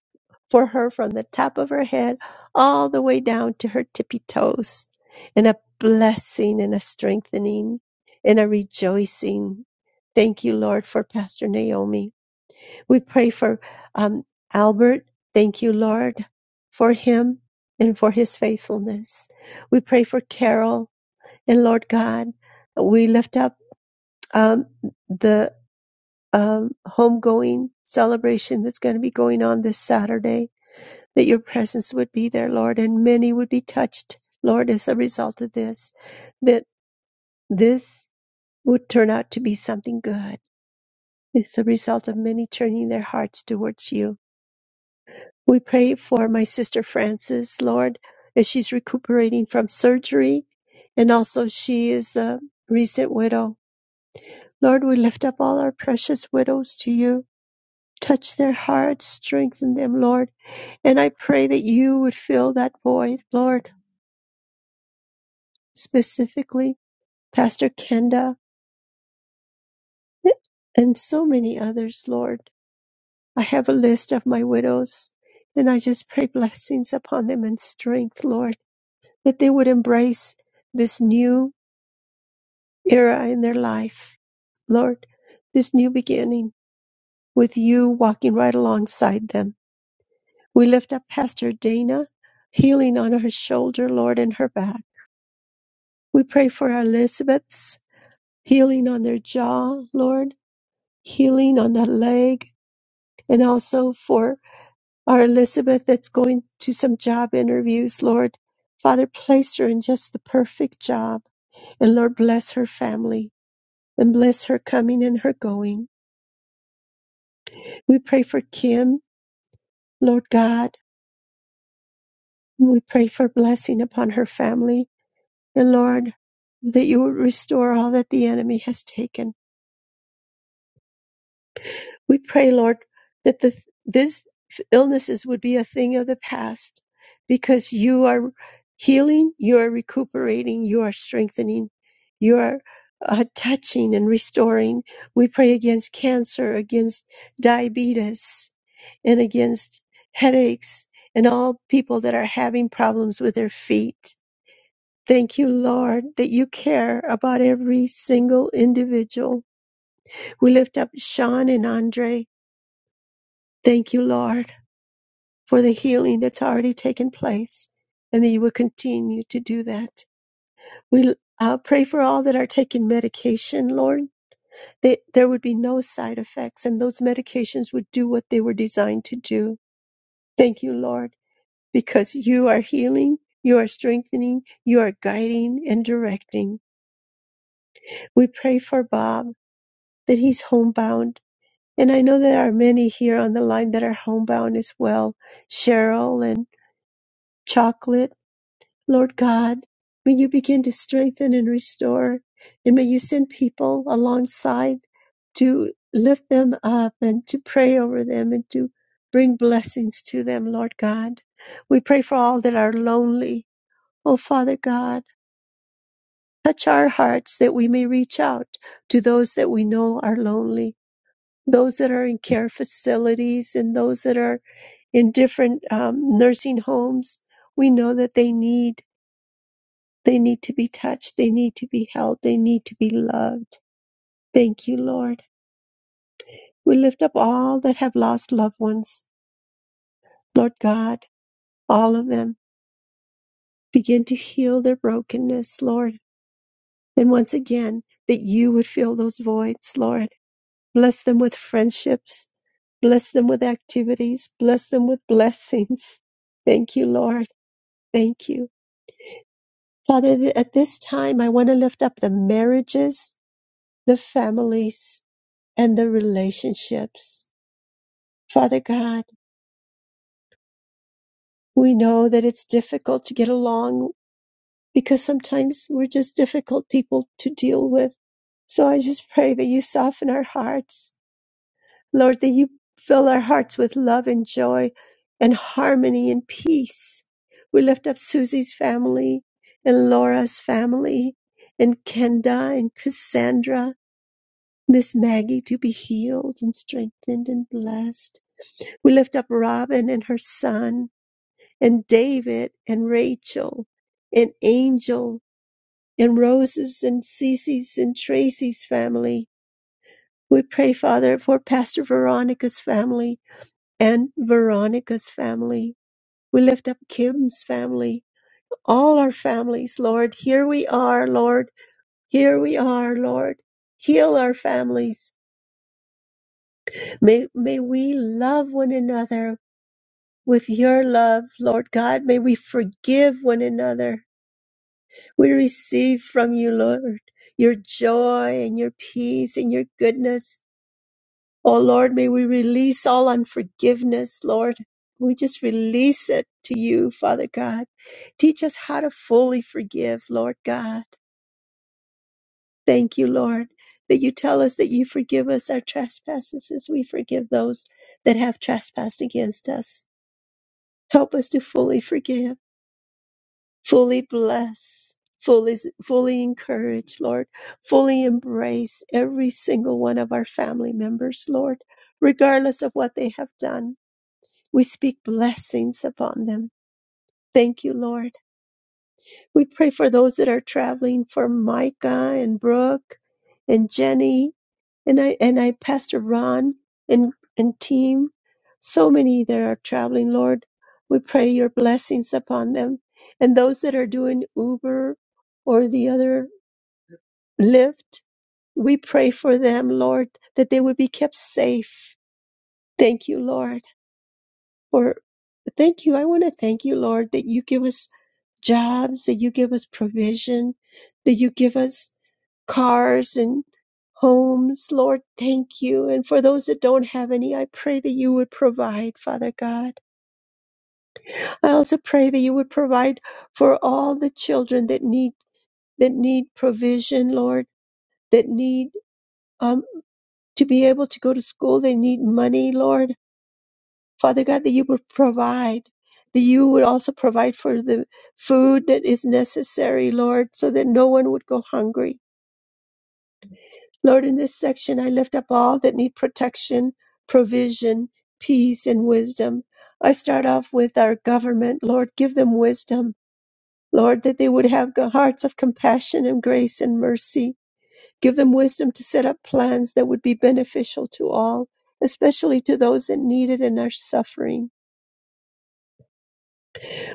S2: for her from the top of her head all the way down to her tippy toes, and a blessing and a strengthening and a rejoicing. Thank you, Lord, for Pastor Naomi. We pray for um, Albert. Thank you, Lord, for him and for his faithfulness. We pray for Carol and Lord God. We lift up um, the um, homegoing celebration that's going to be going on this Saturday, that your presence would be there, Lord, and many would be touched, Lord, as a result of this, that this would turn out to be something good. It's a result of many turning their hearts towards you. We pray for my sister Frances, Lord, as she's recuperating from surgery, and also she is a recent widow. Lord, we lift up all our precious widows to you. Touch their hearts, strengthen them, Lord And I pray that you would fill that void, Lord, specifically Pastor Kenda and so many others, Lord. I have a list of my widows, and I just pray blessings upon them and strength, Lord, that they would embrace this new era in their life, Lord, this new beginning with you walking right alongside them. We lift up Pastor Dana, healing on her shoulder, Lord, and her back. We pray for Elizabeth. healing on their jaw, Lord, healing on that leg, and also for our Elizabeth that's going to some job interviews, Lord. Father, place her in just the perfect job, and Lord, bless her family and bless her coming and her going. We pray for Kim, Lord God. We pray for blessing upon her family, and Lord, that you would restore all that the enemy has taken. We pray, Lord, that the, these illnesses would be a thing of the past because you are healing, you are recuperating, you are strengthening, you are uh, touching and restoring. We pray against cancer, against diabetes, and against headaches, and all people that are having problems with their feet. Thank you, Lord, that you care about every single individual. We lift up Sean and Andre. Thank you, Lord. for the healing that's already taken place and that you will continue to do that. We uh, pray for all that are taking medication, Lord, that there would be no side effects and those medications would do what they were designed to do. Thank you, Lord, because you are healing, you are strengthening, you are guiding and directing. We pray for Bob that he's homebound. And I know there are many here on the line that are homebound as well. Cheryl and Chocolate Lord God, may you begin to strengthen and restore, and may you send people alongside to lift them up and to pray over them and to bring blessings to them, Lord God. We pray for all that are lonely. Oh, Father God, touch our hearts that we may reach out to those that we know are lonely, those that are in care facilities and those that are in different um, nursing homes. We know that they need They need to be touched. They need to be held. They need to be loved. Thank you, Lord. We lift up all that have lost loved ones. Lord God, all of them begin to heal their brokenness, Lord. And once again, that you would fill those voids, Lord. Bless them with friendships. Bless them with activities. Bless them with blessings. Thank you, Lord. Thank you. Father, th- at this time, I want to lift up the marriages, the families, and the relationships. Father God, we know that it's difficult to get along because sometimes we're just difficult people to deal with. So I just pray that you soften our hearts, Lord, that you fill our hearts with love and joy and harmony and peace. We lift up Susie's family and Laura's family and Kenda and Cassandra, Miss Maggie to be healed and strengthened and blessed. We lift up Robin and her son, and David and Rachel, and Angel, and Rose's and Cece's and Tracy's family. We pray, Father, for Pastor Veronica's family and Veronica's family. We lift up Kim's family, all our families, Lord. Here we are, Lord. Here we are, Lord. Heal our families. May, may we love one another With your love, Lord God, may we forgive one another. We receive from you, Lord, your joy and your peace and your goodness. Oh Lord, may we release all unforgiveness, Lord. We just release it to you, Father God. Teach us how to fully forgive, Lord God. Thank you, Lord, that you tell us that you forgive us our trespasses as we forgive those that have trespassed against us. Help us to fully forgive. fully bless, fully, fully encourage, Lord, fully embrace every single one of our family members, Lord, regardless of what they have done. We speak blessings upon them. Thank you, Lord. We pray for those that are traveling for Micah and Brooke and Jenny and I and I Pastor Ron and and team, so many that are traveling. Lord, we pray your blessings upon them, and those that are doing Uber or the other Lyft. We pray for them, Lord, that they would be kept safe. Thank you, Lord, for thank you. I want to thank you, Lord, that you give us jobs, that you give us provision, that you give us cars and homes. Lord, thank you. And for those that don't have any, I pray that you would provide, Father God. I also pray that you would provide for all the children that need that need provision, Lord, that need um, to be able to go to school. They need money, Lord. Father God, that you would provide, that you would also provide for the food that is necessary, Lord, so that no one would go hungry. Lord, in this section, I lift up all that need protection, provision, peace, and wisdom. I start off with our government, Lord, give them wisdom. Lord, that they would have g- hearts of compassion and grace and mercy. Give them wisdom to set up plans that would be beneficial to all, especially to those that need it and are suffering.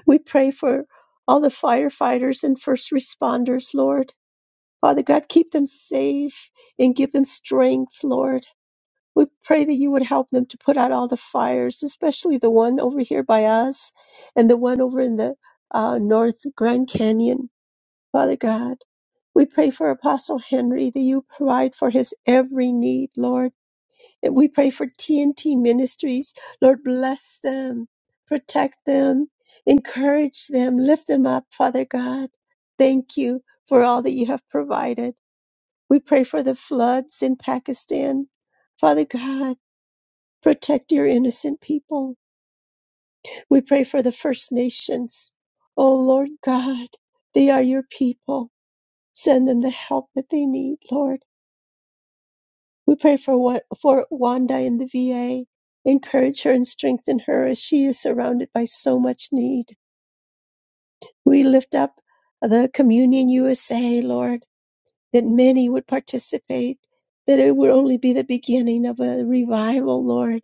S2: We pray for all the firefighters and first responders, Lord. Father God, keep them safe and give them strength, Lord. We pray that you would help them to put out all the fires, especially the one over here by us and the one over in the uh, North Grand Canyon, Father God. We pray for Apostle Henry that you provide for his every need, Lord. And we pray for TNT Ministries. Lord, bless them, protect them, encourage them, lift them up, Father God. Thank you for all that you have provided. We pray for the floods in Pakistan. Father God, protect your innocent people. We pray for the First Nations. Oh, Lord God, they are your people. Send them the help that they need, Lord. We pray for what for Wanda in the VA. Encourage her and strengthen her as she is surrounded by so much need. We lift up the Communion USA, Lord, that many would participate, that it would only be the beginning of a revival, Lord.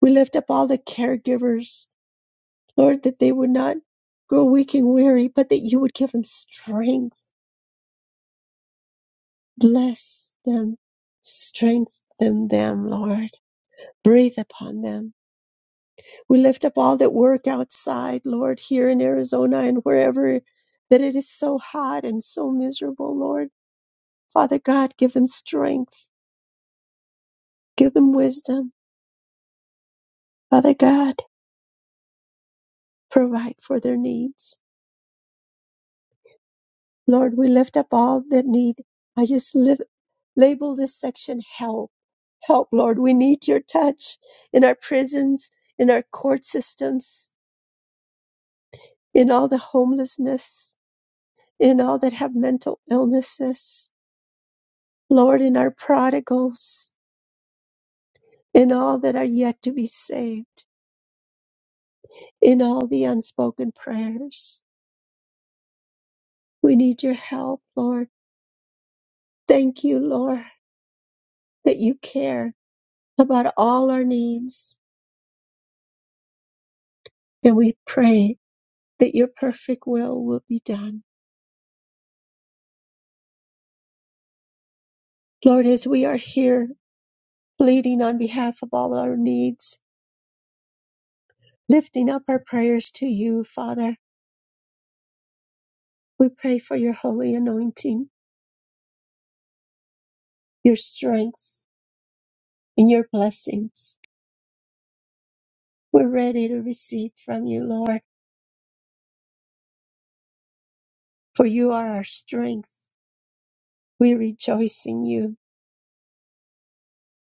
S2: We lift up all the caregivers, Lord, that they would not grow weak and weary, but that you would give them strength. Bless them, strengthen them, Lord. Breathe upon them We lift up all that work outside, Lord, here in Arizona and wherever that it is so hot and so miserable, Lord. Father God, give them strength, give them wisdom. Father God, provide for their needs. Lord, we lift up all that need. I just live, label this section help. Help, Lord. We need your touch in our prisons, in our court systems, in all the homelessness, in all that have mental illnesses Lord, in our prodigals, in all that are yet to be saved, in all the unspoken prayers. We need your help, Lord. Thank you, Lord, that you care about all our needs. And we pray that your perfect will will be done. Lord, as we are here pleading on behalf of all our needs, lifting up our prayers to you, Father, we pray for your holy anointing, your strength, and your blessings. We're ready to receive from you, Lord, for you are our strength. We rejoice in you.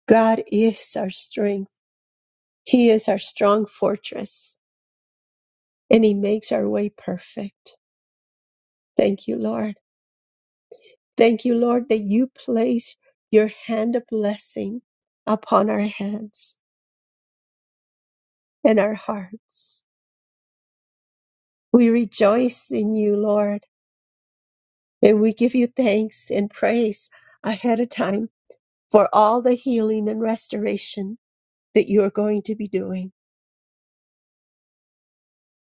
S2: God is our strength. He is our strong fortress, and He makes our way perfect. Thank you, Lord. Thank you, Lord, that you place your hand of blessing upon our hands and our hearts. We rejoice in you, Lord, and we give you thanks and praise ahead of time for all the healing and restoration that you are going to be doing.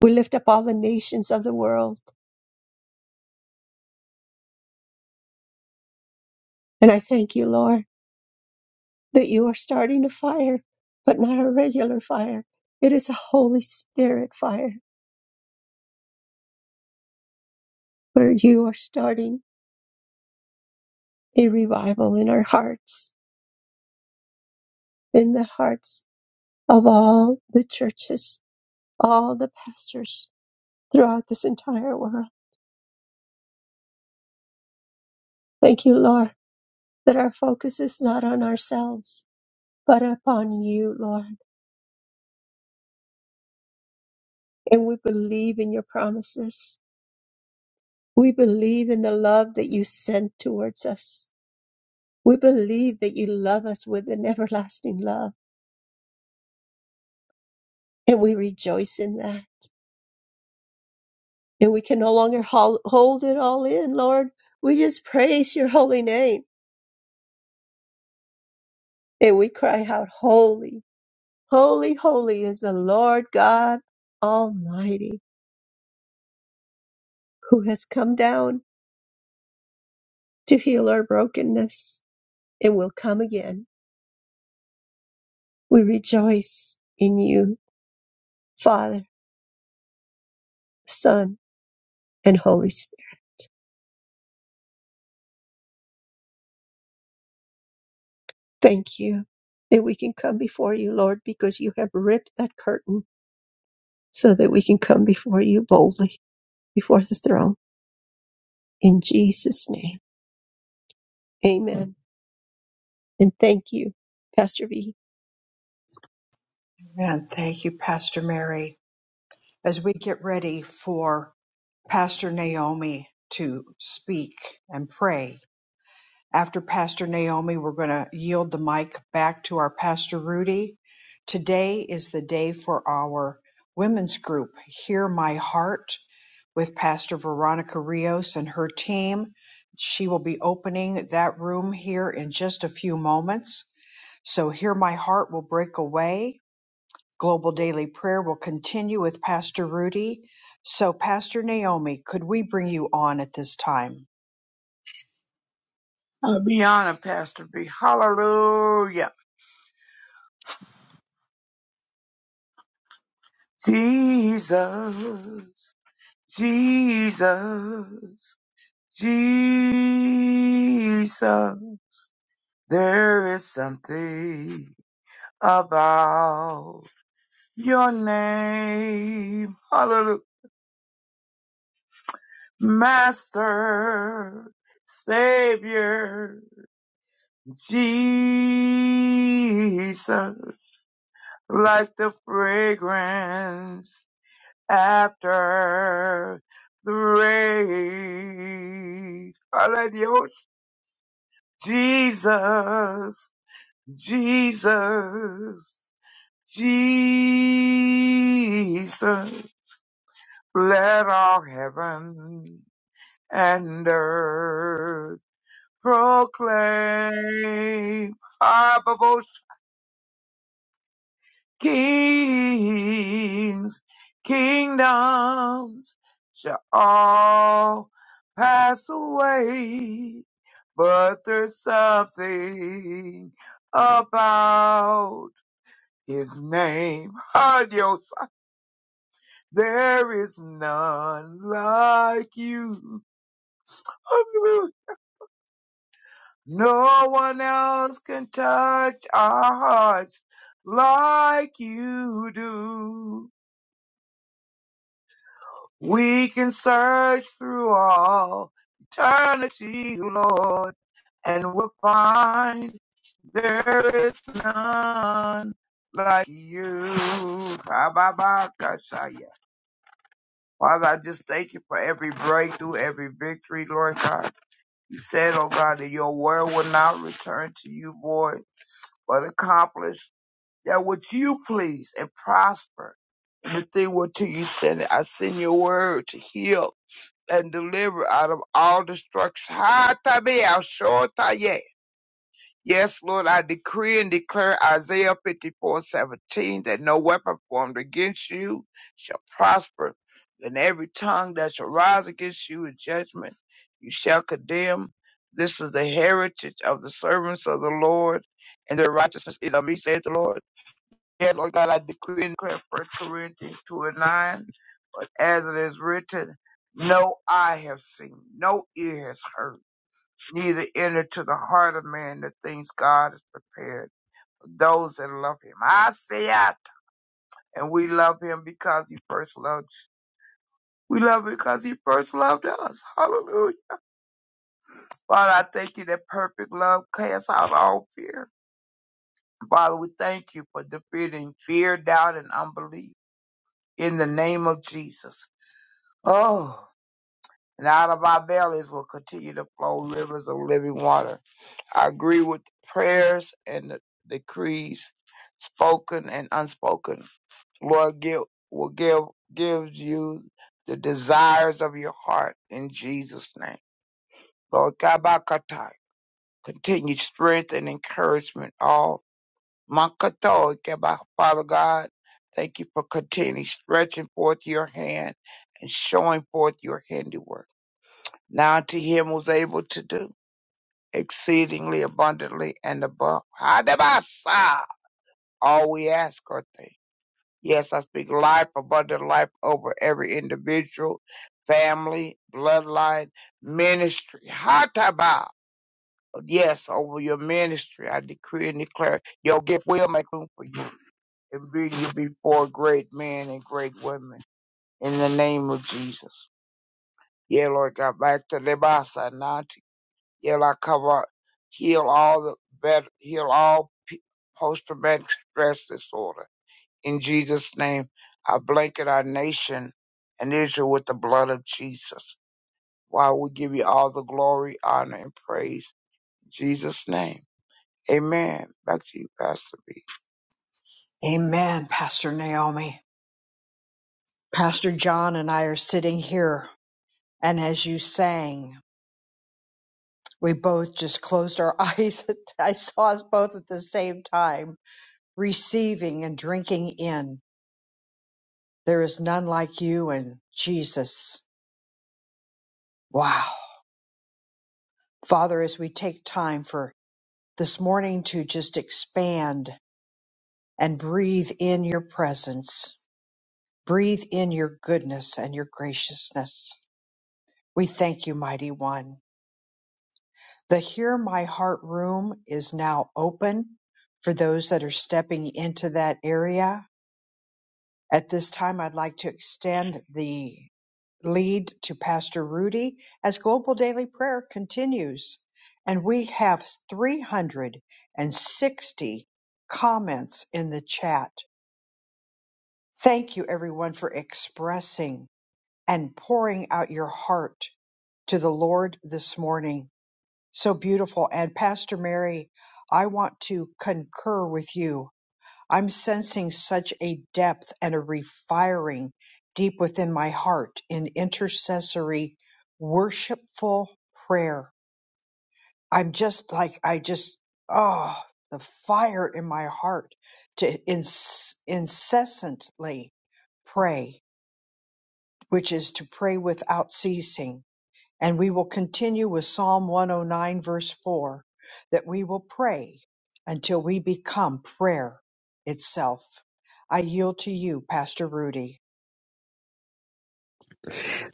S2: We lift up all the nations of the world. And I thank you, Lord, that you are starting a fire, but not a regular fire. It is a Holy Spirit fire where you are starting a revival in our hearts, in the hearts of all the churches, all the pastors throughout this entire world. Thank you, Lord, that our focus is not on ourselves, but upon you, Lord. And we believe in your promises We believe in the love that you send towards us. We believe that you love us with an everlasting love, and we rejoice in that. And we can no longer hol- hold it all in, Lord. We just praise your holy name and we cry out, Holy, holy, holy is the Lord God Almighty, who has come down to heal our brokenness and will come again. We rejoice in you, Father, Son, and Holy Spirit. Thank you that we can come before you, Lord, because you have ripped that curtain so that we can come before you boldly, before the throne. In Jesus' name, amen. And thank you, Pastor V.
S1: Amen. Thank you, Pastor Mary. As we get ready for Pastor Naomi to speak and pray, After Pastor Naomi, we're going to yield the mic back to our Pastor Rudy. Today is the day for our women's group, Hear My Heart, with Pastor Veronica Rios and her team. She will be opening that room here in just a few moments. So, Hear My Heart will break away. Global Daily Prayer will continue with Pastor Rudy. So, Pastor Naomi, could we bring you on at this time?
S11: I'll be honored, Pastor B. Hallelujah. Jesus, Jesus, Jesus. There is something about your name. Hallelujah. Master, Savior, Jesus. Like the fragrance after the rain. Hallelujah. Jesus, Jesus, Jesus. Let all heaven and earth proclaim. kings, kingdoms shall all pass away, but there's something about his name. Adios. There is none like you. No one else can touch our hearts like you do. We can search through all eternity, Lord, and we'll find there is none like you. Kababakashaya. Father, I just thank you for every breakthrough, every victory, Lord God. You said, oh God, that your word will not return to you, void, but accomplish that which you please and prosper. And the thing what to you send it. I send your word to heal and deliver out of all destruction. Ha tabiah, shor tayeh. Yes, Lord, I decree and declare Isaiah fifty-four seventeen that no weapon formed against you shall prosper, and every tongue that shall rise against you in judgment you shall condemn. This is the heritage of the servants of the Lord, and their righteousness is of me, saith the Lord. Yeah, Lord God, I decree and declare First Corinthians 2 and 9, but as it is written, no eye have seen, no ear has heard, neither enter to the heart of man the things God has prepared for those that love him. I say it, and we love him because he first loved us. We love him because he first loved us. Hallelujah. Father, I thank you that perfect love casts out all fear. Father, we thank you for defeating fear, doubt, and unbelief in the name of Jesus. Oh, and out of our bellies will continue to flow rivers of living water. I agree with the prayers and the decrees, spoken and unspoken. Lord, give will give gives you the desires of your heart in Jesus' name. Lord, Kabakatai, continued strength and encouragement. All Makato, Kaba- Father God, thank you for continuing stretching forth your hand and showing forth your handiwork. Now to him was able to do exceedingly abundantly and above Hadabasa, all we ask or think. Yes, I speak life, abundant life over every individual, family, bloodline, ministry. Hataba. Yes, over your ministry, I decree and declare your gift will make room for you and bring you before great men and great women in the name of Jesus. Yeah, Lord God, back to Lebasa, Yeah, I cover, heal all the better, heal all p- post-traumatic stress disorder. In Jesus' name, I blanket our nation and Israel with the blood of Jesus. While we give you all the glory, honor, and praise. In Jesus' name. Amen. Back to you, Pastor B.
S1: Amen, Pastor Naomi. Pastor John and I are sitting here, and as you sang, we both just closed our eyes. I saw us both at the same time, receiving and drinking in. There is none like you and Jesus. Wow. Father, as we take time for this morning to just expand and breathe in your presence, breathe in your goodness and your graciousness. We thank you, mighty one. The Hear My Heart room is now open for those that are stepping into that area. At this time, I'd like to extend the lead to Pastor Rudy as Global Daily Prayer continues. And we have 360 comments in the chat. Thank you, everyone, for expressing and pouring out your heart to the Lord this morning. So beautiful. And Pastor Mary, I want to concur with you. I'm sensing such a depth and a refiring deep within my heart in intercessory, worshipful prayer. I'm just like, I just, oh, the fire in my heart to ins- incessantly pray, which is to pray without ceasing and we will continue with Psalm 109, verse 4, that we will pray until we become prayer itself. I yield to you, Pastor Rudy.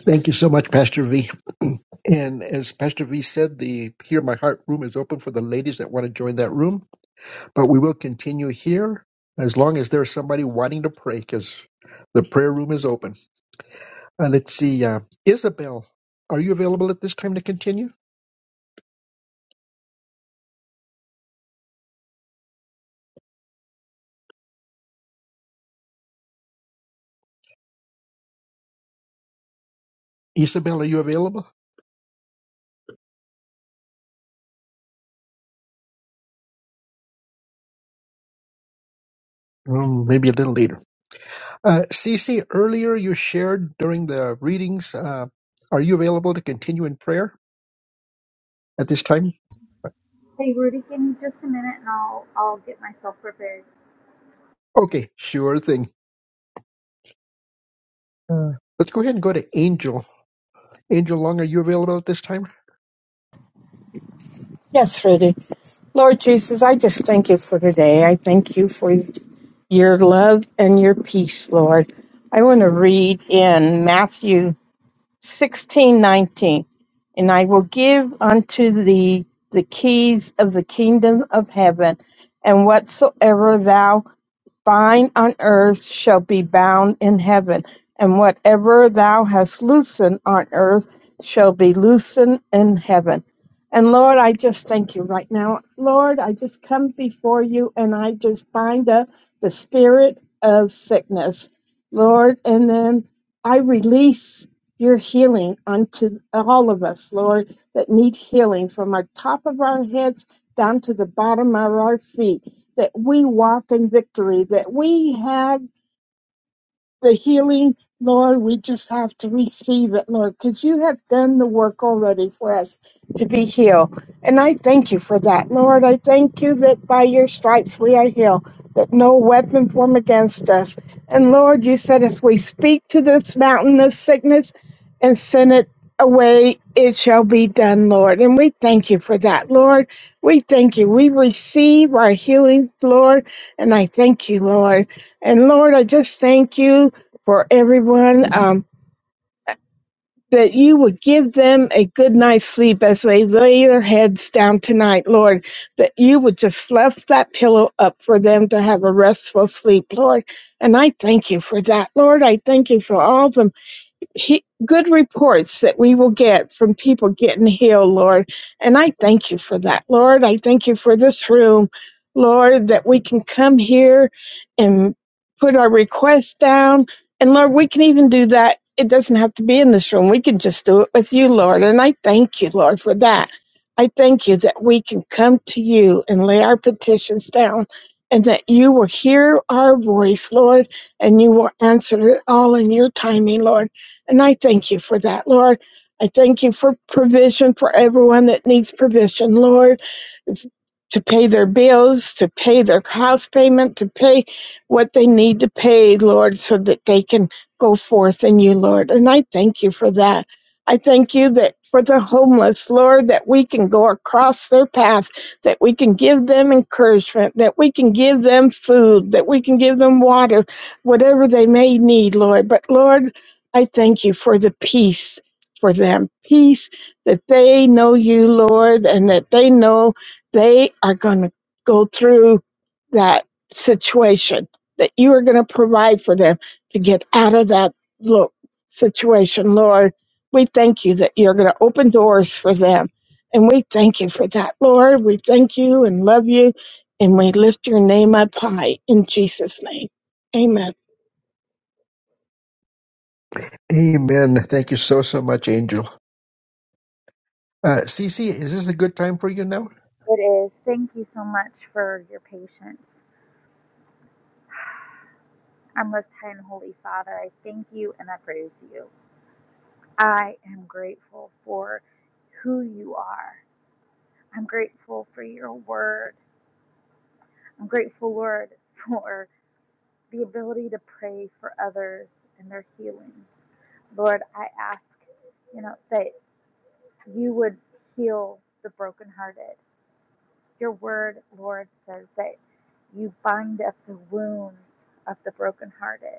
S2: Thank you so much, Pastor V. And as Pastor V said, the Hear My Heart room is open for the ladies that want to join that room. But we will continue here as long as there's somebody wanting to pray because the prayer room is open. Uh, let's see, uh, Isabel, are you available at this time to continue? Isabel, are you available? Um, maybe a little later. Uh, Cece, earlier you shared during the readings. Uh, are you available to continue in prayer at this time?
S6: Hey Rudy, give me just a minute and I'll I'll get myself prepared.
S2: Okay, sure thing. Uh, let's go ahead and go to Angel. Angel Long, are you available at this time?
S12: Yes, Rudy. Lord Jesus, I just thank you for today. I thank you for your love and your peace, Lord. I want to read in Matthew sixteen nineteen, And I will give unto thee the keys of the kingdom of heaven, and whatsoever thou bind on earth shall be bound in heaven, and whatever thou hast loosened on earth shall be loosened in heaven. And Lord, I just thank you right now. Lord, I just come before you and I just bind up the spirit of sickness, Lord, and then I release your healing unto all of us, Lord, that need healing from our top of our heads down to the bottom of our feet that we walk in victory, that we have the healing, Lord, we just have to receive it, Lord, because you have done the work already for us to be healed. And I thank you for that, Lord. I thank you that by your stripes we are healed, that no weapon formed against us. And Lord, you said as we speak to this mountain of sickness and send it away, it shall be done, Lord. And we thank you for that, Lord. We thank you. We receive our healing, Lord. And I thank you, Lord. And Lord, I just thank you for everyone, um, that you would give them a good night's sleep as they lay their heads down tonight, Lord, that you would just fluff that pillow up for them to have a restful sleep, Lord. And I thank you for that, Lord. I thank you for all the he, good reports that we will get from people getting healed, Lord. And I thank you for that, Lord. I thank you for this room, Lord, that we can come here and put our requests down. And Lord, we can even do that. It doesn't have to be in this room. We can just do it with you, Lord. And I thank you, Lord, for that. I thank you that we can come to you and lay our petitions down and that you will hear our voice, Lord, and you will answer it all in your timing, Lord. And I thank you for that, Lord. I thank you for provision for everyone that needs provision, Lord to pay their bills, to pay their house payment, to pay what they need to pay, Lord, so that they can go forth in you, Lord. And I thank you for that. I thank you that for the homeless, Lord, that we can go across their path, that we can give them encouragement, that we can give them food, that we can give them water, whatever they may need, Lord. But Lord, I thank you for the peace for them, peace that they know you, Lord, and that they know they are going to go through that situation that you are going to provide for them to get out of that look situation lord we thank you that you're going to open doors for them and we thank you for that lord we thank you and love you and we lift your name up high in jesus name amen
S2: Amen. Thank you so, so much, Angel. Uh, Cece, is this a good time for you now?
S6: It is. Thank you so much for your patience. Our Most High and Holy Father, I thank you and I praise you. I am grateful for who you are. I'm grateful for your word. I'm grateful, Lord, for the ability to pray for others and their healing. Lord, I ask, you know, that you would heal the brokenhearted. Your word, Lord, says that you bind up the wounds of the brokenhearted.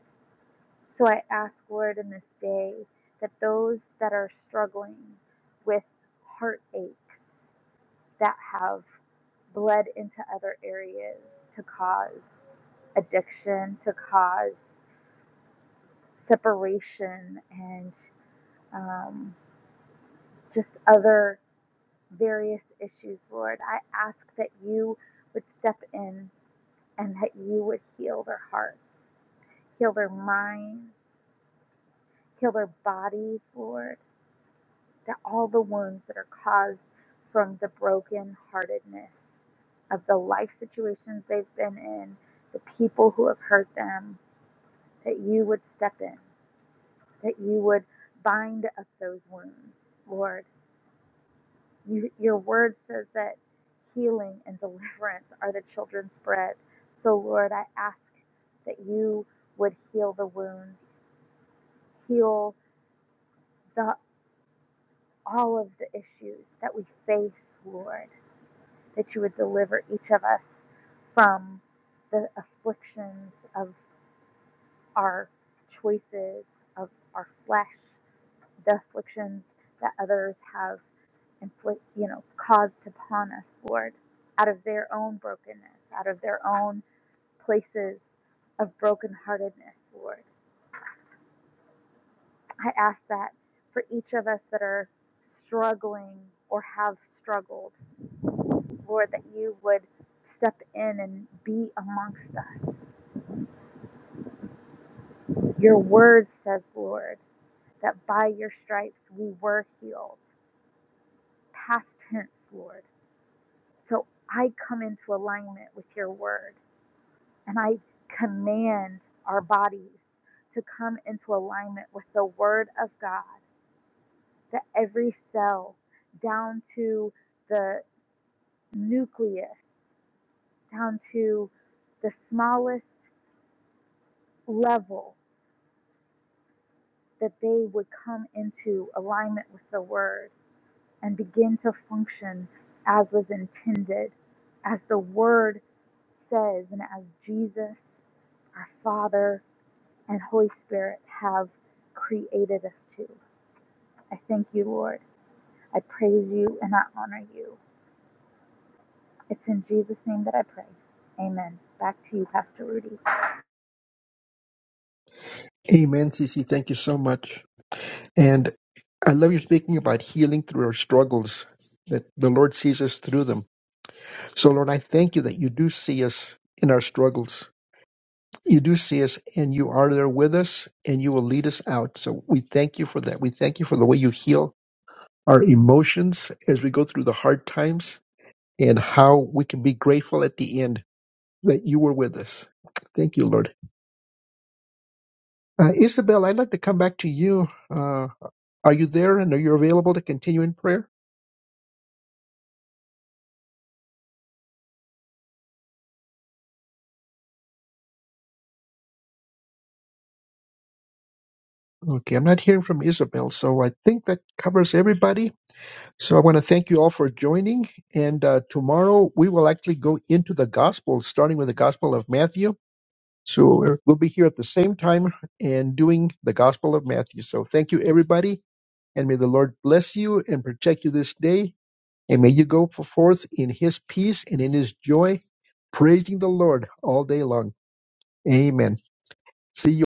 S6: So I ask, Lord, in this day that those that are struggling with heartaches that have bled into other areas to cause addiction, to cause separation, and um, just other various issues, Lord, I ask that you would step in and that you would heal their hearts, heal their minds, heal their bodies, Lord. that all the wounds that are caused from the broken heartedness of the life situations they've been in, the people who have hurt them, that you would step in, that you would bind up those wounds. Lord, you, your word says that healing and deliverance are the children's bread. So, Lord, I ask that you would heal the wounds, heal the, all of the issues that we face, Lord that you would deliver each of us from the afflictions of our choices, of our flesh, the afflictions that others have inflict, you know, caused upon us, Lord, out of their own brokenness, out of their own places of brokenheartedness, Lord. I ask that for each of us that are struggling or have struggled, Lord, that you would step in and be amongst us Your word says, Lord, that by your stripes we were healed. Past tense, Lord. So I come into alignment with your word and I command our bodies to come into alignment with the word of God, that every cell, down to the nucleus, down to the smallest level, that they would come into alignment with the word and begin to function as was intended, as the Word says, and as Jesus, our Father, and Holy Spirit have created us to. I thank you, Lord. I praise you and I honor you. It's in Jesus' name that I pray. Amen. Back to you, Pastor Rudy.
S2: Amen, Cece. Thank you so much. And I love you speaking about healing through our struggles, that the Lord sees us through them. So, Lord, I thank you that you do see us in our struggles. You do see us and you are there with us and you will lead us out. So we thank you for that. We thank you for the way you heal our emotions as we go through the hard times and how we can be grateful at the end that you were with us. Thank you, Lord. Uh, Isabel, I'd like to come back to you. Uh, are you there and are you available to continue in prayer? Okay, I'm not hearing from Isabel, so I think that covers everybody. So I want to thank you all for joining. And uh, tomorrow we will actually go into the gospel, starting with the gospel of Matthew. So we will be here at the same time and doing the gospel of Matthew. So thank you, everybody. And may the Lord bless you and protect you this day. And may you go forth in his peace and in his joy, praising the Lord all day long. Amen. See you.